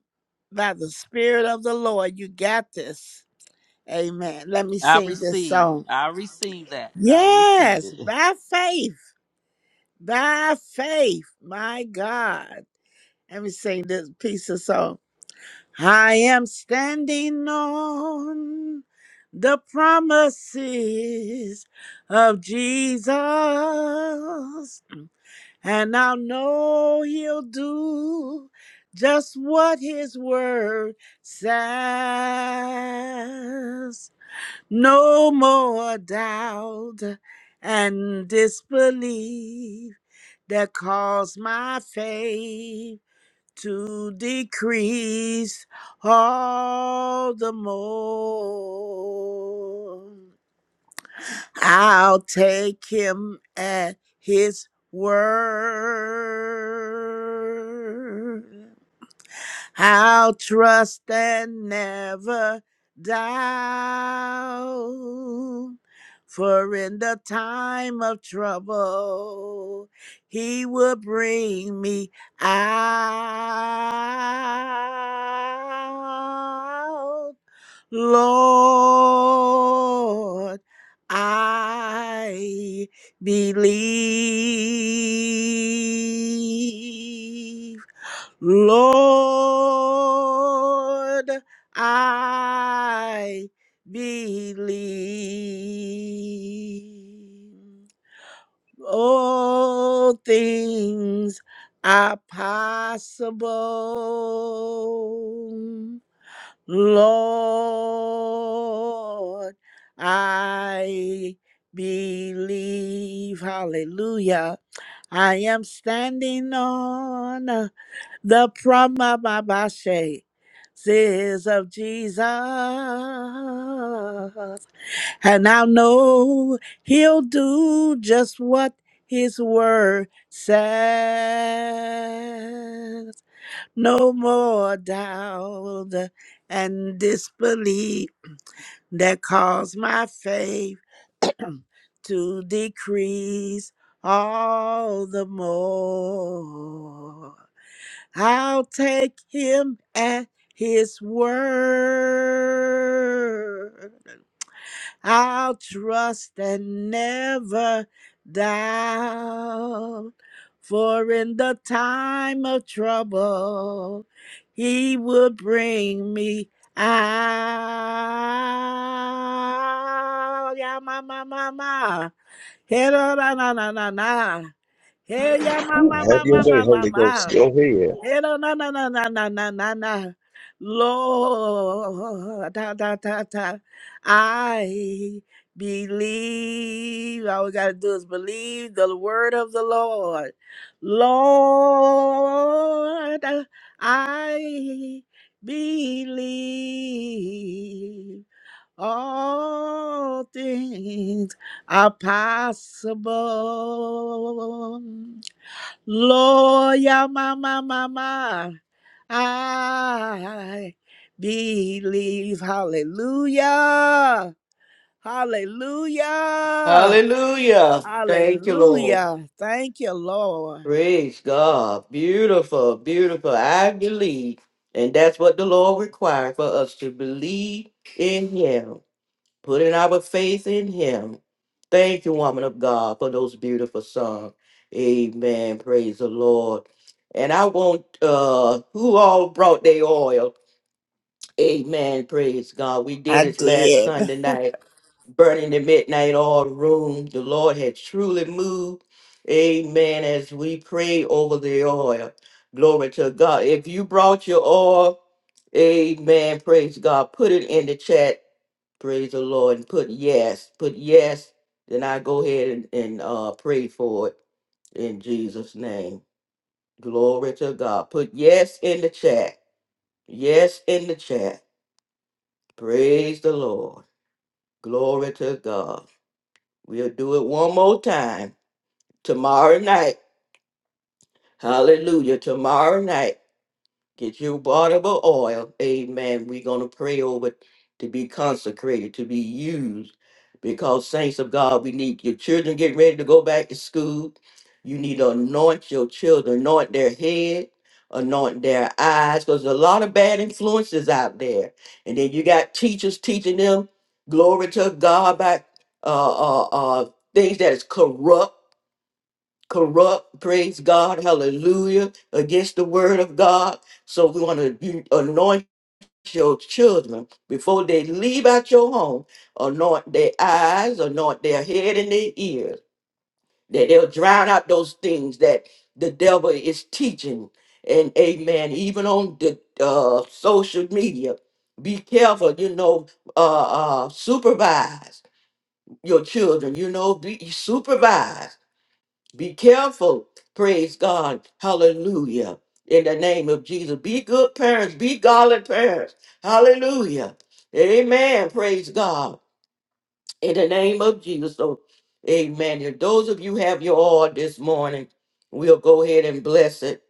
[SPEAKER 5] by the spirit of the lord you got this amen let me
[SPEAKER 11] I
[SPEAKER 5] sing this
[SPEAKER 11] receive.
[SPEAKER 5] song
[SPEAKER 11] I receive that. I receive
[SPEAKER 5] yes
[SPEAKER 11] it.
[SPEAKER 5] by faith by faith my god let me sing this piece of song I am standing on the promises of Jesus, and I know He'll do just what His word says. No more doubt and disbelief that caused my faith to decrease all the more. I'll take him at his word. I'll trust and never doubt. For in the time of trouble, he will bring me out. Lord, I believe Lord, I believe all things are possible. Lord, I believe. Hallelujah. I am standing on the Pramababashe says of Jesus, and I know he'll do just what his word says. No more doubt and disbelief that cause my faith to decrease all the more. I'll take him at his word. I'll trust and never doubt. For in the time of trouble, he will bring me out. Yeah, ma, ma, ma, ma. Hey, na, na, na, na, na. na. Hey, yeah, ma, ma,
[SPEAKER 6] Have
[SPEAKER 5] ma,
[SPEAKER 6] your
[SPEAKER 5] ma,
[SPEAKER 6] way,
[SPEAKER 5] ma, ma.
[SPEAKER 6] Holy Ghost.
[SPEAKER 5] ma.
[SPEAKER 6] Go ahead.
[SPEAKER 5] Era na na na na na na na na. Lord, da, da, da, da. I believe. All we gotta do is believe the word of the Lord. Lord, I believe all things are possible. Lord, yeah, mama, mama, I believe. Hallelujah. Hallelujah.
[SPEAKER 1] Hallelujah. Thank you, Lord.
[SPEAKER 5] Hallelujah. Thank you, Lord.
[SPEAKER 1] Praise God. Beautiful, beautiful. I believe. And that's what the Lord requires for us to believe in Him, putting our faith in Him. Thank you, woman of God, for those beautiful songs. Amen. Praise the Lord. And I want uh who all brought their oil. Amen. Praise God. We did
[SPEAKER 5] I
[SPEAKER 1] it last
[SPEAKER 5] did.
[SPEAKER 1] Sunday night, burning the midnight oil room. The Lord had truly moved. Amen. As we pray over the oil. Glory to God. If you brought your oil, amen. Praise God. Put it in the chat Praise the Lord and put yes, put yes. Then I go ahead and, and uh, pray for it in Jesus' name. Glory to God. Put yes in the chat. Yes in the chat. Praise the Lord. Glory to God. We'll do it one more time tomorrow night. Hallelujah. Tomorrow night. Get you a bottle of oil. Amen. We're going to pray over it to be consecrated, to be used. Because, saints of God, we need your children getting ready to go back to school. You need to anoint your children, anoint their head, anoint their eyes, because there's a lot of bad influences out there. And then you got teachers teaching them, glory to God, about uh, uh, uh, things that is corrupt corrupt, praise God, hallelujah, against the word of God. So we want to anoint your children before they leave out your home, anoint their eyes, anoint their head and their ears, that they'll drown out those things that the devil is teaching. And amen, even on the uh, social media, be careful, you know, uh, uh, supervise your children, you know, be supervise. Be careful. Praise God. Hallelujah. In the name of Jesus. Be good parents. Be godly parents. Hallelujah. Amen. Praise God. In the name of Jesus. So, amen. If those of you have your oil this morning, we'll go ahead and bless it.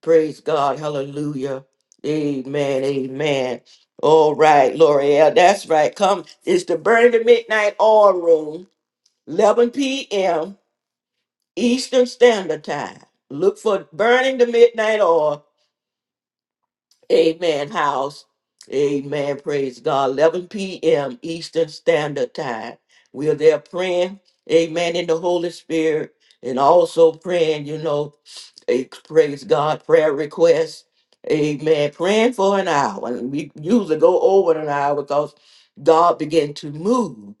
[SPEAKER 1] Praise God. Hallelujah. Amen. Amen. All right, L'Oreal. That's right. Come. It's the Burning the Midnight Oil Room, 11 p.m. Eastern Standard Time. Look for Burning the Midnight Oil. Amen. House. Amen. Praise God. 11 p.m. Eastern Standard Time. We are there praying. Amen. In the Holy Spirit. And also praying, you know a praise God prayer request. Amen. Praying for an hour. And we usually go over an hour because God began to move.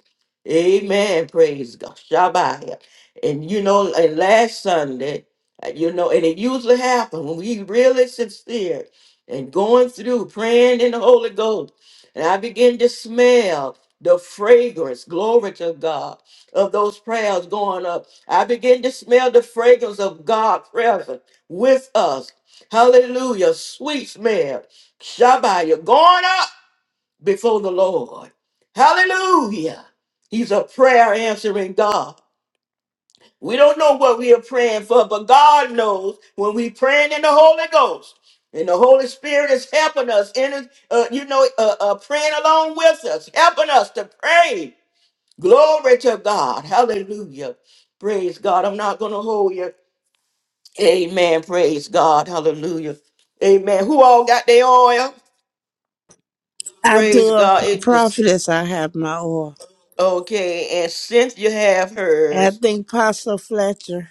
[SPEAKER 1] Amen. Praise God. Shabbat. And you know, and last Sunday, uh, you know, and it usually happens when we really sincere and going through praying in the Holy Ghost. And I begin to smell the fragrance, glory to God of those prayers going up. I begin to smell the fragrance of God present with us. Hallelujah. Sweet smell. Shabbat. Going up before the Lord. Hallelujah. He's a prayer answering God. We don't know what we are praying for, but God knows when we praying in the Holy Ghost. And the Holy Spirit is helping us in, his- uh, you know, uh, uh, praying along with us, helping us to pray. Glory to God. Hallelujah. Praise God. I'm not going to hold you. Amen. Praise God. Hallelujah. Amen. Who all got their oil?
[SPEAKER 5] I
[SPEAKER 1] Praise
[SPEAKER 5] do a
[SPEAKER 1] God.
[SPEAKER 5] p-
[SPEAKER 1] It just
[SPEAKER 5] prophetess. I have my oil.
[SPEAKER 1] okay. And Cynthia have
[SPEAKER 5] And I
[SPEAKER 1] hers.
[SPEAKER 5] think Pastor Fletcher.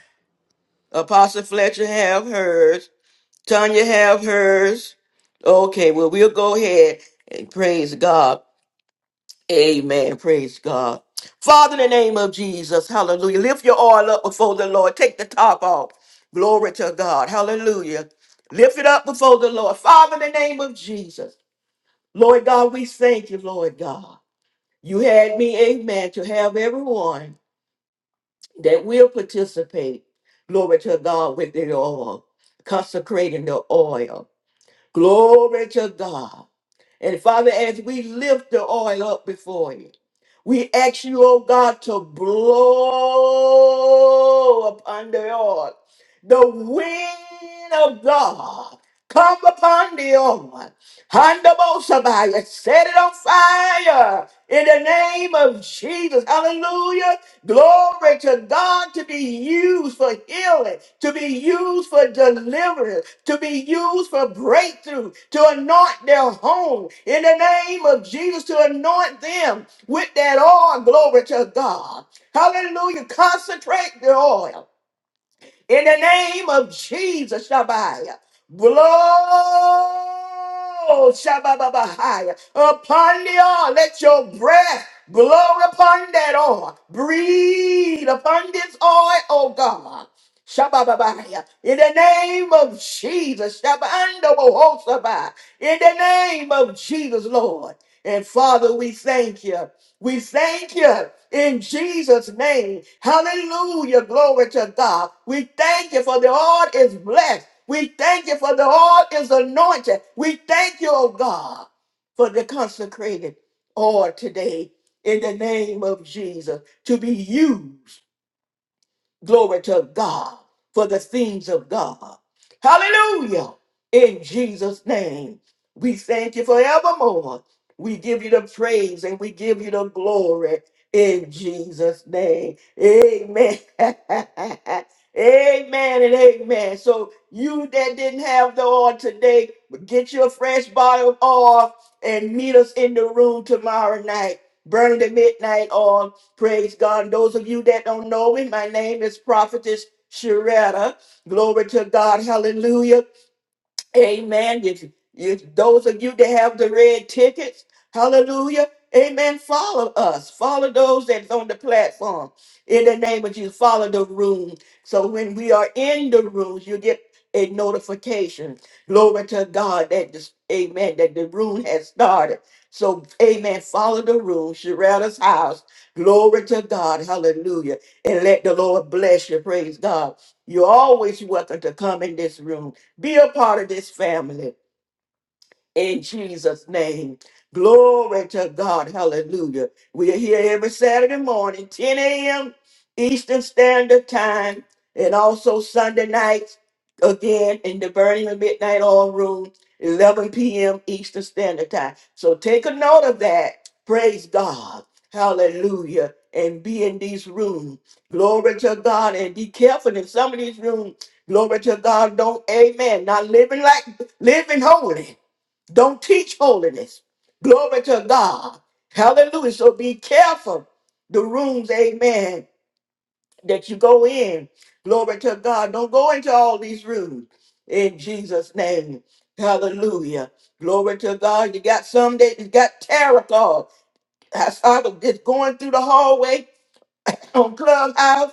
[SPEAKER 1] Apostle Fletcher have hers. Tanya have hers. Okay. Well, we'll go ahead and praise God. Amen. Praise God. Father, in the name of Jesus, hallelujah. Lift your oil up before the Lord. Take the top off. Glory to God. Hallelujah. Lift it up before the Lord. Father, in the name of Jesus. Lord God, we thank you, Lord God. You had me, amen, to have everyone that will participate. Glory to God with the oil, consecrating the oil. Glory to God. And Father, as we lift the oil up before you, we ask you, oh God, to blow upon the oil. The wind of God come upon the oil. Handabosabiah, set it on fire in the name of Jesus. Hallelujah. Glory to God to be used for healing, to be used for deliverance, to be used for breakthrough, to anoint their home in the name of Jesus, to anoint them with that oil. Glory to God. Hallelujah. Concentrate the oil. In the name of Jesus, Shabbat. Blow, Shabbat, upon the oil. Let your breath blow upon that oil. Breathe upon this oil, oh God. Shabbat, in the name of Jesus, Shabbat, in the name of Jesus, Lord. And Father, we thank you. We thank you in Jesus' name. Hallelujah. Glory to God. We thank you for the Lord is blessed. We thank you for the Lord is anointed. We thank you, oh God, for the consecrated oil today in the name of Jesus to be used Glory to God for the things of God. Hallelujah. In Jesus' name, we thank you forevermore. We give you the praise and we give you the glory in Jesus' name. Amen. amen and amen. So, you that didn't have the oil today, get you a fresh bottle of oil and meet us in the room tomorrow night. Burn the midnight oil Praise God. And those of you that don't know me, my name is Prophetess Sharetta. Glory to God. Hallelujah. Amen. If, if those of you that have the red tickets, hallelujah. Amen. Follow us. Follow those that's on the platform. In the name of Jesus, follow the room. So when we are in the rooms, you get a notification. Glory to God that this, amen, that the room has started. So, amen, follow the room, Sherrata's house. Glory to God. Hallelujah. And let the Lord bless you. Praise God. You're always welcome to come in this room. Be a part of this family in Jesus' name. Glory to God. Hallelujah. We are here every Saturday morning, 10 a.m. Eastern Standard Time, and also Sunday nights, again, in the Burning of Midnight Oil Room, 11 p.m. Eastern Standard Time. So take a note of that. Praise God. Hallelujah. And be in these rooms. Glory to God. And be careful in some of these rooms. Glory to God. Don't, amen. Not living like living holy. Don't teach holiness. Glory to God. Hallelujah. So be careful the rooms, amen, that you go in. Glory to God. Don't go into all these rooms in Jesus' name. Hallelujah. Glory to God. You got some that you got tarot cards. I saw them just going through the hallway on Clubhouse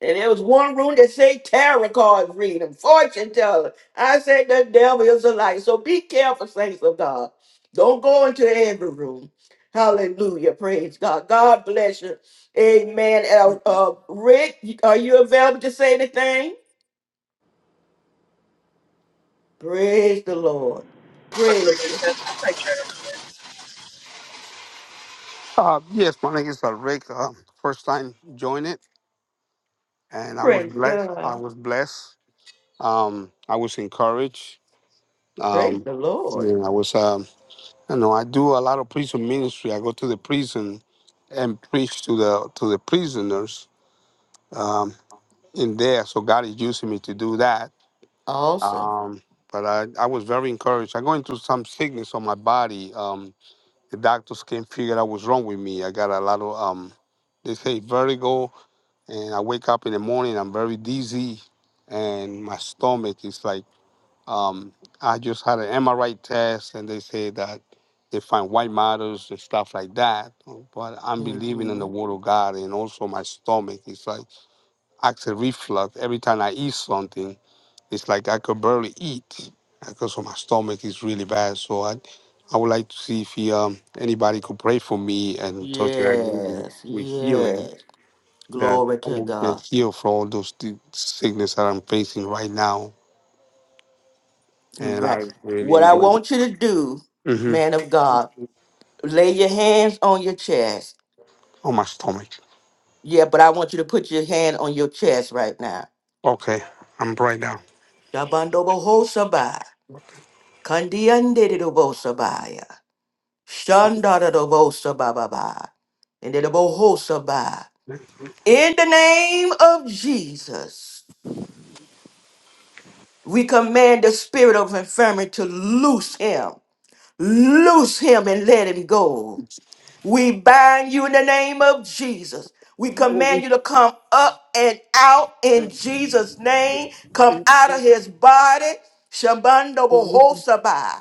[SPEAKER 1] and there was one room that said tarot cards reading, fortune teller. I said the devil is a lie. So be careful, saints of God. Don't go into every room. Hallelujah. Praise God. God bless you. Amen. Uh, uh, Rick, are you available to say anything? Praise the Lord. Praise,
[SPEAKER 12] Uh, yes, my name is uh, Rick. Uh, first time join it, and I was
[SPEAKER 1] praise
[SPEAKER 12] blessed. I
[SPEAKER 1] God.
[SPEAKER 12] was blessed. Um, I was encouraged.
[SPEAKER 1] Praise
[SPEAKER 12] Um,
[SPEAKER 1] the Lord.
[SPEAKER 12] and I was, um, you know, I do a lot of prison ministry. I go to the prison and preach to the to the prisoners um, in there. So God is using me to do that.
[SPEAKER 1] Awesome.
[SPEAKER 12] Um, but I, I was very encouraged. I go into some sickness on my body. Um, the doctors can't figure out what's wrong with me. I got a lot of um, they say vertigo and I wake up in the morning, I'm very dizzy, and my stomach is like, um, I just had an MRI test, and they say that they find white matters and stuff like that. But I'm believing in the
[SPEAKER 1] hmm
[SPEAKER 12] word of God, and also my stomach is like acts a reflux every time I eat something. It's like I could barely eat because of my stomach is really bad. So I, I would like to see if he, um, anybody could pray for me and touch and agree
[SPEAKER 1] Yes,
[SPEAKER 12] with healing
[SPEAKER 1] yes.
[SPEAKER 12] that
[SPEAKER 1] Glory
[SPEAKER 12] I
[SPEAKER 1] to
[SPEAKER 12] will
[SPEAKER 1] God.
[SPEAKER 12] get healed for all those th- sickness that I'm facing right now. And
[SPEAKER 1] Right.
[SPEAKER 12] I really
[SPEAKER 1] What I
[SPEAKER 12] enjoy it.
[SPEAKER 1] want you to do,
[SPEAKER 12] hmm
[SPEAKER 1] man of God, lay your hands on your chest.
[SPEAKER 12] On my stomach.
[SPEAKER 1] Yeah, but I want you to put your hand on your chest right now.
[SPEAKER 12] Okay, I'm right now.
[SPEAKER 1] Shabandobohosabai. Kandiandidobosabaya. Shandadadobosabababa. Ndidabohosabai. In the name of Jesus, we command the spirit of infirmity to loose him. Loose him and let him go. We bind you in the name of Jesus. We command you to come up and out in Jesus' name. Come out of his body. Shabando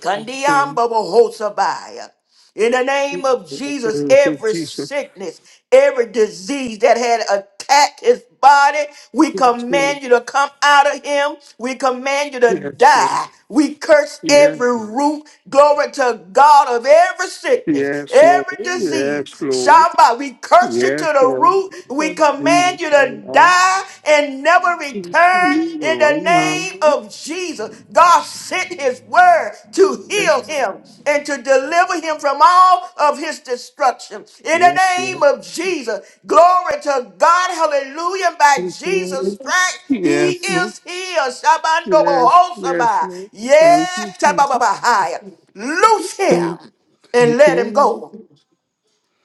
[SPEAKER 1] Kandiamba Bohosabaya. In the name of Jesus, every sickness, every disease that had attacked his body, we
[SPEAKER 12] Yes, Lord.
[SPEAKER 1] command you to come out of him. We command you to
[SPEAKER 12] Yes, Lord.
[SPEAKER 1] die. We curse
[SPEAKER 12] Yes,
[SPEAKER 1] every root, glory to God, of every sickness,
[SPEAKER 12] yes, Lord.
[SPEAKER 1] every
[SPEAKER 12] Yes,
[SPEAKER 1] disease.
[SPEAKER 12] Lord.
[SPEAKER 1] Shabbat, we curse you to
[SPEAKER 12] Yes,
[SPEAKER 1] the
[SPEAKER 12] Lord.
[SPEAKER 1] root. We
[SPEAKER 12] Hallelujah,
[SPEAKER 1] command you
[SPEAKER 12] Father
[SPEAKER 1] to
[SPEAKER 12] God.
[SPEAKER 1] die and never never return
[SPEAKER 12] Hallelujah,
[SPEAKER 1] in
[SPEAKER 12] Right
[SPEAKER 1] the
[SPEAKER 12] now.
[SPEAKER 1] name of Jesus. God sent his word to heal
[SPEAKER 12] Yes,
[SPEAKER 1] him and to deliver him from all of his destruction. In the
[SPEAKER 12] yes,
[SPEAKER 1] name
[SPEAKER 12] Lord.
[SPEAKER 1] of Jesus, glory to God, hallelujah, by
[SPEAKER 12] Thank you,
[SPEAKER 1] Jesus'
[SPEAKER 12] Lord.
[SPEAKER 1] stripes. He
[SPEAKER 12] Yes, Lord.
[SPEAKER 1] is healed. Shabando
[SPEAKER 12] Yes, yes,
[SPEAKER 1] bohosaba.
[SPEAKER 12] Lord. Thank you,
[SPEAKER 1] Yes,
[SPEAKER 12] Jesus.
[SPEAKER 1] Shabababahaya. Loose
[SPEAKER 12] Thank,
[SPEAKER 1] him and
[SPEAKER 12] thank
[SPEAKER 1] let him
[SPEAKER 12] you.
[SPEAKER 1] go.
[SPEAKER 12] Lord.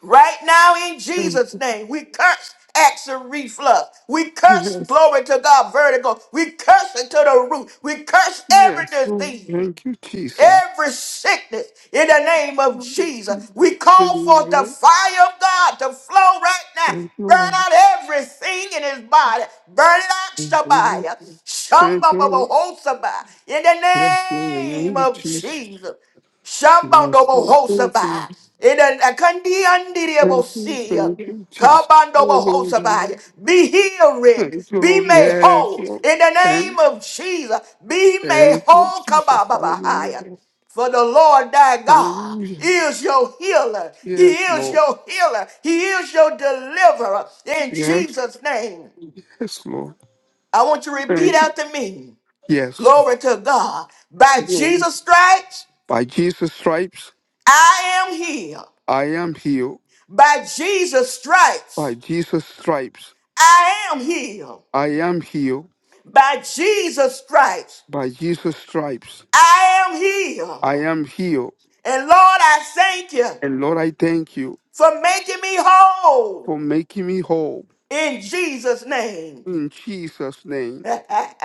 [SPEAKER 1] Right now, in
[SPEAKER 12] Mm,
[SPEAKER 1] Jesus' name, we curse action reflux. We curse
[SPEAKER 12] Yes,
[SPEAKER 1] glory to God, vertigo. We curse it to the root. We curse every
[SPEAKER 12] yes, Lord.
[SPEAKER 1] disease,
[SPEAKER 12] Thank you, Jesus.
[SPEAKER 1] every sickness in the name of Jesus.
[SPEAKER 12] Hallelujah.
[SPEAKER 1] We call forth the fire of God to flow right now.
[SPEAKER 12] Thank you,
[SPEAKER 1] Burn
[SPEAKER 12] Lord.
[SPEAKER 1] out everything in his body. Burn it out,
[SPEAKER 12] Hallelujah.
[SPEAKER 1] Shabbat.
[SPEAKER 12] Thank
[SPEAKER 1] Shamba
[SPEAKER 12] you,
[SPEAKER 1] Baba
[SPEAKER 12] Lord.
[SPEAKER 1] Hosabah. In the
[SPEAKER 12] Yes, Lord, in the
[SPEAKER 1] name
[SPEAKER 12] name of
[SPEAKER 1] of
[SPEAKER 12] Jesus.
[SPEAKER 1] Jesus.
[SPEAKER 12] Yes,
[SPEAKER 1] Shambandobo
[SPEAKER 12] Lord. Thank you,
[SPEAKER 1] Hosabaya.
[SPEAKER 12] Lord.
[SPEAKER 1] In a Kandi
[SPEAKER 12] Thank you,
[SPEAKER 1] Andiriobosia.
[SPEAKER 12] thank you, Jesus.
[SPEAKER 1] Kabandobo
[SPEAKER 12] Hallelujah.
[SPEAKER 1] Hosabaya.
[SPEAKER 12] Lord.
[SPEAKER 1] Be healed, Rick.
[SPEAKER 12] Thank you,
[SPEAKER 1] Be
[SPEAKER 12] Lord.
[SPEAKER 1] made
[SPEAKER 12] Yes,
[SPEAKER 1] whole.
[SPEAKER 12] Lord.
[SPEAKER 1] In the name
[SPEAKER 12] Thank,
[SPEAKER 1] of Jesus. Be made
[SPEAKER 12] thank you,
[SPEAKER 1] whole.
[SPEAKER 12] Jesus. Hallelujah.
[SPEAKER 1] Kabababahaya.
[SPEAKER 12] Lord.
[SPEAKER 1] For the Lord thy God
[SPEAKER 12] Hallelujah.
[SPEAKER 1] is your healer. He
[SPEAKER 12] Yes,
[SPEAKER 1] is
[SPEAKER 12] Lord.
[SPEAKER 1] your healer. He is your deliverer. In
[SPEAKER 12] Yes,
[SPEAKER 1] Jesus' name.
[SPEAKER 12] yes, Lord.
[SPEAKER 1] I want you to repeat
[SPEAKER 12] Thank you.
[SPEAKER 1] after me.
[SPEAKER 12] Yes,
[SPEAKER 1] Glory to God. By
[SPEAKER 12] Lord.
[SPEAKER 1] Jesus' stripes,
[SPEAKER 12] By Jesus' stripes,
[SPEAKER 1] I am healed.
[SPEAKER 12] I am healed.
[SPEAKER 1] By Jesus'
[SPEAKER 12] By
[SPEAKER 1] stripes,
[SPEAKER 12] Jesus' stripes,
[SPEAKER 1] I am healed.
[SPEAKER 12] I am healed.
[SPEAKER 1] By Jesus' stripes,
[SPEAKER 12] By Jesus' stripes,
[SPEAKER 1] I am healed.
[SPEAKER 12] I am healed.
[SPEAKER 1] And Lord, I thank you
[SPEAKER 12] And Lord, I thank you
[SPEAKER 1] for making me whole
[SPEAKER 12] for making me whole.
[SPEAKER 1] in Jesus' name.
[SPEAKER 12] In Jesus' name.
[SPEAKER 1] glory,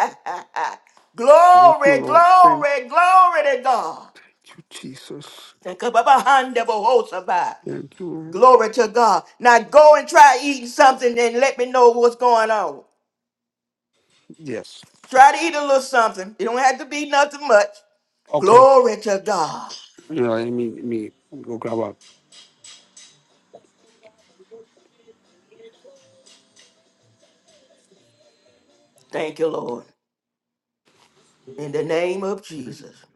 [SPEAKER 12] Thank you, Lord. Thank
[SPEAKER 1] glory, glory to God.
[SPEAKER 12] you, Jesus. Thank you, Lord.
[SPEAKER 1] Glory to God. Now go and try eating something and let me know what's going on.
[SPEAKER 12] Yes.
[SPEAKER 1] Try to eat a little something. It don't have to be nothing much.
[SPEAKER 12] Okay.
[SPEAKER 1] Glory to God.
[SPEAKER 12] You know, let me, let me go grab up.
[SPEAKER 1] Thank you, Lord. In the name of Jesus.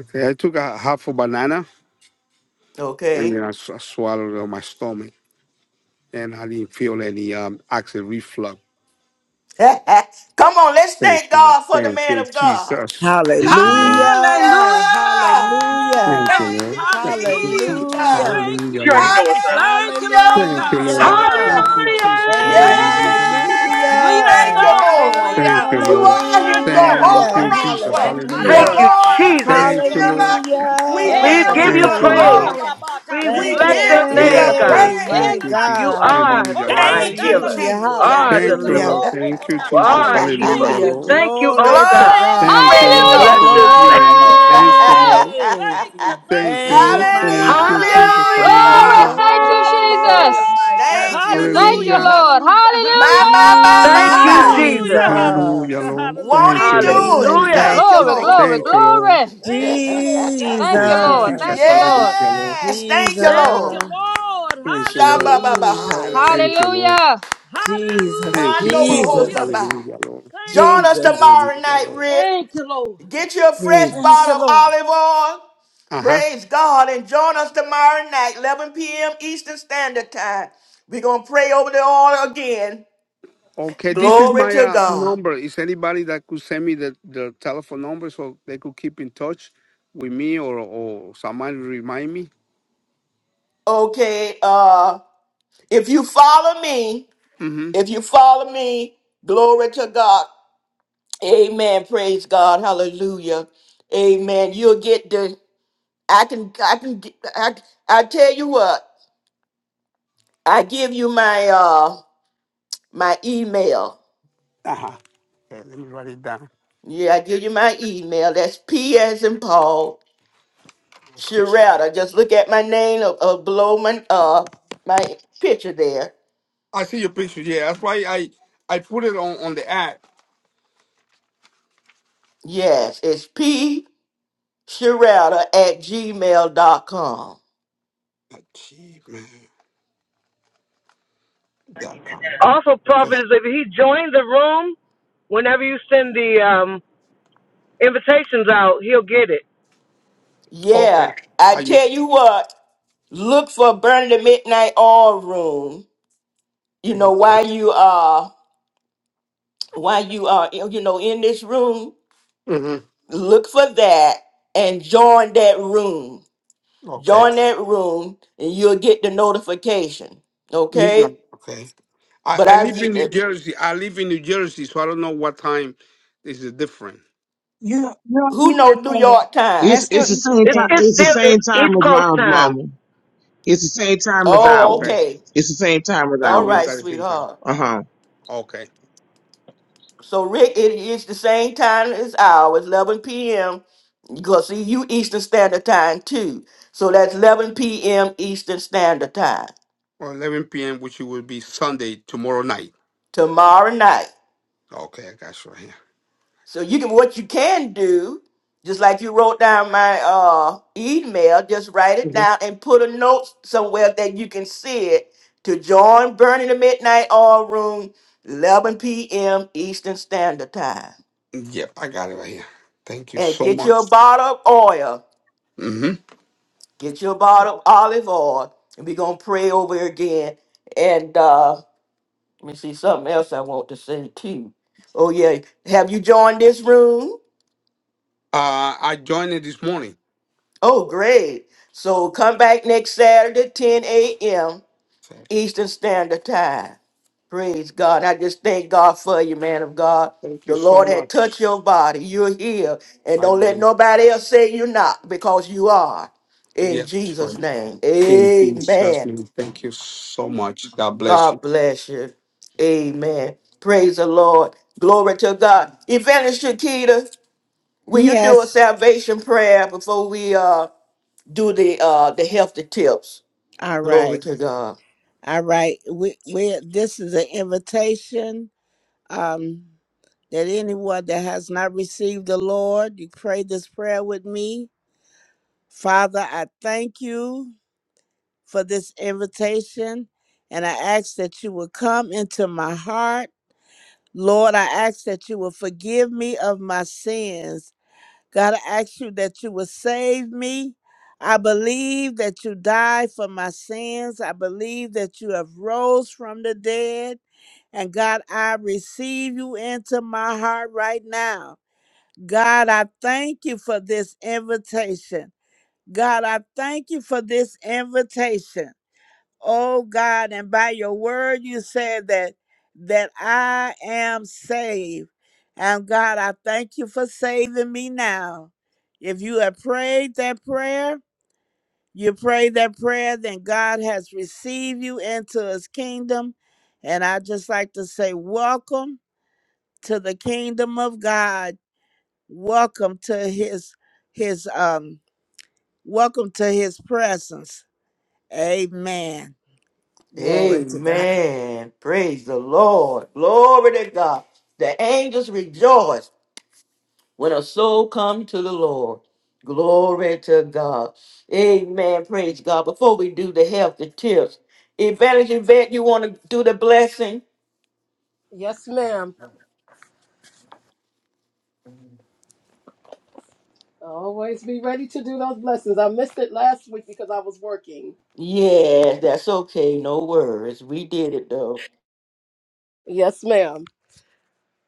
[SPEAKER 12] Okay, I took a half a banana and
[SPEAKER 1] Okay?
[SPEAKER 12] then I, s- I swallowed it on my stomach and I didn't feel any um acid reflux.
[SPEAKER 1] Come on, let's
[SPEAKER 12] Thank
[SPEAKER 1] thank
[SPEAKER 12] you, Lord.
[SPEAKER 1] God for the
[SPEAKER 12] Thank
[SPEAKER 1] man
[SPEAKER 12] you,
[SPEAKER 1] of God.
[SPEAKER 12] Jesus. Thank you, Lord.
[SPEAKER 1] Hallelujah!
[SPEAKER 5] Hallelujah.
[SPEAKER 11] Hallelujah!
[SPEAKER 5] Hallelujah.
[SPEAKER 12] Thank you,
[SPEAKER 1] Thank you,
[SPEAKER 12] Lord. Thank you,
[SPEAKER 11] Hallelujah!
[SPEAKER 1] Jesus.
[SPEAKER 12] Jesus.
[SPEAKER 5] Hallelujah.
[SPEAKER 11] Thank
[SPEAKER 12] Hallelujah,
[SPEAKER 11] you,
[SPEAKER 12] Lord.
[SPEAKER 11] Jesus. Thank you,
[SPEAKER 1] Hallelujah!
[SPEAKER 11] Lord
[SPEAKER 12] Thank you,
[SPEAKER 11] God.
[SPEAKER 12] Lord. Thank
[SPEAKER 11] Wonderful
[SPEAKER 5] Hallelujah.
[SPEAKER 1] Shakababa.
[SPEAKER 12] you,
[SPEAKER 11] Savior.
[SPEAKER 12] Jesus.
[SPEAKER 5] Hey,
[SPEAKER 11] Thank you,
[SPEAKER 12] Hallelujah, Lord.
[SPEAKER 11] Jesus.
[SPEAKER 1] Yes,
[SPEAKER 11] Sweet I
[SPEAKER 10] Yes,
[SPEAKER 1] thank
[SPEAKER 5] hallelujah.
[SPEAKER 1] you,
[SPEAKER 11] know,
[SPEAKER 1] Lord.
[SPEAKER 11] sweet I
[SPEAKER 12] Thank you,
[SPEAKER 10] hallelujah.
[SPEAKER 11] know,
[SPEAKER 1] You
[SPEAKER 12] Lord.
[SPEAKER 11] sweet
[SPEAKER 1] are
[SPEAKER 11] I
[SPEAKER 1] his
[SPEAKER 11] know.
[SPEAKER 12] Thank
[SPEAKER 1] Jehovah
[SPEAKER 5] Hallelujah.
[SPEAKER 12] you,
[SPEAKER 11] Thank you,
[SPEAKER 12] Jesus.
[SPEAKER 1] Rapha,
[SPEAKER 10] Thank
[SPEAKER 11] Lord.
[SPEAKER 10] you,
[SPEAKER 1] the
[SPEAKER 5] Hallelujah.
[SPEAKER 12] Hallelujah.
[SPEAKER 11] Hadada
[SPEAKER 10] Lord.
[SPEAKER 11] baba
[SPEAKER 1] Lord his
[SPEAKER 11] kandoro
[SPEAKER 12] Thank you, Lord.
[SPEAKER 1] healer.
[SPEAKER 11] kondoraki.
[SPEAKER 1] We
[SPEAKER 5] Hallelujah.
[SPEAKER 1] give
[SPEAKER 10] Yes,
[SPEAKER 5] Thank
[SPEAKER 1] you
[SPEAKER 5] you,
[SPEAKER 12] Thank
[SPEAKER 1] the
[SPEAKER 12] you, Lord.
[SPEAKER 5] Lord.
[SPEAKER 1] glory. We
[SPEAKER 5] Thank you,
[SPEAKER 1] give you
[SPEAKER 10] Jesus.
[SPEAKER 1] the
[SPEAKER 12] Yes, Lord.
[SPEAKER 5] hey,
[SPEAKER 12] Thank
[SPEAKER 1] praise.
[SPEAKER 5] my
[SPEAKER 12] you, Jesus.
[SPEAKER 5] God.
[SPEAKER 12] Hallelujah, Lord.
[SPEAKER 1] Thank you,
[SPEAKER 5] Hallelujah.
[SPEAKER 1] Jesus.
[SPEAKER 12] Thank you,
[SPEAKER 5] Hallelujah.
[SPEAKER 12] Lord. Thank you, Jesus. Hallelujah,
[SPEAKER 11] Thank
[SPEAKER 5] Hallelujah.
[SPEAKER 11] you,
[SPEAKER 12] Lord.
[SPEAKER 11] Jesus.
[SPEAKER 1] Glory
[SPEAKER 5] Glory to
[SPEAKER 11] Thank you,
[SPEAKER 5] God.
[SPEAKER 12] Thank you,
[SPEAKER 1] to
[SPEAKER 12] Lord, for
[SPEAKER 11] Lord.
[SPEAKER 1] God.
[SPEAKER 12] the
[SPEAKER 11] Thank
[SPEAKER 12] healing,
[SPEAKER 11] you,
[SPEAKER 12] Lord.
[SPEAKER 11] Lord. I
[SPEAKER 12] Thank you,
[SPEAKER 11] thank
[SPEAKER 12] Lord.
[SPEAKER 11] you,
[SPEAKER 5] Glory.
[SPEAKER 11] thank you, thank
[SPEAKER 12] Thank you,
[SPEAKER 11] you,
[SPEAKER 5] Hey,
[SPEAKER 12] Lord.
[SPEAKER 11] thank
[SPEAKER 5] my
[SPEAKER 11] you.
[SPEAKER 12] Thank you,
[SPEAKER 5] God.
[SPEAKER 12] Jesus.
[SPEAKER 11] Thank you, Lord
[SPEAKER 1] Hallelujah.
[SPEAKER 12] Hallelujah.
[SPEAKER 11] God.
[SPEAKER 10] Thank you, Lord.
[SPEAKER 5] Oh,
[SPEAKER 11] Hallelujah.
[SPEAKER 5] my
[SPEAKER 1] Thank
[SPEAKER 5] God.
[SPEAKER 1] you,
[SPEAKER 11] Hallelujah.
[SPEAKER 12] Hallelujah.
[SPEAKER 1] Jesus.
[SPEAKER 11] Hallelujah.
[SPEAKER 1] My,
[SPEAKER 11] Hallelujah.
[SPEAKER 1] my, my, my, my.
[SPEAKER 5] Jesus,
[SPEAKER 11] Hallelujah.
[SPEAKER 12] Hallelujah,
[SPEAKER 11] Hallelujah.
[SPEAKER 12] Lord.
[SPEAKER 1] Won't
[SPEAKER 11] Hallelujah.
[SPEAKER 12] Thank
[SPEAKER 1] he
[SPEAKER 12] you, Lord.
[SPEAKER 1] do it? Thank
[SPEAKER 11] Thank
[SPEAKER 5] Jesus,
[SPEAKER 1] you,
[SPEAKER 11] you,
[SPEAKER 1] Lord.
[SPEAKER 11] Jesus.
[SPEAKER 12] Thank you, Lord.
[SPEAKER 11] Thank you, Lord God.
[SPEAKER 12] Thank you,
[SPEAKER 11] Thank you,
[SPEAKER 12] Jesus.
[SPEAKER 5] Jesus,
[SPEAKER 11] Jesus.
[SPEAKER 12] Hallelujah, Lord.
[SPEAKER 1] yes, thank you,
[SPEAKER 11] Thank you,
[SPEAKER 1] Lord.
[SPEAKER 5] Jesus,
[SPEAKER 11] Lord.
[SPEAKER 12] Thank you, Lord.
[SPEAKER 1] Shabba-ba-ba-haya.
[SPEAKER 5] Jesus,
[SPEAKER 12] Thank you,
[SPEAKER 11] Hallelujah.
[SPEAKER 12] Lord.
[SPEAKER 5] Jesus,
[SPEAKER 12] Thank you, Jesus.
[SPEAKER 11] Hallelujah.
[SPEAKER 5] Jesus,
[SPEAKER 1] Hondo-ba-ho-sa-ba.
[SPEAKER 12] Hallelujah, Lord.
[SPEAKER 11] Thank
[SPEAKER 1] Join
[SPEAKER 11] you,
[SPEAKER 1] us
[SPEAKER 11] Jesus.
[SPEAKER 5] Jesus,
[SPEAKER 1] tomorrow
[SPEAKER 12] Hallelujah,
[SPEAKER 1] night,
[SPEAKER 12] Lord.
[SPEAKER 1] Rick.
[SPEAKER 11] Thank you, Lord.
[SPEAKER 1] Get you a fresh
[SPEAKER 11] Thank
[SPEAKER 5] Jesus.
[SPEAKER 11] you,
[SPEAKER 1] bottle of
[SPEAKER 11] Lord.
[SPEAKER 1] olive oil
[SPEAKER 12] Uh huh.
[SPEAKER 1] Praise God and join us tomorrow night, 11 p.m. Eastern Standard Time. We're going to pray over the oil again.
[SPEAKER 12] Okay, this is
[SPEAKER 1] Glory
[SPEAKER 12] my
[SPEAKER 1] to
[SPEAKER 12] uh,
[SPEAKER 1] God.
[SPEAKER 12] number. Is anybody that could send me the, the telephone number so they could keep in touch with me or, or somebody remind me?
[SPEAKER 1] Okay, uh, if you follow me,
[SPEAKER 12] Mm hmm.
[SPEAKER 1] if you follow me, glory to God. Amen. Praise God. Hallelujah. Amen. You'll get the, I can, I can, get- I, I tell you what, I give you my, uh, my email.
[SPEAKER 12] Uh huh. Okay, let me write it down.
[SPEAKER 1] Yeah, I give you my email. That's P as in Paul.
[SPEAKER 12] Okay.
[SPEAKER 1] Sharetta. Just look at my name uh, uh, below my uh my picture there.
[SPEAKER 12] I see your picture. Yeah, that's why I I put it on on the app.
[SPEAKER 1] Yes, it's p sharetta at gmail dot com.
[SPEAKER 12] Achievement.com. Okay.
[SPEAKER 1] Yeah, I
[SPEAKER 12] I.
[SPEAKER 1] tell you what, look for burning the Midnight All Room. You know, while you are while you are you know in this room,
[SPEAKER 12] Mhm.
[SPEAKER 1] look for that and join that room.
[SPEAKER 12] Okay.
[SPEAKER 1] Join that room and you'll get the notification. Okay?
[SPEAKER 12] Midnight. Okay. I,
[SPEAKER 1] But
[SPEAKER 12] I live in New
[SPEAKER 1] I
[SPEAKER 12] Jersey. I live in New Jersey, so I don't know what time this is different.
[SPEAKER 9] You you're
[SPEAKER 1] Who know
[SPEAKER 9] Easter
[SPEAKER 1] New
[SPEAKER 9] standard.
[SPEAKER 1] York time?
[SPEAKER 9] That's
[SPEAKER 13] It's
[SPEAKER 9] still
[SPEAKER 13] it's the
[SPEAKER 9] Easter
[SPEAKER 13] same time.
[SPEAKER 9] standard.
[SPEAKER 13] It's the same time as mine's mama. It's the same time as
[SPEAKER 12] Oh,
[SPEAKER 1] Oh,
[SPEAKER 12] okay.
[SPEAKER 13] ours.
[SPEAKER 1] okay.
[SPEAKER 13] It's the same time as
[SPEAKER 12] Oh,
[SPEAKER 1] All
[SPEAKER 12] we all
[SPEAKER 1] right,
[SPEAKER 12] got
[SPEAKER 13] ours.
[SPEAKER 12] the same time.
[SPEAKER 1] sweetheart.
[SPEAKER 13] Uh
[SPEAKER 12] Okay.
[SPEAKER 1] So Rick, it is the same time as ours, 11 p.m. Because see, you Eastern Standard Time too. So that's 11 p.m. Eastern Standard Time
[SPEAKER 12] Well, 11 p.m., which will be Sunday tomorrow night.
[SPEAKER 1] tomorrow night.
[SPEAKER 12] Okay, I got you right here.
[SPEAKER 1] So you can what you can do, just like you wrote down my uh email, just write it
[SPEAKER 12] Mhm.
[SPEAKER 1] down and put a note somewhere that you can see it to join Burning the Midnight Oil Room, 11 p.m. Eastern Standard Time.
[SPEAKER 12] Yep, I got it right here. Thank you
[SPEAKER 1] and
[SPEAKER 12] so
[SPEAKER 1] get
[SPEAKER 12] much.
[SPEAKER 1] your bottle of oil,
[SPEAKER 12] hmm
[SPEAKER 1] get your bottle of olive oil, and we're gonna pray over it again. And uh, let me see something else I want to say too. Oh yeah, have you joined this room?
[SPEAKER 12] Uh, I joined it this morning.
[SPEAKER 1] Oh great! So come back next Saturday, 10 a.m.
[SPEAKER 12] Thank
[SPEAKER 1] Eastern Standard Time. Praise God. I just thank God for you, man of God.
[SPEAKER 12] you
[SPEAKER 1] The
[SPEAKER 12] so
[SPEAKER 1] Lord had
[SPEAKER 12] much.
[SPEAKER 1] touched your body. You're here. And
[SPEAKER 12] I
[SPEAKER 1] don't let
[SPEAKER 12] believe.
[SPEAKER 1] nobody else say you're not because you are. In
[SPEAKER 12] Yeah, it's fine.
[SPEAKER 1] Jesus' name.
[SPEAKER 12] In Jesus'
[SPEAKER 1] Amen.
[SPEAKER 12] name, thank you so much. God bless you.
[SPEAKER 1] God bless you. Amen. Praise the Lord. Glory to God. Evangelist Shakita, will you do a
[SPEAKER 5] Yes.
[SPEAKER 1] salvation prayer before we uh do the uh the healthy tips?
[SPEAKER 5] All
[SPEAKER 1] Glory
[SPEAKER 5] right.
[SPEAKER 1] to God.
[SPEAKER 5] All right. We we this is an invitation. Um that anyone that has not received the Lord, you pray this prayer with me. Father, I thank you. for this invitation. And I ask that you will come into my heart. Lord, I ask that you will forgive me of my sins. God, I ask you that you will save me. I believe that you died for my sins. I believe that you have rose from the dead. And God, I receive you into my heart right now. God, I thank you for this invitation. God, I thank you for this invitation oh God, and by your word you said that that I am saved. And God, I thank you for saving me now. If you have prayed that prayer, you prayed that prayer, then God has received you into his kingdom. And I just like to say, welcome to the kingdom of God. Welcome to his his um welcome to his presence. Amen. Glory to God.
[SPEAKER 1] Amen. Praise the Lord. Glory to God. The angels rejoice when a soul comes to the Lord. Glory to God. Amen. Praise God. Before we do the health, the tips, Evangelist Yvette, you want to do the blessing?
[SPEAKER 10] Yes ma'am. Always be ready to do those blessings. I missed it last week because I was working.
[SPEAKER 1] Yes, that's okay. No worries. We did it though.
[SPEAKER 10] Yes, ma'am.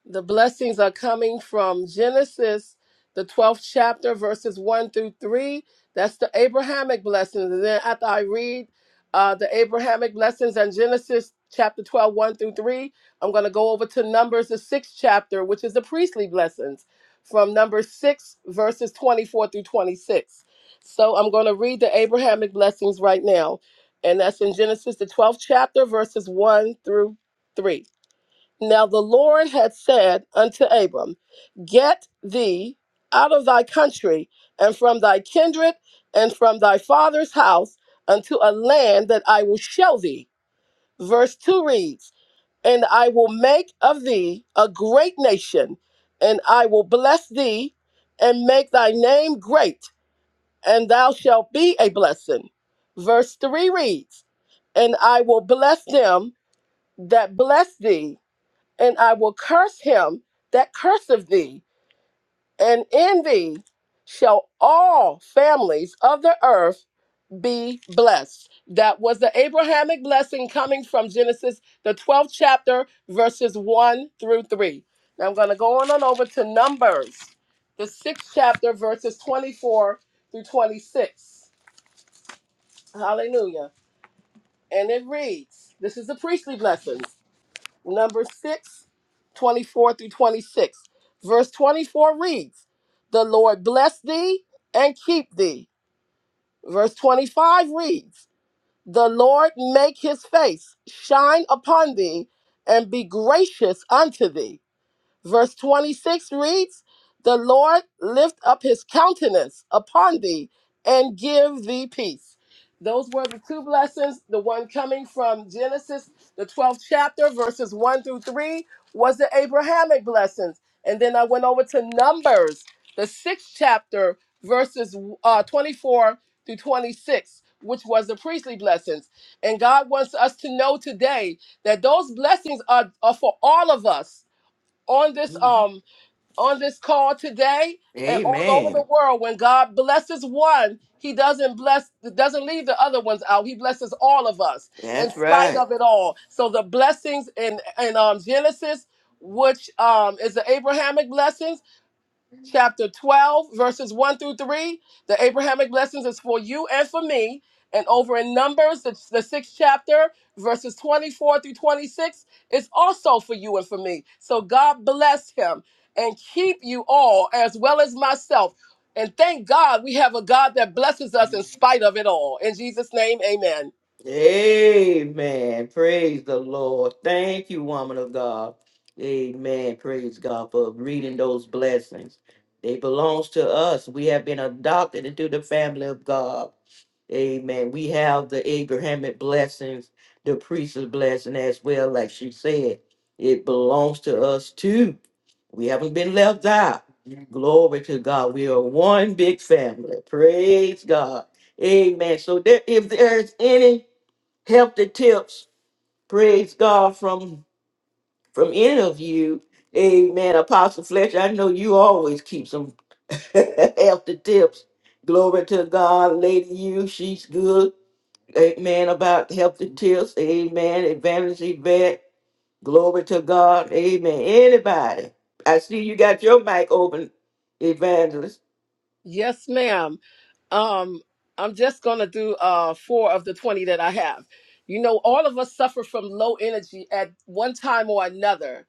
[SPEAKER 10] The blessings are coming from Genesis, the 12th chapter, verses 1 through 3. That's the Abrahamic blessings. And then after I read uh, the Abrahamic blessings and Genesis chapter twelve, one through 3, I'm going to go over to Numbers, the sixth chapter, which is the priestly blessings from number 6, verses 24 through 26. So I'm going to read the Abrahamic blessings right now. And that's in Genesis, the 12th chapter, verses 1 through 3. Now the Lord had said unto Abram, Get thee out of thy country and from thy kindred and from thy father's house unto a land that I will show thee. Verse 2 reads, And I will make of thee a great nation, and I will bless thee and make thy name great, and thou shalt be a blessing. Verse 3 reads, And I will bless them that bless thee and I will curse him that curseth thee, and in thee shall all families of the earth be blessed. That was the Abrahamic blessing coming from Genesis, the 12th chapter, verses 1 through 3. Now I'm going to go on, on over to Numbers, the 6th chapter, verses 24 through 26. Hallelujah. And it reads this is the priestly blessings. number 6, 24 through 26. Verse 24 reads, The Lord bless thee and keep thee. Verse 25 reads, The Lord make his face shine upon thee and be gracious unto thee. Verse 26 reads, The Lord lift up his countenance upon thee and give thee peace. Those were the two blessings. The one coming from Genesis, the 12th chapter, verses 1 through 3, was the Abrahamic blessings. And then I went over to Numbers, the sixth chapter, verses uh, 24 through 26, which was the priestly blessings. And God wants us to know today that those blessings are, are for all of us on this um on this call today and all over the
[SPEAKER 1] Amen.
[SPEAKER 10] world when god blesses one he doesn't bless doesn't leave the other ones out he blesses all of us in
[SPEAKER 1] That's
[SPEAKER 10] spite
[SPEAKER 1] right.
[SPEAKER 10] of it all so the blessings in in um genesis which um is the abrahamic blessings chapter 12, verses 1 through 3. The Abrahamic blessings is for you and for me. And over in Numbers, the, the sixth chapter, verses 24 through 26, is also for you and for me. So God bless him and keep you all as well as myself. And thank God we have a God that blesses us in spite of it all. In Jesus' name, amen.
[SPEAKER 1] Amen. Praise the Lord. Thank you, woman of God. Amen. Praise God for reading those blessings. They belongs to us. We have been adopted into the family of God. Amen. We have the Abrahamic blessings, the priest's blessing as well, like she said. It belongs to us too. We haven't been left out. Glory to God. We are one big family. Praise God. Amen. So there, if there's any healthy tips. Praise God from from any of you. Amen. Apostle Fletcher, I know you always keep some healthy tips. Glory to God, Lady You, she's good. Amen. About healthy tips. Amen. Advantage event. Glory to God. Amen. Anybody. I see you got your mic open, evangelist.
[SPEAKER 10] Yes, ma'am. Um, I'm just gonna do uh four of the 20 that I have. You know, all of us suffer from low energy at one time or another.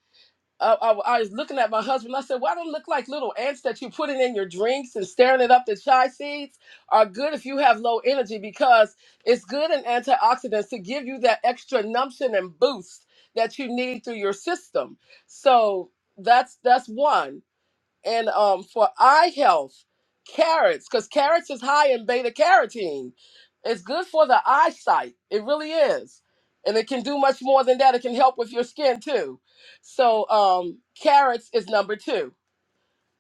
[SPEAKER 10] Uh, I, I was looking at my husband. I said, "Why don't it look like little ants that you putting in your drinks and stirring it up? The chai seeds are good if you have low energy because it's good in antioxidants to give you that extra numption and boost that you need through your system. So that's that's one and um for eye health, carrots, because carrots is high in beta carotene. It's good for the eyesight. It really is. And it can do much more than that. It can help with your skin too. So um carrots is number two.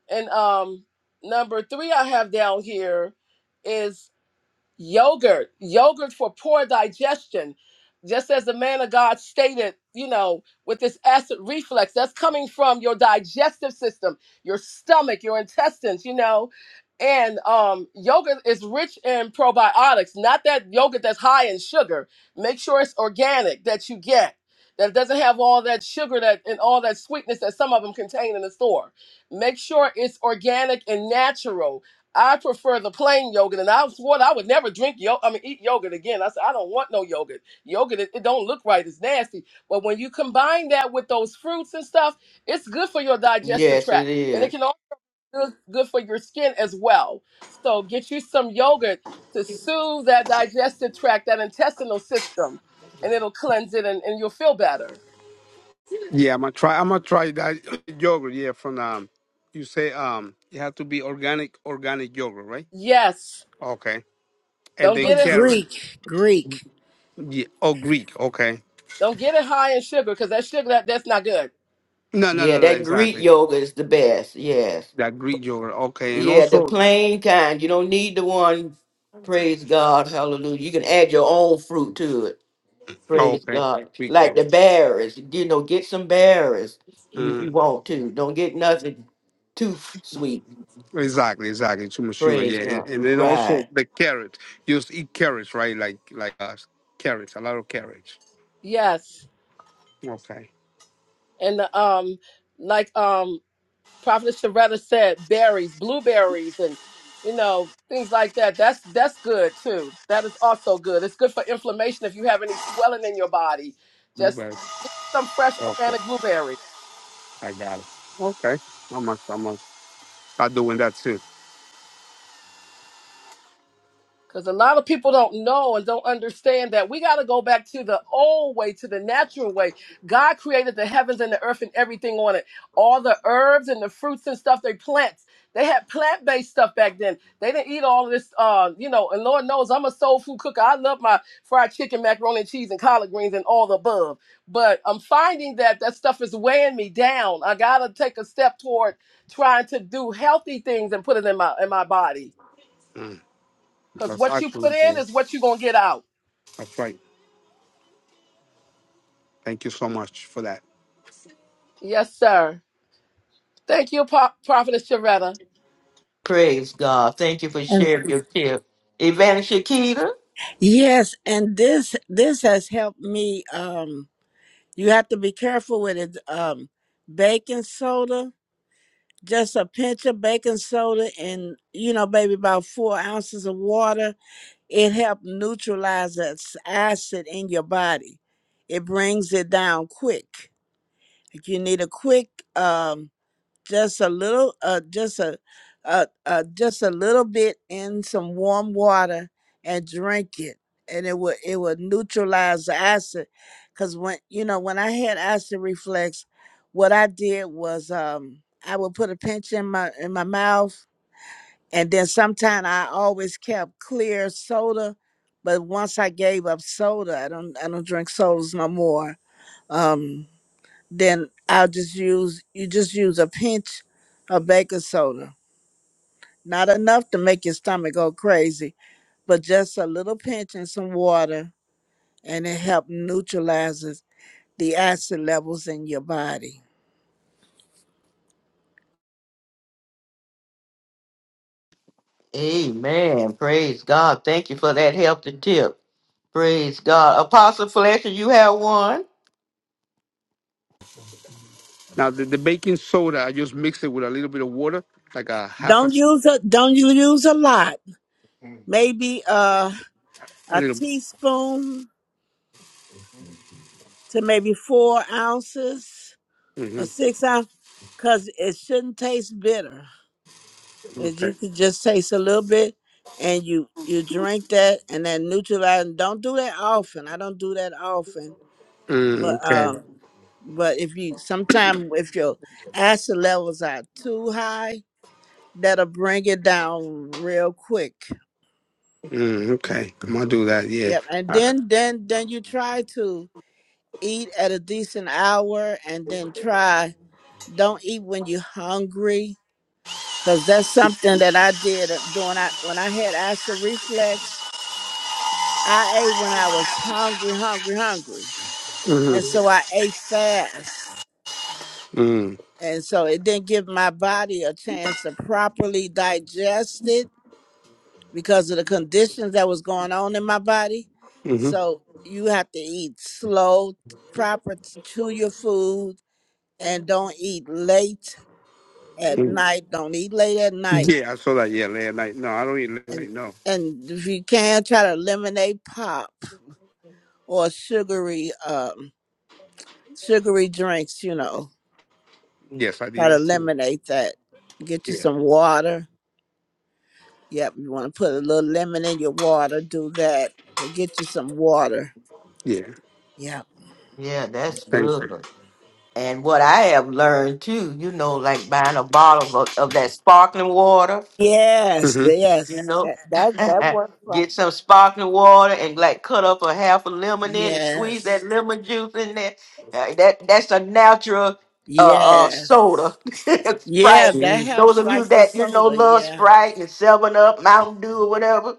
[SPEAKER 10] And um number three I have down here is yogurt, yogurt for poor digestion. Just as the man of God stated, you know, with this acid reflux, that's coming from your digestive system, your stomach, your intestines, you know. And um, yogurt is rich in probiotics, not that yogurt that's high in sugar. Make sure it's organic that you get, that it doesn't have all that sugar that and all that sweetness that some of them contain in the store. Make sure it's organic and natural I prefer the plain yogurt, and I swore I would never drink yogurt. I mean, eat yogurt again. I said I don't want no yogurt. Yogurt, it, it don't look right. It's nasty. But when you combine that with those fruits and stuff, it's good for your digestive
[SPEAKER 1] Yes, it
[SPEAKER 10] tract, and it
[SPEAKER 1] is.
[SPEAKER 10] can also be good good for your skin as well. So get you some yogurt to soothe that digestive tract, that intestinal system, and it'll cleanse it, and, and you'll feel better.
[SPEAKER 12] Yeah, I'm gonna try. I'm gonna try that yogurt. Yeah, from um, you say um, it has to be organic, organic yogurt, right?
[SPEAKER 10] Yes,
[SPEAKER 12] Okay, and
[SPEAKER 10] don't
[SPEAKER 12] then
[SPEAKER 5] or
[SPEAKER 10] get it,
[SPEAKER 12] carrot.
[SPEAKER 5] Greek, Greek.
[SPEAKER 12] Yeah, Oh, Greek. Okay.
[SPEAKER 10] don't get it high in sugar because that sugar that, that's not good.
[SPEAKER 12] No, no,
[SPEAKER 1] Yeah,
[SPEAKER 12] no, no.
[SPEAKER 1] that Greek
[SPEAKER 12] Exactly.
[SPEAKER 1] yoga is the best. Yes.
[SPEAKER 12] That Greek yogurt. Okay, and
[SPEAKER 1] Yeah, the
[SPEAKER 12] also
[SPEAKER 1] plain kind. You don't need the one. Praise God. Hallelujah. You can add your own fruit to it.
[SPEAKER 12] oh,
[SPEAKER 1] Praise
[SPEAKER 12] okay,
[SPEAKER 1] God.
[SPEAKER 12] Greek
[SPEAKER 1] Like the
[SPEAKER 12] yogurt.
[SPEAKER 1] berries. You know, get some berries if
[SPEAKER 12] Uh,
[SPEAKER 1] you want to. Don't get nothing too f- sweet.
[SPEAKER 12] exactly, exactly. Too much sugar.
[SPEAKER 1] Praise
[SPEAKER 12] Yeah, and,
[SPEAKER 1] God.
[SPEAKER 12] and then
[SPEAKER 1] Right.
[SPEAKER 12] also the carrot. You just eat carrots, right? Like like uh, carrots, a lot of carrots.
[SPEAKER 10] Yes.
[SPEAKER 12] Okay.
[SPEAKER 10] and the, um like um prophet Sharetta said berries blueberries and you know things like that that's that's good too that is also good it's good for inflammation if you have any swelling in your body just
[SPEAKER 12] Blueberries.
[SPEAKER 10] get some fresh
[SPEAKER 12] Okay,
[SPEAKER 10] organic blueberries
[SPEAKER 12] I got it. Okay, I must, I must start doing that too.
[SPEAKER 10] Because a lot of people don't know and don't understand that we got to go back to the old way, to the natural way. God created the heavens and the earth and everything on it. All the herbs and the fruits and stuff they plants. They had plant based stuff back then. They didn't eat all this, uh, you know, and Lord knows I'm a soul food cooker. I love my fried chicken, macaroni and cheese, and collard greens and all the above. But I'm finding that that stuff is weighing me down. I got to take a step toward trying to do healthy things and put it in my, in my body
[SPEAKER 12] Mm.
[SPEAKER 10] because
[SPEAKER 12] That's
[SPEAKER 10] what you put in
[SPEAKER 12] absolutely
[SPEAKER 10] is what you're going to get out.
[SPEAKER 12] that's right. Thank you so much for that.
[SPEAKER 10] Yes, sir. Thank you, Pa- Prophetess Shavetta.
[SPEAKER 1] Praise God. Thank you for
[SPEAKER 5] And
[SPEAKER 1] sharing your tip. Evangelist Shakita.
[SPEAKER 5] yes, and this this has helped me. Um, you have to be careful with it. Um, baking soda, just a pinch of baking soda, and you know, maybe about four ounces of water. It helped neutralize that s- acid in your body. It brings it down quick. Like you need a quick. Um, just a little uh just a uh, uh just a little bit in some warm water and drink it and it will it will neutralize the acid because when you know when i had acid reflux what i did was um i would put a pinch in my in my mouth and then sometime i always kept clear soda but once i gave up soda i don't i don't drink sodas no more um then I'll just use you just use a pinch of baking soda. Not enough to make your stomach go crazy, but just a little pinch and some water and it helps neutralizes the acid levels in your body.
[SPEAKER 1] Amen. Praise God. Thank you for that healthy tip. Praise God. Apostle Fletcher, you have one?
[SPEAKER 12] Now the, the baking soda, I just mix it with a little bit of water, like a half a
[SPEAKER 5] Don't use a don't you use a lot. Maybe uh
[SPEAKER 12] a
[SPEAKER 5] a
[SPEAKER 12] little.
[SPEAKER 5] teaspoon to maybe four ounces
[SPEAKER 12] bit. hmm
[SPEAKER 5] or six ounces because it shouldn't taste bitter. If
[SPEAKER 12] Okay.
[SPEAKER 5] you could just taste a little bit and you you drink that and that neutralizing don't do that often. I don't do that often.
[SPEAKER 12] Mm,
[SPEAKER 5] But
[SPEAKER 12] okay.
[SPEAKER 5] um but if you sometime if your acid levels are too high, that'll bring it down real quick.
[SPEAKER 12] Mm, okay. I'm gonna do that. Yeah.
[SPEAKER 5] Yep. And then then then you try to eat at a decent hour and then try don't eat when you're hungry. Cause that's something that I did uh, during I when I had acid reflux. I ate when I was hungry, hungry, hungry. And
[SPEAKER 12] Mm-hmm.
[SPEAKER 5] so I ate fast.
[SPEAKER 12] Mm,
[SPEAKER 5] And so it didn't give my body a chance to properly digest it because of the conditions that was going on in my body.
[SPEAKER 12] mm-hmm.
[SPEAKER 5] So you have to eat slow, proper to your food and don't eat late at
[SPEAKER 12] Mm.
[SPEAKER 5] night. Don't eat late at night.
[SPEAKER 12] Yeah, I saw that. Yeah, late at night. No, I don't eat late at
[SPEAKER 5] And
[SPEAKER 12] night. No.
[SPEAKER 5] and if you can try to eliminate pop or sugary um sugary drinks, you know
[SPEAKER 12] Yes, I did
[SPEAKER 5] Try to
[SPEAKER 12] that too.
[SPEAKER 5] eliminate that. Get you
[SPEAKER 12] Yeah.
[SPEAKER 5] some water. Yep, you want to put a little lemon in your water, do that. But get you some water.
[SPEAKER 12] Yeah.
[SPEAKER 5] Yep.
[SPEAKER 1] Yeah, that's
[SPEAKER 12] Thank
[SPEAKER 1] good.
[SPEAKER 12] you.
[SPEAKER 1] And what I have learned too, you know, like buying a bottle of, of that sparkling water,
[SPEAKER 5] Yes,
[SPEAKER 12] Mm-hmm.
[SPEAKER 1] you
[SPEAKER 5] yes. That
[SPEAKER 1] know,
[SPEAKER 5] that that works like
[SPEAKER 1] get some sparkling water and like cut up a half a lemon in and squeeze that
[SPEAKER 5] Yes.
[SPEAKER 1] lemon juice in there. Uh, That that's a natural uh, uh
[SPEAKER 5] Yes.
[SPEAKER 1] soda,
[SPEAKER 5] Yeah,
[SPEAKER 1] Sprite.
[SPEAKER 5] that
[SPEAKER 12] Mm-hmm.
[SPEAKER 1] Those
[SPEAKER 5] helps
[SPEAKER 1] of you
[SPEAKER 5] like the
[SPEAKER 1] that you know
[SPEAKER 5] soda,
[SPEAKER 1] love
[SPEAKER 5] yeah.
[SPEAKER 1] Sprite and Seven Up, Mountain Dew, or whatever,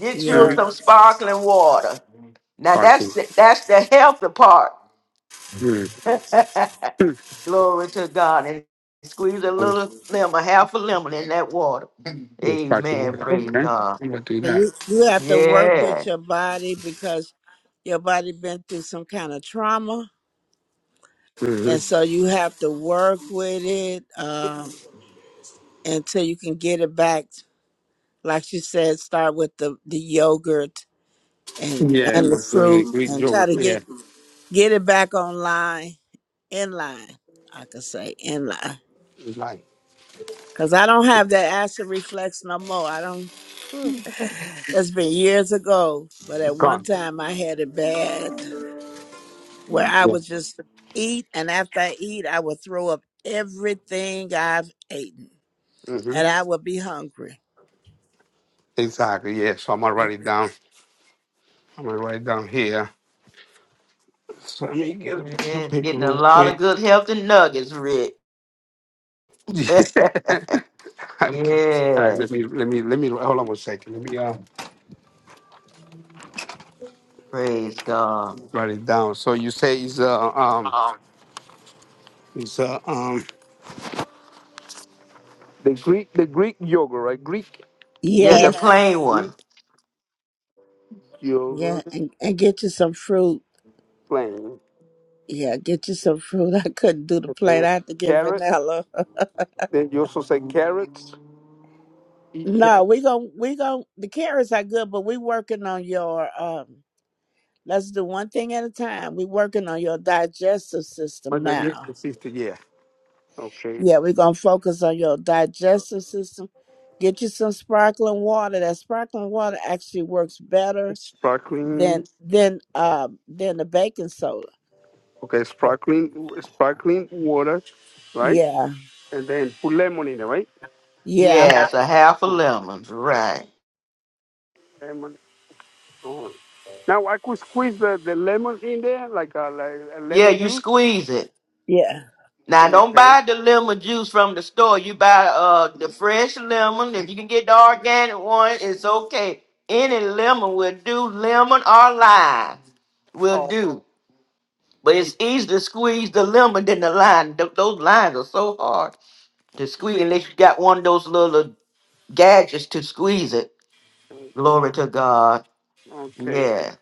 [SPEAKER 1] get you
[SPEAKER 5] Yeah.
[SPEAKER 12] Mm-hmm.
[SPEAKER 1] some sparkling water. Now that's
[SPEAKER 12] Parking.
[SPEAKER 1] the, that's the healthy part. Glory to God. And squeeze a
[SPEAKER 12] Mm-hmm.
[SPEAKER 1] little lemon, half a lemon in that water. Amen. Praise
[SPEAKER 12] Okay.
[SPEAKER 1] God.
[SPEAKER 12] I'm gonna do that.
[SPEAKER 5] You you have to work
[SPEAKER 1] Yeah.
[SPEAKER 5] with your body because your body been through some kind of trauma. And
[SPEAKER 12] Mm-hmm.
[SPEAKER 5] so you have to work with it um, until you can get it back like she said, start with the, the yogurt and
[SPEAKER 12] Yeah,
[SPEAKER 5] and
[SPEAKER 12] I'm
[SPEAKER 5] the
[SPEAKER 12] gonna do it.
[SPEAKER 5] fruit
[SPEAKER 12] We
[SPEAKER 5] and
[SPEAKER 12] drove
[SPEAKER 5] try
[SPEAKER 12] it.
[SPEAKER 5] to
[SPEAKER 12] Yeah.
[SPEAKER 5] get get it back online in line. I could say in line
[SPEAKER 12] Like
[SPEAKER 5] because I don't have that acid reflex no more. I don't. Phew. It's been years ago, but at one
[SPEAKER 12] gone.
[SPEAKER 5] time I had it bad where I
[SPEAKER 12] Yeah.
[SPEAKER 5] would just eat, and after I eat, I would throw up everything I've eaten,
[SPEAKER 12] hmm
[SPEAKER 5] and I would be hungry.
[SPEAKER 12] Exactly. Yeah. So I'm gonna
[SPEAKER 5] Yeah.
[SPEAKER 12] write it down. I'm gonna write it down here. So let me get a piece of
[SPEAKER 1] And
[SPEAKER 12] paper
[SPEAKER 1] getting a
[SPEAKER 12] real
[SPEAKER 1] lot of
[SPEAKER 12] quick.
[SPEAKER 1] good healthy nuggets, Rick.
[SPEAKER 12] Okay. All
[SPEAKER 1] yeah.
[SPEAKER 12] right. Let me let me let me hold on one second. Let me uh,
[SPEAKER 1] Praise God.
[SPEAKER 12] write it down. So you say it's uh um it's uh um the Greek the Greek yogurt right Greek
[SPEAKER 1] Yeah, the
[SPEAKER 5] Yes,
[SPEAKER 1] plain
[SPEAKER 12] Greek
[SPEAKER 1] one.
[SPEAKER 5] yeah,
[SPEAKER 12] yogurt
[SPEAKER 5] and, and get you some fruit
[SPEAKER 12] plain
[SPEAKER 5] Yeah, get you some fruit. I couldn't do the
[SPEAKER 12] and
[SPEAKER 5] plate.
[SPEAKER 12] then
[SPEAKER 5] I had to get
[SPEAKER 12] carrots.
[SPEAKER 5] vanilla.
[SPEAKER 12] Then you also say carrots. Eat
[SPEAKER 5] No,
[SPEAKER 12] carrots.
[SPEAKER 5] we gon' we gon' the carrots are good, but we working on your um let's do one thing at a time. We working on your digestive system
[SPEAKER 12] But then yes,
[SPEAKER 5] now.
[SPEAKER 12] consistent. Yeah. Okay.
[SPEAKER 5] Yeah, we gonna focus on your digestive system. Get you some sparkling water. That sparkling water actually works better
[SPEAKER 12] Sparkling
[SPEAKER 5] than than um than the baking soda.
[SPEAKER 12] Okay,
[SPEAKER 5] That-
[SPEAKER 12] sparkling sparkling water, right?
[SPEAKER 5] Yeah.
[SPEAKER 12] And then put lemon in there, right?
[SPEAKER 5] Yeah.
[SPEAKER 1] Yes, a half a
[SPEAKER 12] Put
[SPEAKER 1] lemon. Right.
[SPEAKER 12] lemon on. Now I could squeeze the, the lemon in there, like a, like a
[SPEAKER 1] Yeah,
[SPEAKER 12] lemon
[SPEAKER 1] you
[SPEAKER 12] juice.
[SPEAKER 1] squeeze it.
[SPEAKER 5] Yeah.
[SPEAKER 1] Now don't
[SPEAKER 12] Okay.
[SPEAKER 1] buy the lemon juice from the store. You buy uh the fresh lemon. If you can get the organic one, it's okay. Any lemon will do, lemon or lime will
[SPEAKER 12] Oh.
[SPEAKER 1] do. But
[SPEAKER 12] ye-
[SPEAKER 1] it's easier to squeeze the lemon than the lime. Th- those limes are so hard to squeeze
[SPEAKER 12] ye-
[SPEAKER 1] unless you got one of those little gadgets to squeeze it. Glory to God.
[SPEAKER 12] Okay.
[SPEAKER 1] Yeah.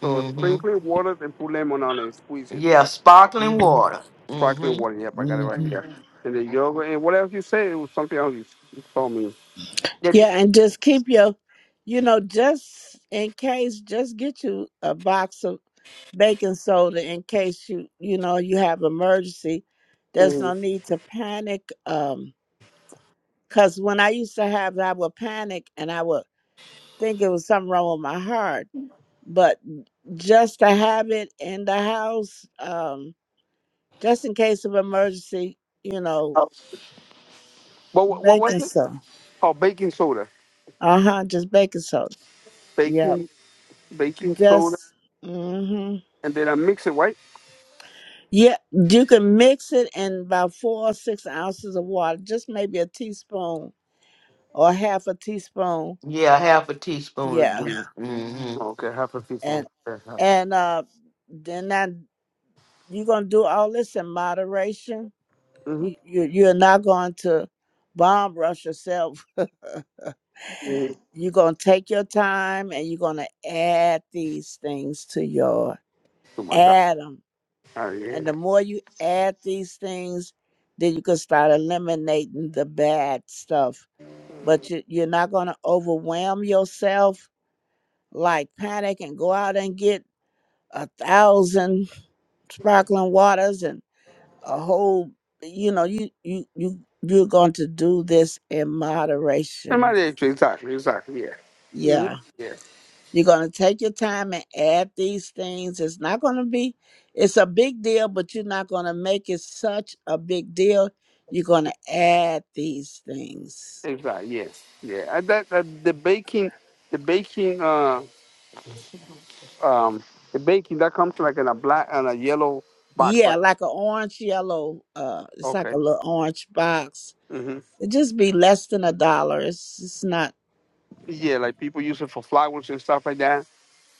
[SPEAKER 12] So
[SPEAKER 1] Mm-hmm.
[SPEAKER 12] sprinkling water, then put lemon on it, squeeze it.
[SPEAKER 1] Yeah, sparkling
[SPEAKER 5] hmm
[SPEAKER 1] water.
[SPEAKER 12] Sparkling
[SPEAKER 1] Mm-hmm.
[SPEAKER 12] water. Yep, I got it right here. And the yogurt and what else you say? It was something else you you told me.
[SPEAKER 5] Yeah, and just keep your, you know, just in case, just get you a box of baking soda in case you, you know, you have emergency. There's
[SPEAKER 12] Mhm.
[SPEAKER 5] no need to panic. Um, cause when I used to have, it, I would panic and I would think it was something wrong with my heart. But just to have it in the house, um, just in case of emergency, you know,
[SPEAKER 12] Oh, But what, what was
[SPEAKER 5] baking
[SPEAKER 12] it?
[SPEAKER 5] soda.
[SPEAKER 12] Oh, baking soda.
[SPEAKER 5] Uh huh. Just baking soda. Yep.
[SPEAKER 12] Baking baking soda.
[SPEAKER 5] Just. mm-hmm.
[SPEAKER 12] And then I mix it, right?
[SPEAKER 5] Yeah, you can mix it in about four or six ounces of water, just maybe a teaspoon or half a teaspoon.
[SPEAKER 1] Yeah, half a teaspoon will do.
[SPEAKER 5] Yeah,
[SPEAKER 1] Mm-hmm.
[SPEAKER 12] Okay, happy people.
[SPEAKER 5] and
[SPEAKER 12] Mm-hmm.
[SPEAKER 5] and uh, then that you're gonna do all this in moderation. You, you you're not going to bomb rush yourself.
[SPEAKER 12] Mm-hmm.
[SPEAKER 5] you're gonna take your time, and you're gonna add these things to your
[SPEAKER 12] Oh my God.
[SPEAKER 5] atom.
[SPEAKER 12] Oh, yeah.
[SPEAKER 5] And the more you add these things, then you can start eliminating the bad stuff. But you, you're not going to overwhelm yourself like panic and go out and get a thousand sparkling waters and a whole, you know, you, you, you, you're going to do this in moderation.
[SPEAKER 12] Somebody, exactly, exactly, yeah. hmm
[SPEAKER 5] Yeah.
[SPEAKER 12] Yeah,
[SPEAKER 5] You're going to take your time and add these things. It's not going to be, it's a big deal, but you're not going to make it such a big deal. You're going to add these things.
[SPEAKER 12] exactly, yes. Yeah, and that, that the baking, the baking, uh, um, the baking that comes like in a black and a yellow box,
[SPEAKER 5] Yeah,
[SPEAKER 12] right?
[SPEAKER 5] like an orange yellow, uh, it's like
[SPEAKER 12] Okay.
[SPEAKER 5] a little orange box.
[SPEAKER 12] hmm
[SPEAKER 5] It just be less than a dollar. It's it's not.
[SPEAKER 12] Yeah, like people use it for flowers and stuff like that.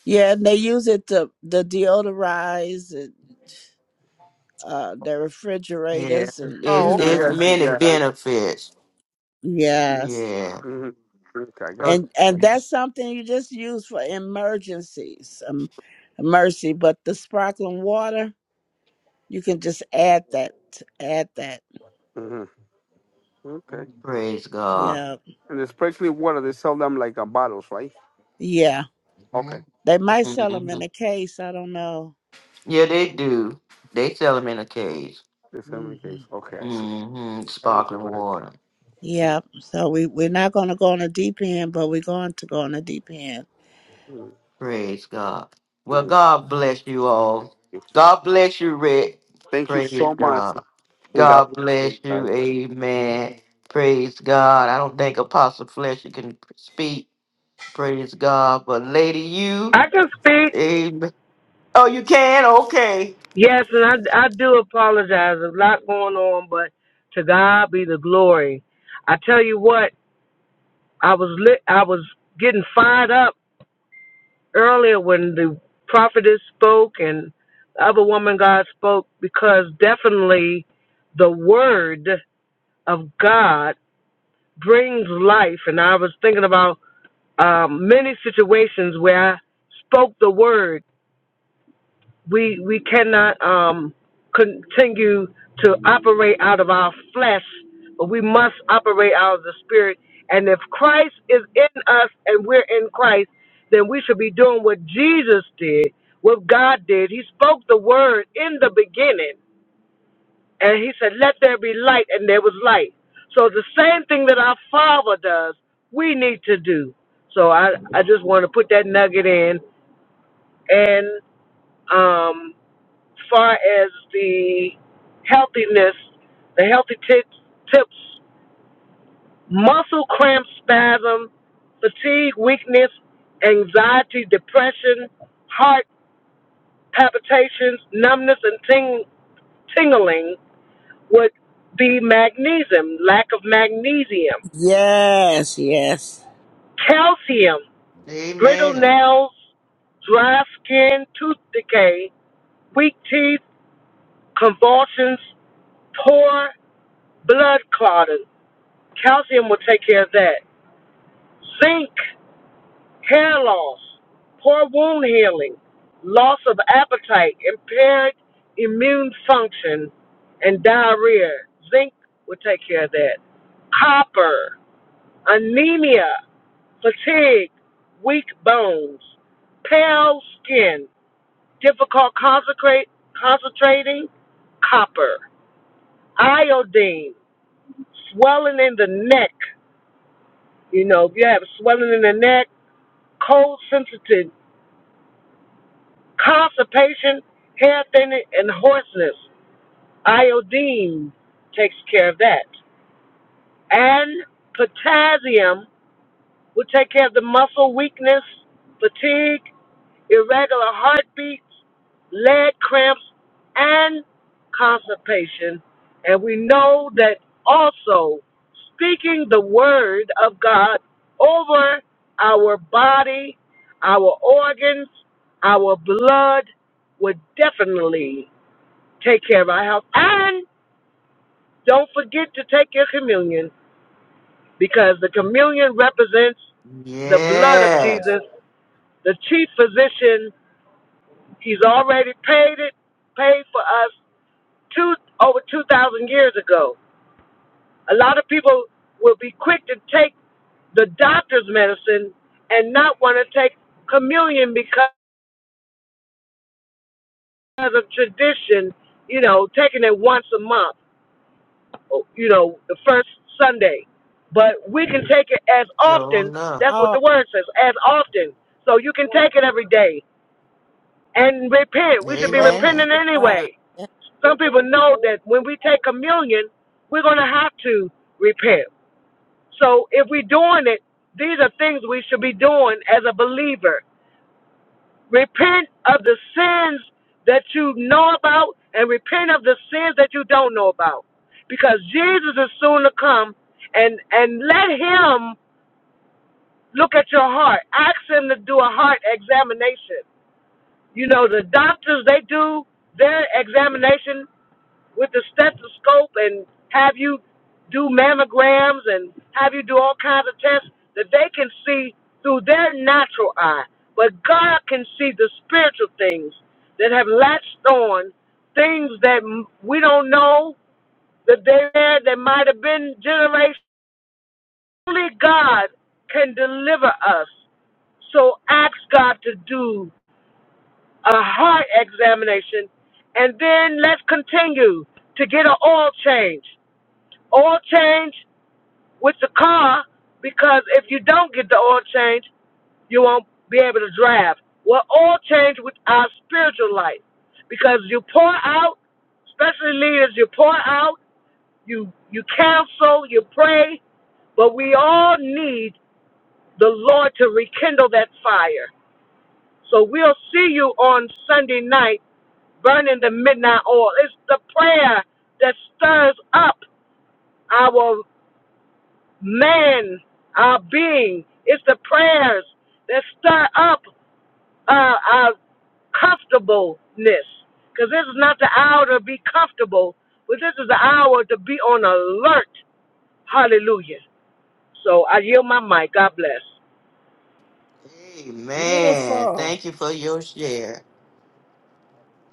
[SPEAKER 5] Yeah, and they use it to the deodorize and uh, their refrigerators and you
[SPEAKER 1] It's
[SPEAKER 12] Oh, okay,
[SPEAKER 1] it's
[SPEAKER 12] I
[SPEAKER 5] know.
[SPEAKER 12] see.
[SPEAKER 1] many
[SPEAKER 12] Yeah. I,
[SPEAKER 1] benefits.
[SPEAKER 5] Yes.
[SPEAKER 1] Yeah.
[SPEAKER 12] hmm Okay, I got
[SPEAKER 1] So
[SPEAKER 12] you.
[SPEAKER 5] and and
[SPEAKER 12] Okay.
[SPEAKER 5] that's something you just use for emergencies um mercy but the sparkling water you can just add that add that
[SPEAKER 12] Mm-hmm. Okay.
[SPEAKER 1] praise God.
[SPEAKER 5] yeah
[SPEAKER 12] And the sparkling water, they sell them like in bottles, right?
[SPEAKER 5] yeah
[SPEAKER 12] Okay.
[SPEAKER 5] they might sell them
[SPEAKER 1] hmm
[SPEAKER 5] in a case i don't know
[SPEAKER 1] Yeah, they do. They sell them in a cage.
[SPEAKER 12] They The in
[SPEAKER 5] hmm
[SPEAKER 12] case. Okay.
[SPEAKER 1] hmm
[SPEAKER 12] Thank you,
[SPEAKER 1] Sparkling water.
[SPEAKER 5] yeah
[SPEAKER 12] Mhm.
[SPEAKER 5] so we we're not going to go on a deep end but we're going to go on a deep end
[SPEAKER 1] Praise God. Well,
[SPEAKER 12] Thank
[SPEAKER 1] God bless you all.
[SPEAKER 12] you
[SPEAKER 1] God bless you, Rick. Praise
[SPEAKER 12] so much,
[SPEAKER 1] God.
[SPEAKER 12] and God
[SPEAKER 1] God
[SPEAKER 12] bless you.
[SPEAKER 1] bless you.
[SPEAKER 12] Bye.
[SPEAKER 1] Amen. Praise God. I don't think Apostle Fletcher can speak. Praise God. But Lady, you. Amen. Oh, you can? Okay.
[SPEAKER 5] yes yes
[SPEAKER 1] Yes, Jonah.
[SPEAKER 5] oh oh
[SPEAKER 1] Amen.
[SPEAKER 5] my god that's
[SPEAKER 1] Amen.
[SPEAKER 5] beautiful
[SPEAKER 1] Thank you for your share.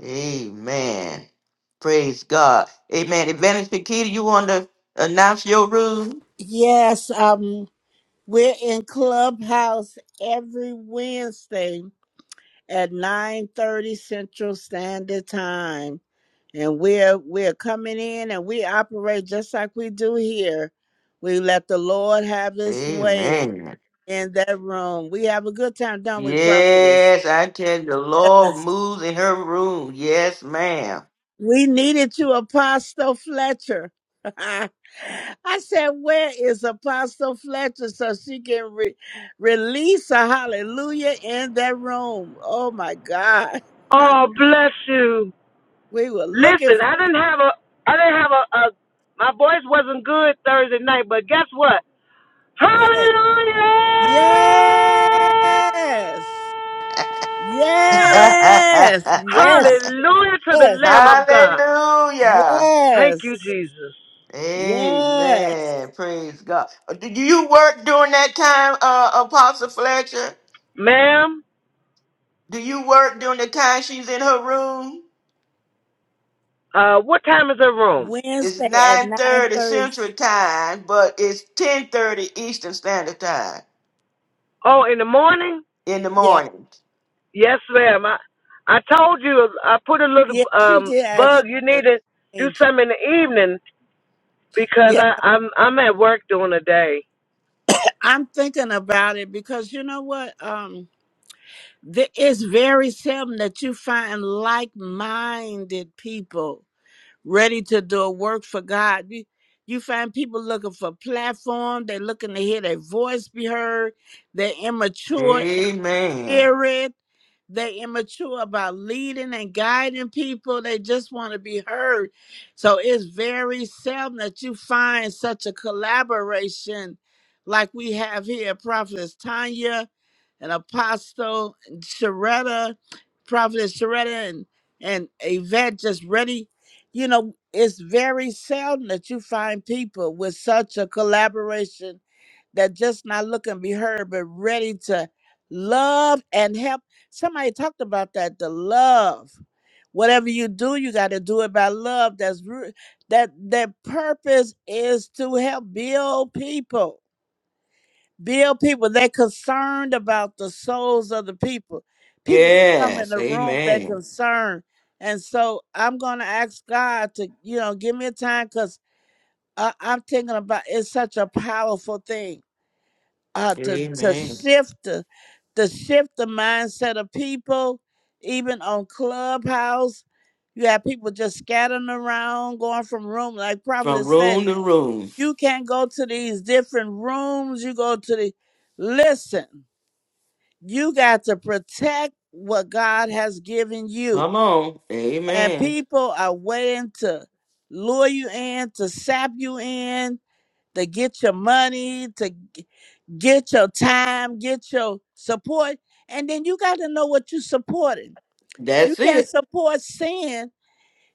[SPEAKER 1] Amen. Praise God. Amen. Advantage Pakita, you want to announce your room?
[SPEAKER 5] yes um We're in Clubhouse every Wednesday at 9:30 Central Standard Time. And we're we're coming in and we operate just like we do here. We let the Lord have his way
[SPEAKER 1] Amen.
[SPEAKER 5] in that room. We have a good time, don't we, prophetess?
[SPEAKER 1] Yes, I tell you, the Lord moves in her room. Yes, ma'am.
[SPEAKER 5] We needed you, Apostle Fletcher. I said, Where is Apostle Fletcher so she can re- release a hallelujah in that room? Oh my God. we were looking for. Hey. Yes. Yes. Yes. Yes.
[SPEAKER 1] Hallelujah.
[SPEAKER 5] Yes. Yes.
[SPEAKER 1] Amen. Praise God. Uh, Do you work during that time, uh, Apostle Fletcher? Do you work during the time she's in her room? It's
[SPEAKER 5] Wednesday at
[SPEAKER 1] nine
[SPEAKER 5] nine
[SPEAKER 1] thirty
[SPEAKER 5] thirty.
[SPEAKER 1] Central Time, but it's ten thirty Eastern Standard Time in the
[SPEAKER 5] Yeah.
[SPEAKER 1] morning.
[SPEAKER 5] Yeah. She did actually. Angel. Yeah. I'm thinking about it because you know what? Um, th- it's very seldom that you find like-minded people ready to do a work for God. You, you find people looking for platform. They're looking to hear their voice be heard. They're immature
[SPEAKER 1] Amen.
[SPEAKER 5] spirit. They immature about leading and guiding people. They just want to be heard. So it's very seldom that you find such a collaboration like we have here. Prophetess Tanya and Apostle Sharetta, Prophetess Sharetta and, and Yvette just ready. You know, it's very seldom that you find people with such a collaboration that just not looking and be heard, but ready to love and help. Somebody talked about that, the love. Whatever you do, you got to do it by love. That's ru- that that purpose is to help build people. Build people. They're concerned about the souls of the people. People that come in
[SPEAKER 1] Yes.
[SPEAKER 5] the room, they're
[SPEAKER 1] Amen.
[SPEAKER 5] concerned. And so I'm gonna ask God to, you know, give me a time because I'm thinking about it's such a powerful thing uh, to to
[SPEAKER 1] Amen.
[SPEAKER 5] shift the to shift the mindset of people, even on Clubhouse. You have people just scattering around, going from room. Like Prophet
[SPEAKER 1] From
[SPEAKER 5] has said,
[SPEAKER 1] room to room.
[SPEAKER 5] you can't go to these different rooms. You go to the listen. You got to protect what God has given you,
[SPEAKER 1] Come on.
[SPEAKER 5] and
[SPEAKER 1] Amen.
[SPEAKER 5] people are waiting to lure you in, to sap you in, to get your money, to g- get your time, get your support, and then you got to know what you're supporting. You
[SPEAKER 1] That's
[SPEAKER 5] can't
[SPEAKER 1] it.
[SPEAKER 5] support sin.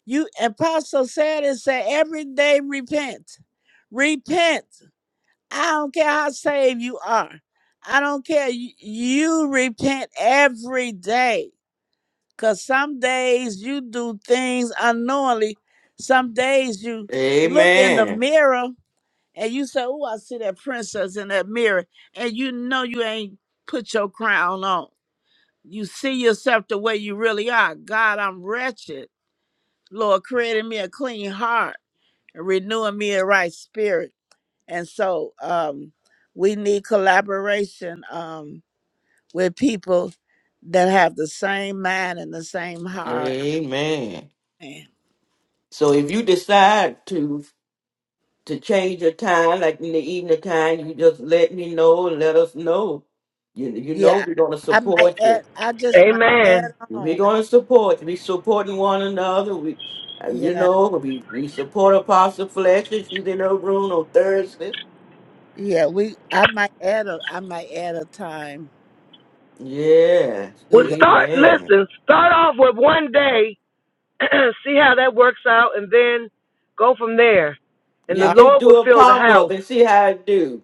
[SPEAKER 5] You apostle said it said every day repent, repent. I don't care how saved you are. I don't care. You, you repent every day. Cause some days you do things unknowingly. Some days you look in the
[SPEAKER 1] Amen.
[SPEAKER 5] mirror and you say, "Oh, I see that princess in that mirror," and you know you ain't put your crown on. You see yourself the way you really are. God, I'm wretched. Lord, created me a clean heart and renewing me a right spirit. And so, um, we need collaboration um, with people that have the same mind and the same heart.
[SPEAKER 1] Amen.
[SPEAKER 5] Man.
[SPEAKER 1] So if you decide to to change your time, like in the evening time, you just let me know and let us know. You, you know
[SPEAKER 5] Yeah,
[SPEAKER 1] we're gonna
[SPEAKER 5] I might
[SPEAKER 1] support you.
[SPEAKER 5] add. I just might add
[SPEAKER 1] We're
[SPEAKER 5] on.
[SPEAKER 1] gonna support you. We supporting one another. We, uh, you
[SPEAKER 5] Yeah.
[SPEAKER 1] know, we we support Apostle Fletcher. She's in her room on Thursday.
[SPEAKER 5] Yeah, we. I might add a. I might add a time
[SPEAKER 1] Yes,
[SPEAKER 5] to that.
[SPEAKER 1] Amen. Yeah,
[SPEAKER 5] Uh,
[SPEAKER 1] just do a pop up and see how it do.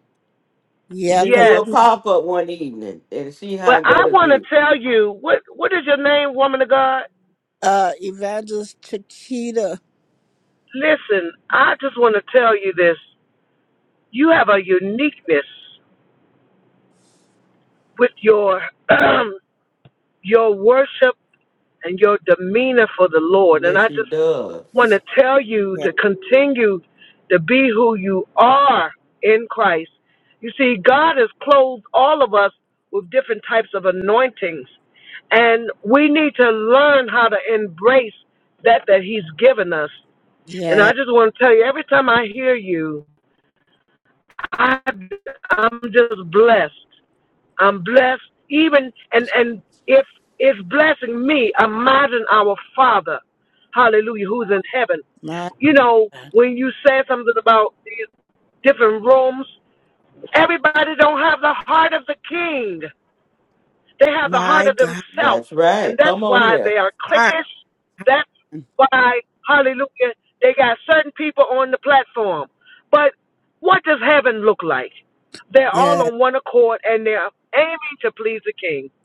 [SPEAKER 1] You
[SPEAKER 5] yeah,
[SPEAKER 1] can
[SPEAKER 5] cause
[SPEAKER 1] do a pop up one evening and see how that'll do.
[SPEAKER 5] uh, Evangelist Chiquita.
[SPEAKER 1] Yes, she does.
[SPEAKER 5] Yeah, yeah. My, God. my God.
[SPEAKER 1] That's right. Come on here.
[SPEAKER 5] Yeah,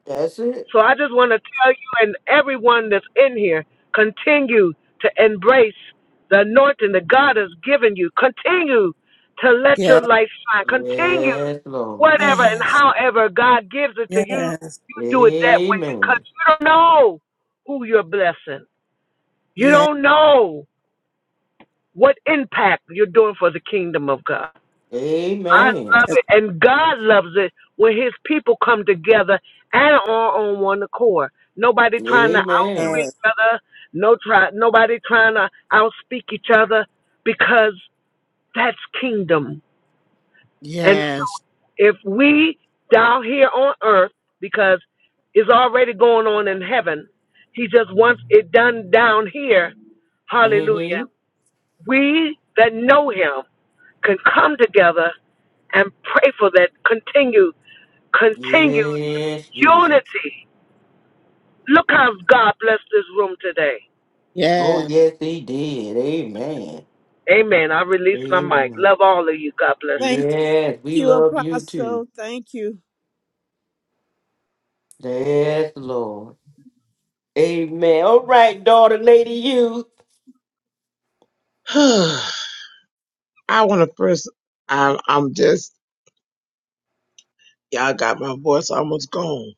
[SPEAKER 1] That's it.
[SPEAKER 5] yeah,
[SPEAKER 1] Yes, Lord.
[SPEAKER 5] yes, yes,
[SPEAKER 1] Amen.
[SPEAKER 5] yes,
[SPEAKER 1] Amen.
[SPEAKER 5] yes,
[SPEAKER 1] Amen.
[SPEAKER 5] yes.
[SPEAKER 1] Mm-hmm. Yes, Jesus. Oh,
[SPEAKER 5] yes.
[SPEAKER 1] yes, he did. Amen. Amen.
[SPEAKER 5] Thank
[SPEAKER 1] Yes, we
[SPEAKER 5] you,
[SPEAKER 1] love you too.
[SPEAKER 5] Apostle. Thank you.
[SPEAKER 1] Yes, Lord. Amen. All right, daughter, lady, you.
[SPEAKER 13] huh. I want to first. I'm I'm just y'all got my voice almost gone.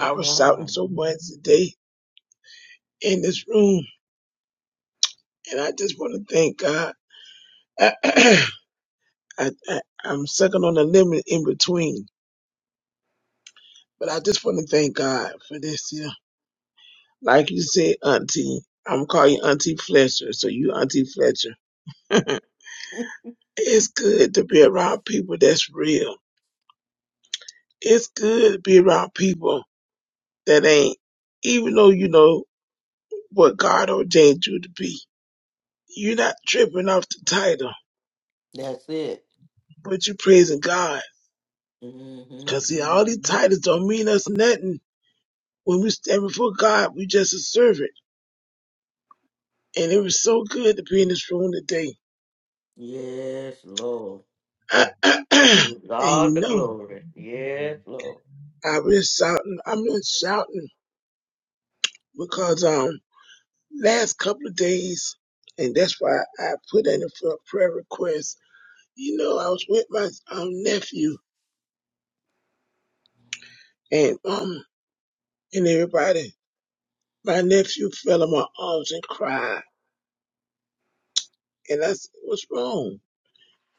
[SPEAKER 13] I was
[SPEAKER 1] my, my.
[SPEAKER 13] shouting so much today in this room, and I just want to thank God. I, I, I'm sucking on the lemon in between, but I just want to thank God for this. Yeah, like you said, Auntie. I'm gonna call you Auntie Fletcher, so you Auntie Fletcher. It's good to be around people that's real. It's good to be around people that ain't, even though you know what God ordained you to be. You're not tripping off the title,
[SPEAKER 1] That's it.
[SPEAKER 13] but you're praising God.
[SPEAKER 1] Mm-hmm.
[SPEAKER 13] Cause see, all these titles don't mean us nothing. When we stand before God, we just a servant. And it was so good to be in this room today.
[SPEAKER 1] Yes, Lord.
[SPEAKER 13] and
[SPEAKER 1] With all
[SPEAKER 13] you
[SPEAKER 1] the
[SPEAKER 13] know,
[SPEAKER 1] glory. Yes, Lord.
[SPEAKER 13] I've been shouting, I've been shouting because, um, last couple of days, and that's why I put in for a prayer request. You know, I was with my um, nephew and um and everybody. My nephew fell in my arms and cried, and I said, "What's wrong?"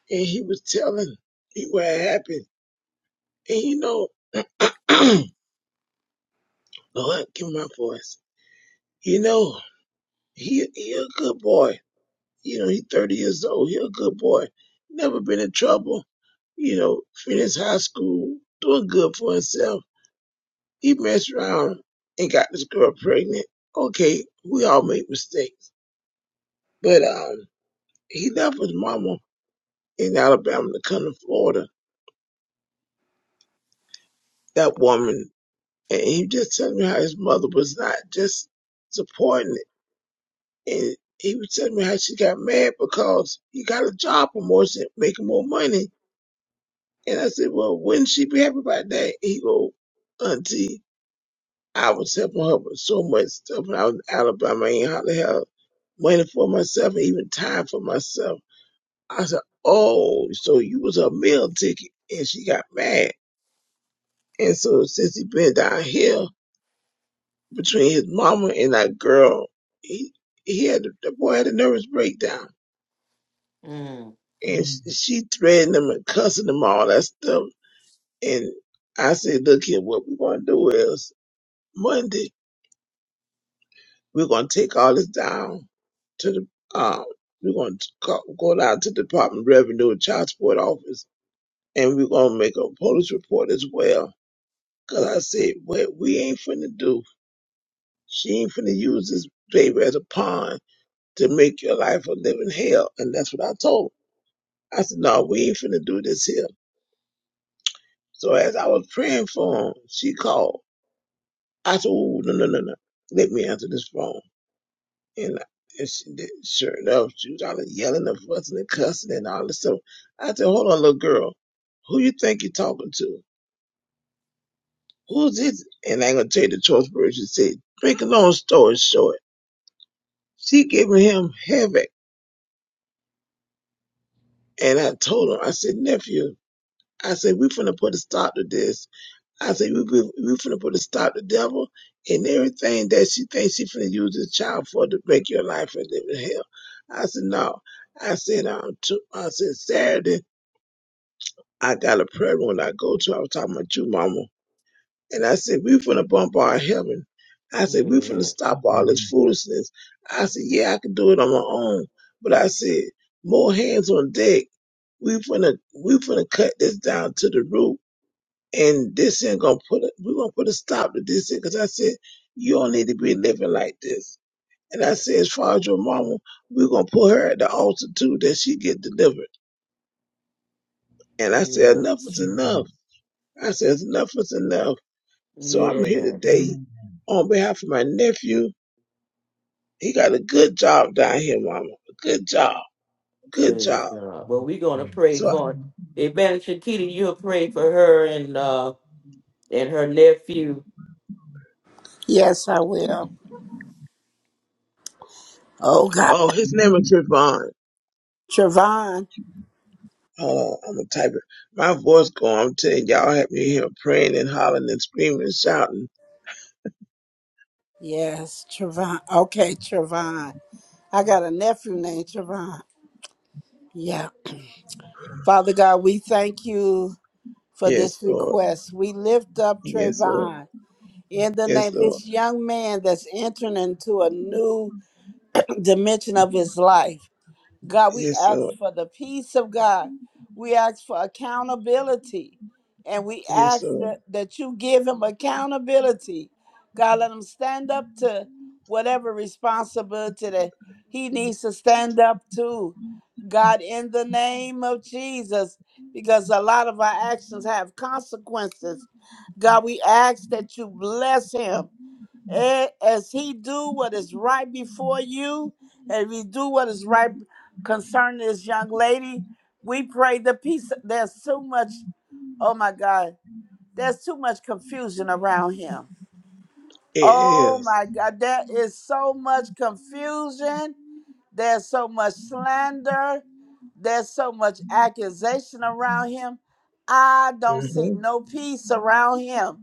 [SPEAKER 13] And he was telling me what had happened. And you know, Lord, give me my voice. You know, he he a good boy. You know, he's 30 years old. He a good boy. Never been in trouble. You know, finished high school, doing good for himself He messed around and got this girl pregnant. Okay, we all make mistakes. But um he left his mama in Alabama to come to Florida, that woman. And he just telling me how his mother was not just supporting it. And he was telling me how she got mad because he got a job promotion, making more money. And I said, Well, wouldn't she be happy about that? He go, Auntie, I was helping her with so much stuff and I was in Alabama. I ain't hardly have money for myself, and even time for myself. I said, Oh, so you was her meal ticket. And she got mad. And so since he been down here between his mama and that girl, he, he had, the boy had a nervous breakdown.
[SPEAKER 1] Mm.
[SPEAKER 13] And sh- she threatened him and cussing him, all that stuff. And I said, look here, what we going to do is Monday. We're going to take all this down to the, um, we're going to go go down to the Department of Revenue and Child Support Office, and we're going to make a police report as well. Because I said, what we ain't finna do, she ain't finna use this baby as a pawn to make your life a living hell. And that's what I told her. I said, no, we ain't finna do this here. So as I was praying for him, she called. I said, oh, no, no, no, no. Let me answer this phone. And, and she did, sure enough, she was all yelling and fussing and cussing and all this stuff. I said, hold on, little girl. Who you think you're talking to? Who's this? And I ain't gonna tell you the choice words she said. Make a long story short, she giving him havoc. And I told him, I said, nephew, I said, we finna put a stop to this. I said, we, we, we finna put a stop to devil and everything that she thinks she finna use this child for to make your life a living hell. I said, no. I said, um, to, I said, Saturday, I got a prayer one I go to. I was talking about you, Mama. And I said, we finna bump our heaven. I said, we finna stop all this foolishness. I said, yeah, I can do it on my own. But I said, more hands on deck. We finna, we finna cut this down to the root. And this ain't gonna put it, we gonna put a stop to this thing. Cause I said, you don't need to be living like this. And I said, as far as your mama, we gonna put her at the altar too, that she get delivered. And I said,
[SPEAKER 1] Yes.
[SPEAKER 13] enough is enough. I said, enough is enough. So I'm here
[SPEAKER 1] Yes.
[SPEAKER 13] today on behalf of my nephew. He got a good job down here, Mama. A good job. Good
[SPEAKER 1] Praise
[SPEAKER 13] job.
[SPEAKER 1] God. Well, we're gonna pray
[SPEAKER 13] So,
[SPEAKER 1] for Evangelist Shakita. You'll pray for her and uh and her nephew
[SPEAKER 5] Yes, I will. Oh God,
[SPEAKER 13] oh, his name is Trayvon.
[SPEAKER 5] Trevon.
[SPEAKER 13] Oh, I'm gonna type it. My voice going. I'm telling y'all, help me hear praying and hollering and screaming and shouting.
[SPEAKER 5] Yes, Trevon. Okay, Trevon. I got a nephew named Trevon. Yeah. Father God, we thank you for
[SPEAKER 13] Yes,
[SPEAKER 5] this
[SPEAKER 13] Lord.
[SPEAKER 5] request. We lift up
[SPEAKER 13] Yes, Lord.
[SPEAKER 5] Trayvon in the
[SPEAKER 13] Yes,
[SPEAKER 5] name
[SPEAKER 13] Lord.
[SPEAKER 5] this young man that's entering into a new dimension of his life. God, we
[SPEAKER 13] Yes,
[SPEAKER 5] ask
[SPEAKER 13] Lord.
[SPEAKER 5] for the peace of God. We ask for accountability. And we
[SPEAKER 13] Yes,
[SPEAKER 5] ask
[SPEAKER 13] Lord.
[SPEAKER 5] that, that you give him accountability. God, let him stand up to whatever responsibility that he needs to stand up to God, in the name of Jesus, because a lot of our actions have consequences. God, we ask that you bless him Eh, as he do what is right before you, and we do what is right concerning this young lady. We pray the peace. There's too much. Oh my God, there's too much confusion around him.
[SPEAKER 13] It
[SPEAKER 5] Oh
[SPEAKER 13] is.
[SPEAKER 5] my God, there is so much confusion there's so much slander. There's so much accusation around him. I don't see
[SPEAKER 13] Mm-hmm.
[SPEAKER 5] no peace around him.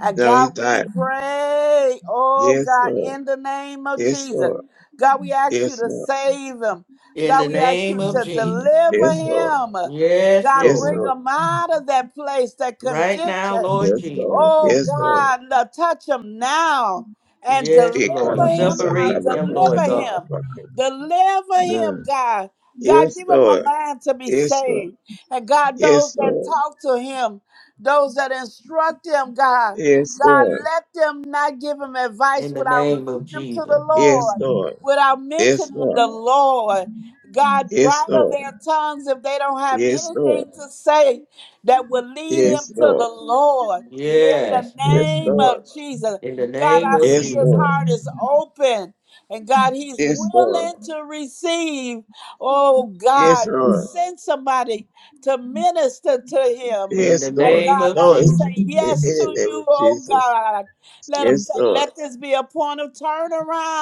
[SPEAKER 5] And
[SPEAKER 13] No, he
[SPEAKER 5] God, we
[SPEAKER 13] died.
[SPEAKER 5] pray, oh
[SPEAKER 13] Yes,
[SPEAKER 5] God,
[SPEAKER 13] Lord.
[SPEAKER 5] in the name of
[SPEAKER 13] Yes,
[SPEAKER 5] Jesus.
[SPEAKER 13] Lord.
[SPEAKER 5] God, we ask you
[SPEAKER 13] Yes,
[SPEAKER 5] to
[SPEAKER 13] Lord.
[SPEAKER 5] save him.
[SPEAKER 1] in
[SPEAKER 5] God,
[SPEAKER 1] the
[SPEAKER 5] we ask
[SPEAKER 1] name
[SPEAKER 5] you
[SPEAKER 1] of
[SPEAKER 5] to
[SPEAKER 1] Jesus.
[SPEAKER 5] deliver
[SPEAKER 13] Yes, Lord.
[SPEAKER 5] him.
[SPEAKER 1] Yes,
[SPEAKER 5] God,
[SPEAKER 13] Yes,
[SPEAKER 5] bring
[SPEAKER 1] Lord.
[SPEAKER 13] Lord.
[SPEAKER 5] him out of that place, that
[SPEAKER 1] Right now,
[SPEAKER 5] condition.
[SPEAKER 1] Lord
[SPEAKER 13] Yes,
[SPEAKER 1] Jesus.
[SPEAKER 13] Lord.
[SPEAKER 5] Oh
[SPEAKER 13] Yes, Lord.
[SPEAKER 5] God, Lord, touch him now and
[SPEAKER 1] Yes, Lord.
[SPEAKER 5] deliver him now.
[SPEAKER 1] Separate them, Lord
[SPEAKER 5] Deliver
[SPEAKER 1] God,
[SPEAKER 5] him.
[SPEAKER 13] Ikaramusakarabakatarabaka.
[SPEAKER 5] Deliver him,
[SPEAKER 13] Mm.
[SPEAKER 5] God. God,
[SPEAKER 13] Yes,
[SPEAKER 5] give him a
[SPEAKER 13] Lord.
[SPEAKER 5] mind to be
[SPEAKER 13] Yes, Lord.
[SPEAKER 5] saved. And God, those
[SPEAKER 13] Yes,
[SPEAKER 5] that
[SPEAKER 13] Lord.
[SPEAKER 5] talk to him, those that instruct him, God,
[SPEAKER 13] Yes,
[SPEAKER 5] God,
[SPEAKER 13] Lord.
[SPEAKER 5] let them not give him advice
[SPEAKER 1] in the
[SPEAKER 5] without
[SPEAKER 1] name of
[SPEAKER 5] leading them to
[SPEAKER 1] Jesus.
[SPEAKER 5] the
[SPEAKER 13] Yes,
[SPEAKER 5] Lord,
[SPEAKER 13] Lord.
[SPEAKER 5] without mentioning
[SPEAKER 13] Yes, Lord.
[SPEAKER 5] the Lord. God,
[SPEAKER 13] Yes,
[SPEAKER 5] bridle
[SPEAKER 13] Lord.
[SPEAKER 5] their tongues if they don't have
[SPEAKER 13] Yes, Lord.
[SPEAKER 5] anything to say that will lead him to the Lord. In the
[SPEAKER 1] Yes,
[SPEAKER 13] Yes,
[SPEAKER 5] name
[SPEAKER 13] Lord.
[SPEAKER 5] of Jesus.
[SPEAKER 1] in the
[SPEAKER 5] God,
[SPEAKER 1] name
[SPEAKER 5] I
[SPEAKER 1] of
[SPEAKER 5] see
[SPEAKER 13] Yes,
[SPEAKER 5] his
[SPEAKER 1] Jesus.
[SPEAKER 13] Lord.
[SPEAKER 5] heart is open. And God, he's
[SPEAKER 13] Yes, Lord. Yes, Lord.
[SPEAKER 5] willing to receive. Oh,
[SPEAKER 13] Yes,
[SPEAKER 5] God, you
[SPEAKER 13] Lord.
[SPEAKER 5] send somebody to minister to him.
[SPEAKER 13] Yes,
[SPEAKER 5] And
[SPEAKER 13] Lord.
[SPEAKER 5] God, let
[SPEAKER 13] Lord,
[SPEAKER 5] him say
[SPEAKER 13] in
[SPEAKER 5] yes
[SPEAKER 13] the
[SPEAKER 5] to
[SPEAKER 13] name of
[SPEAKER 5] you, oh
[SPEAKER 13] Jesus.
[SPEAKER 5] God. Let him
[SPEAKER 13] Yes,
[SPEAKER 5] say,
[SPEAKER 13] Lord.
[SPEAKER 5] let this be a point of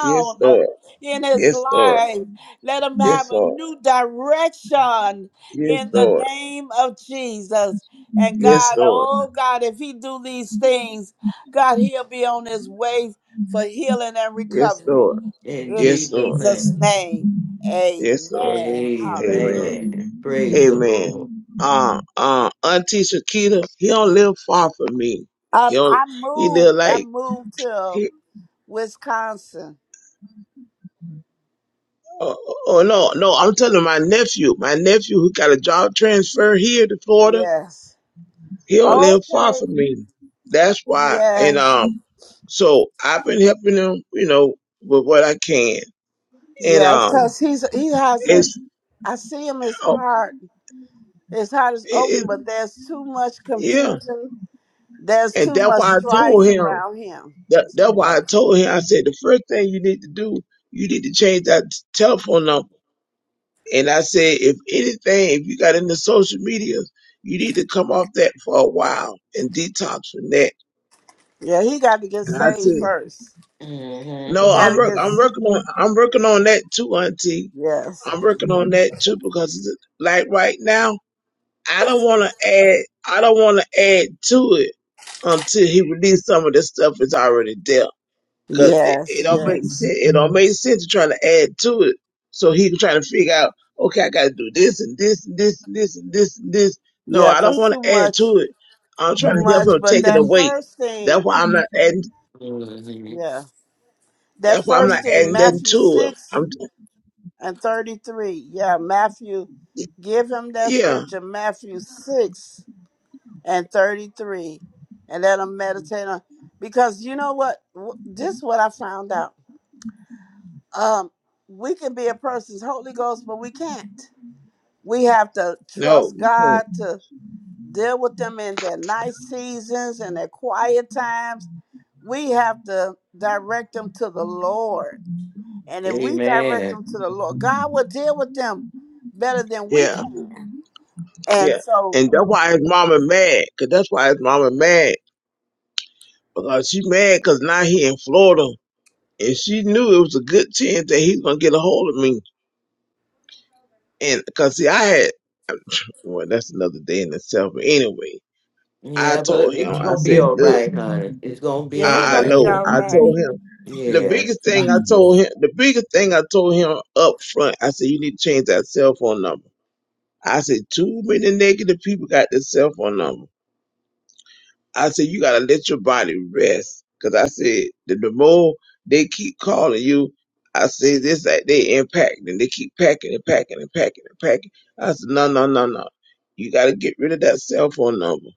[SPEAKER 13] Yes,
[SPEAKER 5] uh,
[SPEAKER 13] Lord.
[SPEAKER 5] in his
[SPEAKER 13] Yes, Lord.
[SPEAKER 5] life. Let him have
[SPEAKER 13] Yes,
[SPEAKER 5] a
[SPEAKER 13] Lord.
[SPEAKER 5] new direction
[SPEAKER 13] Yes,
[SPEAKER 5] in the
[SPEAKER 13] Lord.
[SPEAKER 5] name of Jesus. And
[SPEAKER 13] Yes,
[SPEAKER 5] God,
[SPEAKER 13] Lord.
[SPEAKER 5] oh God, if he do these things, God, he'll be on his way for healing and
[SPEAKER 13] Yes,
[SPEAKER 5] recovery.
[SPEAKER 13] Lord.
[SPEAKER 5] In
[SPEAKER 13] Yes, Lord.
[SPEAKER 5] Jesus'
[SPEAKER 1] Mm-hmm.
[SPEAKER 5] name,
[SPEAKER 13] Yes, Lord.
[SPEAKER 5] amen. Hallelujah.
[SPEAKER 13] Amen. Amen. Uh, uh, Auntie Shakita, he don't live far from me. He
[SPEAKER 5] Um,
[SPEAKER 13] don't,
[SPEAKER 5] I
[SPEAKER 13] he live
[SPEAKER 5] moved. I
[SPEAKER 13] like,
[SPEAKER 5] moved to
[SPEAKER 13] he,
[SPEAKER 5] Wisconsin.
[SPEAKER 13] oh, oh oh, no, no, I'm telling my nephew, my nephew who got a job transfer here to Florida,
[SPEAKER 5] Yes.
[SPEAKER 13] he don't live far
[SPEAKER 5] Okay.
[SPEAKER 13] from me. That's why. And,
[SPEAKER 5] Yes.
[SPEAKER 13] um, so I've been helping him, you know, with what I can. And,
[SPEAKER 5] Yes.
[SPEAKER 13] um,
[SPEAKER 5] Cause he's he has a.
[SPEAKER 13] it's,
[SPEAKER 5] I see him. His
[SPEAKER 13] oh,
[SPEAKER 5] heart. His heart is
[SPEAKER 13] it,
[SPEAKER 5] open,
[SPEAKER 13] it,
[SPEAKER 5] but there's too much
[SPEAKER 13] yeah.
[SPEAKER 5] confusion. There's
[SPEAKER 13] And
[SPEAKER 5] too
[SPEAKER 13] that's
[SPEAKER 5] much
[SPEAKER 13] why I told
[SPEAKER 5] strife
[SPEAKER 13] him.
[SPEAKER 5] around him.
[SPEAKER 13] That,
[SPEAKER 5] That's
[SPEAKER 13] that's
[SPEAKER 5] too
[SPEAKER 13] why I
[SPEAKER 5] much.
[SPEAKER 13] told him, I said, the first thing you need to do, you need to change that telephone number. And I said, if anything, if you got into social media, you need to come off that for a while and detox from that.
[SPEAKER 5] Yeah, he got to get
[SPEAKER 13] And I
[SPEAKER 5] saved
[SPEAKER 13] said,
[SPEAKER 5] first.
[SPEAKER 13] no,
[SPEAKER 5] He got
[SPEAKER 13] I'm
[SPEAKER 5] to
[SPEAKER 13] work,
[SPEAKER 5] get
[SPEAKER 13] I'm
[SPEAKER 5] s-
[SPEAKER 13] working on, I'm working on that too, auntie.
[SPEAKER 5] yes,
[SPEAKER 13] I'm working on that too because it's like right now, I don't want to add, I don't want to add to it until he released some of the stuff that's already there. Cause it,
[SPEAKER 5] yes,
[SPEAKER 13] it don't make
[SPEAKER 5] yes,
[SPEAKER 13] sense. It don't make sense to try to add to it. So he trying to figure out, okay, I got to do this and this and this and this and this and this. No,
[SPEAKER 5] yeah.
[SPEAKER 13] I don't
[SPEAKER 5] Cause
[SPEAKER 13] want
[SPEAKER 5] too
[SPEAKER 13] to add
[SPEAKER 5] much,
[SPEAKER 13] to it. I'm
[SPEAKER 5] too
[SPEAKER 13] trying to help
[SPEAKER 5] much.
[SPEAKER 13] him
[SPEAKER 5] But
[SPEAKER 13] take it
[SPEAKER 5] that
[SPEAKER 13] away.
[SPEAKER 5] first
[SPEAKER 13] That's
[SPEAKER 5] thing,
[SPEAKER 13] why I'm not adding.
[SPEAKER 5] yeah, that
[SPEAKER 13] That's why I'm
[SPEAKER 5] first
[SPEAKER 13] not
[SPEAKER 5] thing,
[SPEAKER 13] adding nothing
[SPEAKER 5] Matthew
[SPEAKER 13] to it.
[SPEAKER 5] six
[SPEAKER 13] I'm,
[SPEAKER 5] and thirty three. Yeah, Matthew, give him that
[SPEAKER 13] yeah,
[SPEAKER 5] scripture, Matthew six and thirty three, and let him meditate on. Because you know what? W- This is what I found out. Um, we can be a person's Holy Ghost, but we can't. We have to
[SPEAKER 13] no,
[SPEAKER 5] trust
[SPEAKER 13] you can't.
[SPEAKER 5] God to deal with them in their night seasons and their quiet times. We have to direct them to the Lord. And if we direct
[SPEAKER 1] Amen.
[SPEAKER 5] them to the Lord, God will deal with them better than we
[SPEAKER 13] yeah,
[SPEAKER 5] can. And
[SPEAKER 13] yeah,
[SPEAKER 5] so,
[SPEAKER 13] and that's why his mama mad. Cause that's why his mama mad because she mad. Cause now he in Florida, and she knew it was a good chance that he's gonna get a hold of me And because see, I had well, that's another day in itself. But anyway, I
[SPEAKER 1] Yeah, but
[SPEAKER 13] told him,
[SPEAKER 1] it's
[SPEAKER 13] I
[SPEAKER 1] gonna be
[SPEAKER 13] said,
[SPEAKER 1] all
[SPEAKER 13] look,
[SPEAKER 1] right, honey. It's gonna be
[SPEAKER 5] yeah, he
[SPEAKER 1] all
[SPEAKER 13] I, I
[SPEAKER 5] gonna
[SPEAKER 1] right.
[SPEAKER 5] be
[SPEAKER 13] know.
[SPEAKER 5] all
[SPEAKER 13] I
[SPEAKER 5] right.
[SPEAKER 13] told him the
[SPEAKER 1] Yeah.
[SPEAKER 13] biggest thing I told him, the biggest thing I told him up front, I said, you need to change that cell phone number. I said, too many negative people got this cell phone number. I said, you gotta let your body rest. Cause I said, the, the more they keep calling you, I say this, that they impact and they keep packing and packing and packing and packing. I said, no, no, no, no. You gotta get rid of that cell phone number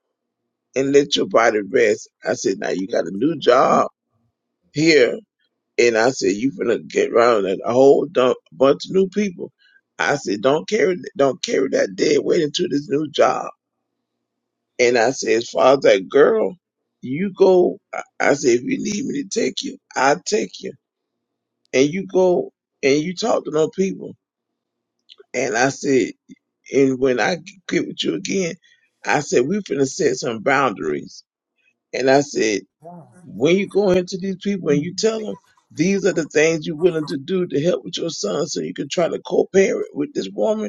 [SPEAKER 13] and let your body rest. I said, now you got a new job here. And I said, you finna get around a whole dump, bunch of new people. I said, don't carry, don't carry that dead weight into this new job. And I says, Father, girl, you go. I I said, if you need me to take you, I'll take you. And you go and you talk to no people. And I said, and when I get with you again, I said, we finna set some boundaries. And I said, when you go into these people and you tell them, these are the things you're willing to do to help with your son so you can try to co-parent with this woman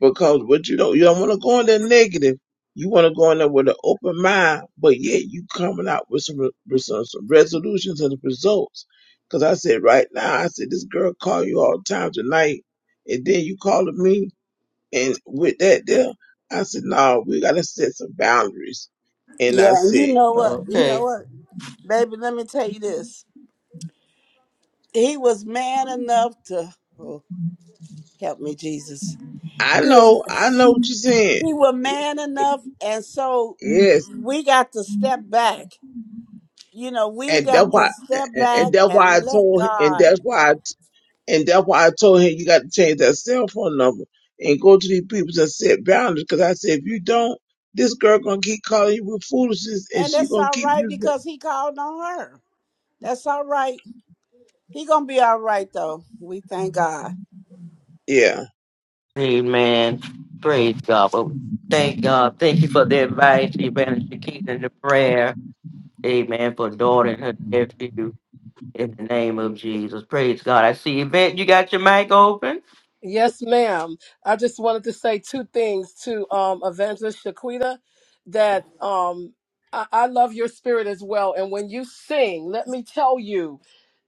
[SPEAKER 13] because what you don't you don't want to go in there negative. You want to go in there with an open mind, but yet you coming out with some re- with some, some resolutions and results. Because I said right now, I said this girl call you all the time tonight, and then you calling me, and with that there, I said no, we gotta set some boundaries. And I
[SPEAKER 5] Yeah, and you
[SPEAKER 13] said,
[SPEAKER 5] know what? You
[SPEAKER 1] Okay.
[SPEAKER 5] know what, baby? Let me tell you this. He was man enough to oh, help me, Jesus.
[SPEAKER 13] I
[SPEAKER 5] He was,
[SPEAKER 13] know, I know what you're saying.
[SPEAKER 5] he was man enough, and so
[SPEAKER 13] Yes,
[SPEAKER 5] we got to step back you know, we
[SPEAKER 13] and that's
[SPEAKER 5] got to
[SPEAKER 13] why,
[SPEAKER 5] step
[SPEAKER 13] and
[SPEAKER 5] back
[SPEAKER 13] and that's
[SPEAKER 5] and
[SPEAKER 13] why I
[SPEAKER 5] let
[SPEAKER 13] told, and
[SPEAKER 5] God.
[SPEAKER 13] that's why I And that's why I told him you got to change that cell phone number and go to these people and set boundaries. Because I said if you don't, this girl gonna keep calling you with foolishness, and
[SPEAKER 5] And
[SPEAKER 13] she
[SPEAKER 5] that's
[SPEAKER 13] gonna
[SPEAKER 5] all
[SPEAKER 13] keep
[SPEAKER 5] right
[SPEAKER 13] using it.
[SPEAKER 5] because he called on her. That's all right. He gonna be all right though. We thank God.
[SPEAKER 13] Yeah.
[SPEAKER 1] Amen. Praise God. Well, thank God. Thank you for the advice, Evangelist Shakita, and the prayer. Amen. For daughter and her nephew in the name of Jesus. Praise God. I see Yvette, you got your mic open?
[SPEAKER 10] Yes, ma'am. I just wanted to say two things to um, Evangelist Shaquita that um, I-, I love your spirit as well. And when you sing, let me tell you,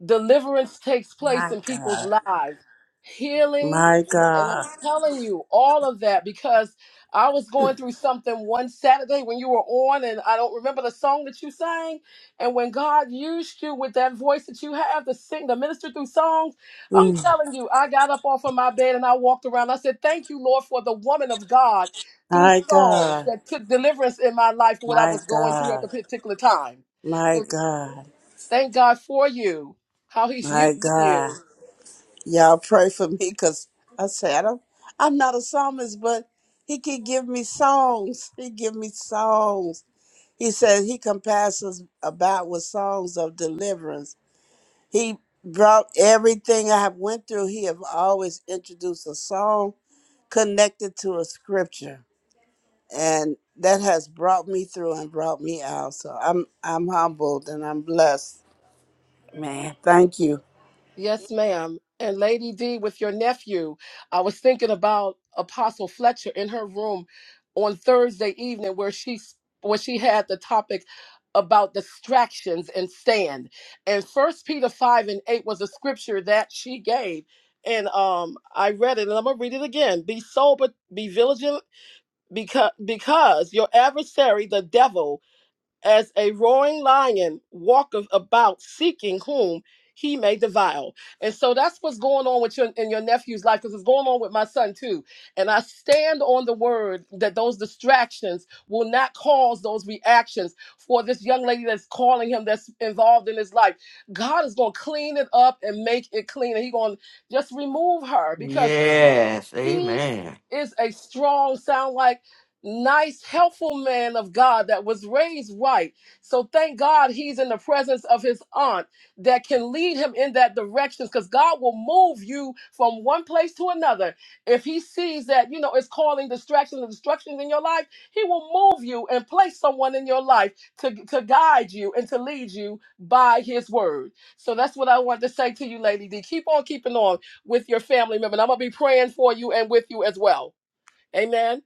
[SPEAKER 10] deliverance takes place
[SPEAKER 5] My
[SPEAKER 10] in people's
[SPEAKER 5] God.
[SPEAKER 10] lives, healing.
[SPEAKER 5] My
[SPEAKER 10] And I'm
[SPEAKER 5] God.
[SPEAKER 10] telling you all of that because I was going through something one Saturday when you were on, and I don't remember the song that you sang. And when God used you with that voice that you have to sing, to minister through songs I'm
[SPEAKER 5] Mm.
[SPEAKER 10] telling you, I got up off of my bed and I walked around. I said, Thank you, Lord, for the woman of God through
[SPEAKER 5] My
[SPEAKER 10] songs
[SPEAKER 5] God.
[SPEAKER 10] that took deliverance in my life for what I
[SPEAKER 5] My
[SPEAKER 10] was going through at the
[SPEAKER 5] God.
[SPEAKER 10] particular time.
[SPEAKER 5] My
[SPEAKER 10] So
[SPEAKER 5] God.
[SPEAKER 10] thank God for you, how He's using
[SPEAKER 5] My God.
[SPEAKER 10] you.
[SPEAKER 5] Y'all pray for me because I said I'm, I'm not a psalmist, but he can give me songs. He give me songs He said he compassed us about with songs of deliverance. He brought everything I have went through. He have always introduced a song connected to a scripture, and that has brought me through and brought me out. So I'm I'm humbled and I'm blessed, man. Thank you.
[SPEAKER 10] Yes, ma'am. And Lady D, with your nephew, I was thinking about Apostle Fletcher in her room on Thursday evening, where she s- where she had the topic about distractions and stand. And First Peter five and eight was a scripture that she gave, and um, I read it, and I'm gonna read it again. Be sober, be vigilant, because because your adversary, the devil as a roaring lion walketh about seeking whom he may devour. And so that's what's going on with your in your nephew's life, because it's going on with my son too. And I stand on the word that those distractions will not cause those reactions for this young lady that's calling him, that's involved in his life. God is gonna clean it up and make it clean. And he's gonna just remove her because he
[SPEAKER 1] Yeah.
[SPEAKER 10] is a strong, sound like nice, helpful man of God that was raised right. So thank God he's in the presence of his aunt that can lead him in that direction because God will move you from one place to another. If he sees that, you know, it's calling distractions and destructions in your life, he will move you and place someone in your life to, to guide you and to lead you by his word. So that's what I want to say to you, Lady D. Keep on keeping on with your family member. And I'm going to be praying for you and with you as well. Amen.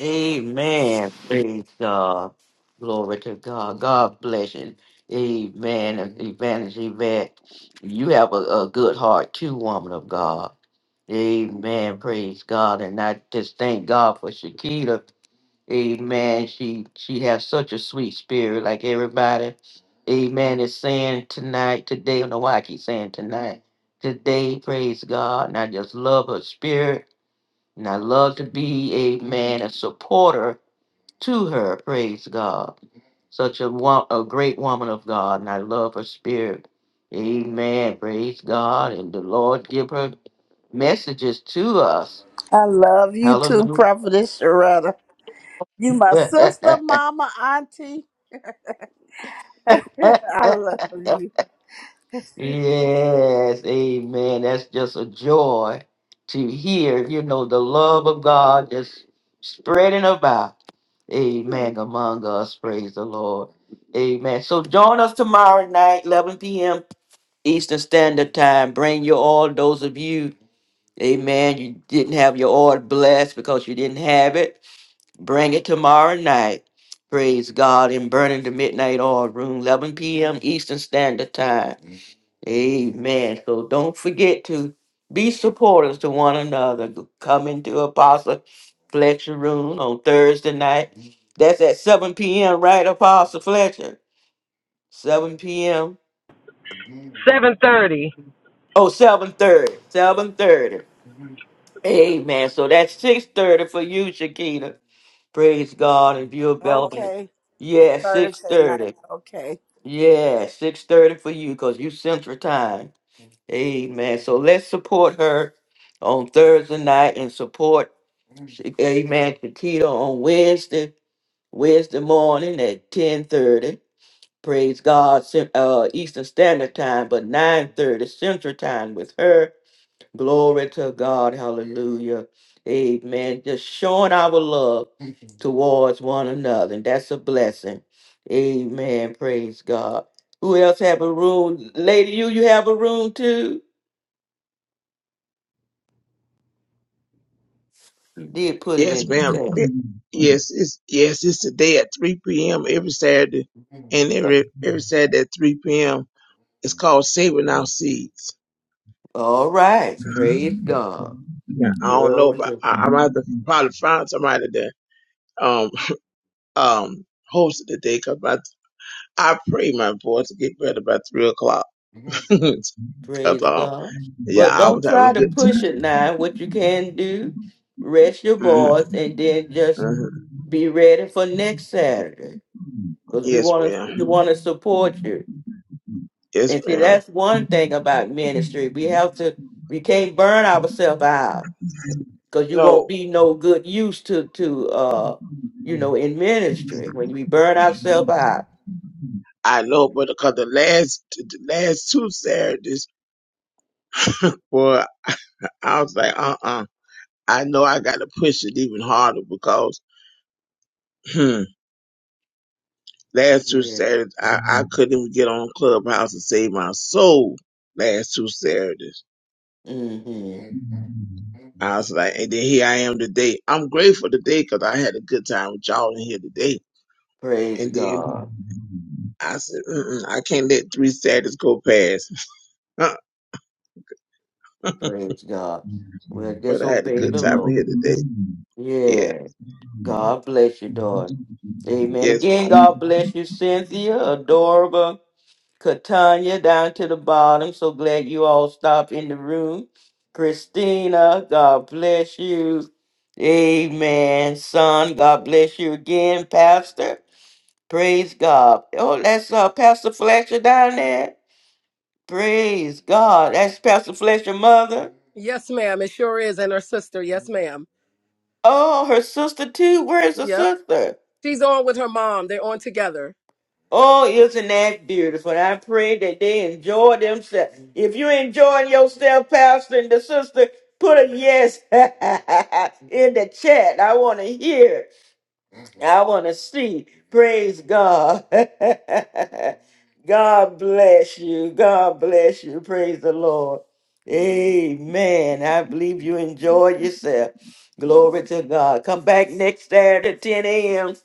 [SPEAKER 1] Amen. Praise God. Glory to God. God bless you. Amen. And Evangelist Yvette, you have a, a good heart too, woman of God. Amen. Praise God. And I just thank God for Shakita. Amen. She she has such a sweet spirit, like everybody. Amen. Is saying tonight, today. I don't know why I keep saying tonight. Today, praise God. And I just love her spirit. And I love to be, amen, a supporter to her. Praise God. Such a wo- a great woman of God. And I love her spirit. Amen. Praise God. And the Lord give her messages to us.
[SPEAKER 5] I love you too,
[SPEAKER 1] Hallelujah.
[SPEAKER 5] Prophetess Sharetta. You my sister, mama, auntie. I love you.
[SPEAKER 1] Yes, amen. That's just a joy to hear, you know, the love of God just spreading about. Amen. Among us, praise the Lord. Amen. So join us tomorrow night, 11 p.m. Eastern Standard Time. Bring your all those of you, amen, you didn't have your oil blessed because you didn't have it. Bring it tomorrow night. Praise God in Burning the Midnight Oil Room, 11 p.m. Eastern Standard Time. Amen. So don't forget to be supporters to one another. Come into Apostle Fletcher room on Thursday night. That's at 7 p.m., right, Apostle Fletcher? 7 p.m. Oh, 7.30. Amen. So that's 6.30 for you, Shakita. Praise God. If you're available.
[SPEAKER 5] Okay,
[SPEAKER 1] Yeah,
[SPEAKER 5] Thursday night.
[SPEAKER 1] 6.30.
[SPEAKER 5] Okay,
[SPEAKER 1] Yeah, 6.30 for you because you central time. Amen. So let's support her on Thursday night and support Sha- Amen Shakita on Wednesday, Wednesday morning at 1030. Praise God, Cen- uh, Eastern Standard Time, but 930 Central Time with her. Glory to God. Hallelujah. Amen. Just showing our love towards one another. And that's a blessing. Amen. Praise God. Who else have a room? Lady, you you have a room too? did put it
[SPEAKER 13] Yes,
[SPEAKER 1] in the
[SPEAKER 13] ma'am.
[SPEAKER 1] chat.
[SPEAKER 13] It- yes, it's yes, it's today at 3 p.m. every Saturday, and every every Saturday at 3 p.m. It's called Saving Our Seeds.
[SPEAKER 1] All right.
[SPEAKER 13] I
[SPEAKER 1] Praise God.
[SPEAKER 13] don't know,
[SPEAKER 1] Glory
[SPEAKER 13] but
[SPEAKER 1] to
[SPEAKER 13] I, I'm about to probably find somebody that um um host it today because I pray my voice to get better by three o'clock. Cut
[SPEAKER 1] praise
[SPEAKER 13] off.
[SPEAKER 1] God.
[SPEAKER 13] Yeah,
[SPEAKER 1] But
[SPEAKER 13] I
[SPEAKER 1] don't
[SPEAKER 13] was having a
[SPEAKER 1] try to
[SPEAKER 13] good
[SPEAKER 1] push it now. What you can
[SPEAKER 13] time.
[SPEAKER 1] do, rest your
[SPEAKER 13] hmm
[SPEAKER 1] bars and then just
[SPEAKER 13] hmm
[SPEAKER 1] be ready for next Saturday. Because we
[SPEAKER 13] Yes,
[SPEAKER 1] want
[SPEAKER 13] ma'am.
[SPEAKER 1] to we want to support you.
[SPEAKER 13] Yes,
[SPEAKER 1] And see
[SPEAKER 13] ma'am.
[SPEAKER 1] that's one thing about ministry. We have to we can't burn ourselves out because you won't
[SPEAKER 13] No,
[SPEAKER 1] be no good use to to uh you know in ministry when we burn ourselves out
[SPEAKER 13] I know, but because the last the last two Saturdays, well, I was like, uh, uh I know I got to push it even harder because hmm, last two Saturdays I, I couldn't even get on Clubhouse and save my soul. Last two Saturdays. I was like, and then here I am today. I'm grateful today because I had a good time with y'all in here today. And then I said, Mm-mm, I can't let three Saturdays go past. but
[SPEAKER 1] and
[SPEAKER 13] I had a
[SPEAKER 1] disobey
[SPEAKER 13] good
[SPEAKER 1] the
[SPEAKER 13] time in
[SPEAKER 1] Lord.
[SPEAKER 13] here today. Yeah.
[SPEAKER 1] Yeah. God bless you, daughter. Amen.
[SPEAKER 13] Yes,
[SPEAKER 1] Again,
[SPEAKER 13] Mom.
[SPEAKER 1] God bless you, Cynthia, Adorable, Katanya, down to the bottom. So glad you all stopped in the room. Christina, God bless you. Amen. Son, God bless you again, Pastor. Praise God. Oh, that's uh, Pastor Fletcher down there. Praise God. That's Pastor Fletcher's mother.
[SPEAKER 10] Yes, ma'am. It sure is. And her sister. Yes, ma'am.
[SPEAKER 1] Oh, her sister too. Where is her
[SPEAKER 10] Yep.
[SPEAKER 1] sister?
[SPEAKER 10] She's on with her mom. They're on together.
[SPEAKER 1] Oh, isn't that beautiful? I pray that they enjoy themselves. If you're enjoying yourself, Pastor and the sister, put a yes in the chat. I want to hear. it. I want to see. Praise God. God bless you. God bless you. Praise the Lord. Amen. I believe you enjoyed yourself. Glory to God. Come back next Saturday, at 10 a.m.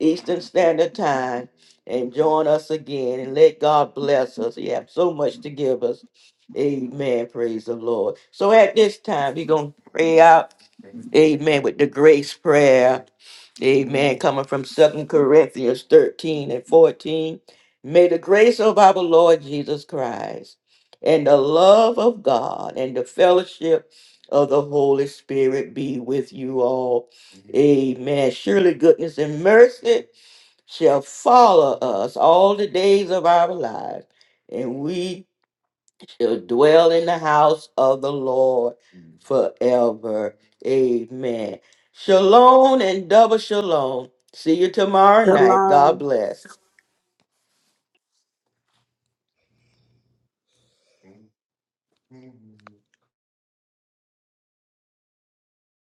[SPEAKER 1] Eastern Standard Time, and join us again. And let God bless us. He has so much to give us. Amen. Praise the Lord. So at this time, we're going to pray out. Amen. With the grace prayer. Amen. Coming from Second Corinthians 13 and 14. May the grace of our Lord Jesus Christ and the love of God and the fellowship of the Holy Spirit be with you all. Amen. Surely goodness and mercy shall follow us all the days of our lives, and we shall dwell in the house of the Lord forever. Amen. Shalom and double shalom. See you tomorrow night. God
[SPEAKER 5] shalom.
[SPEAKER 1] bless.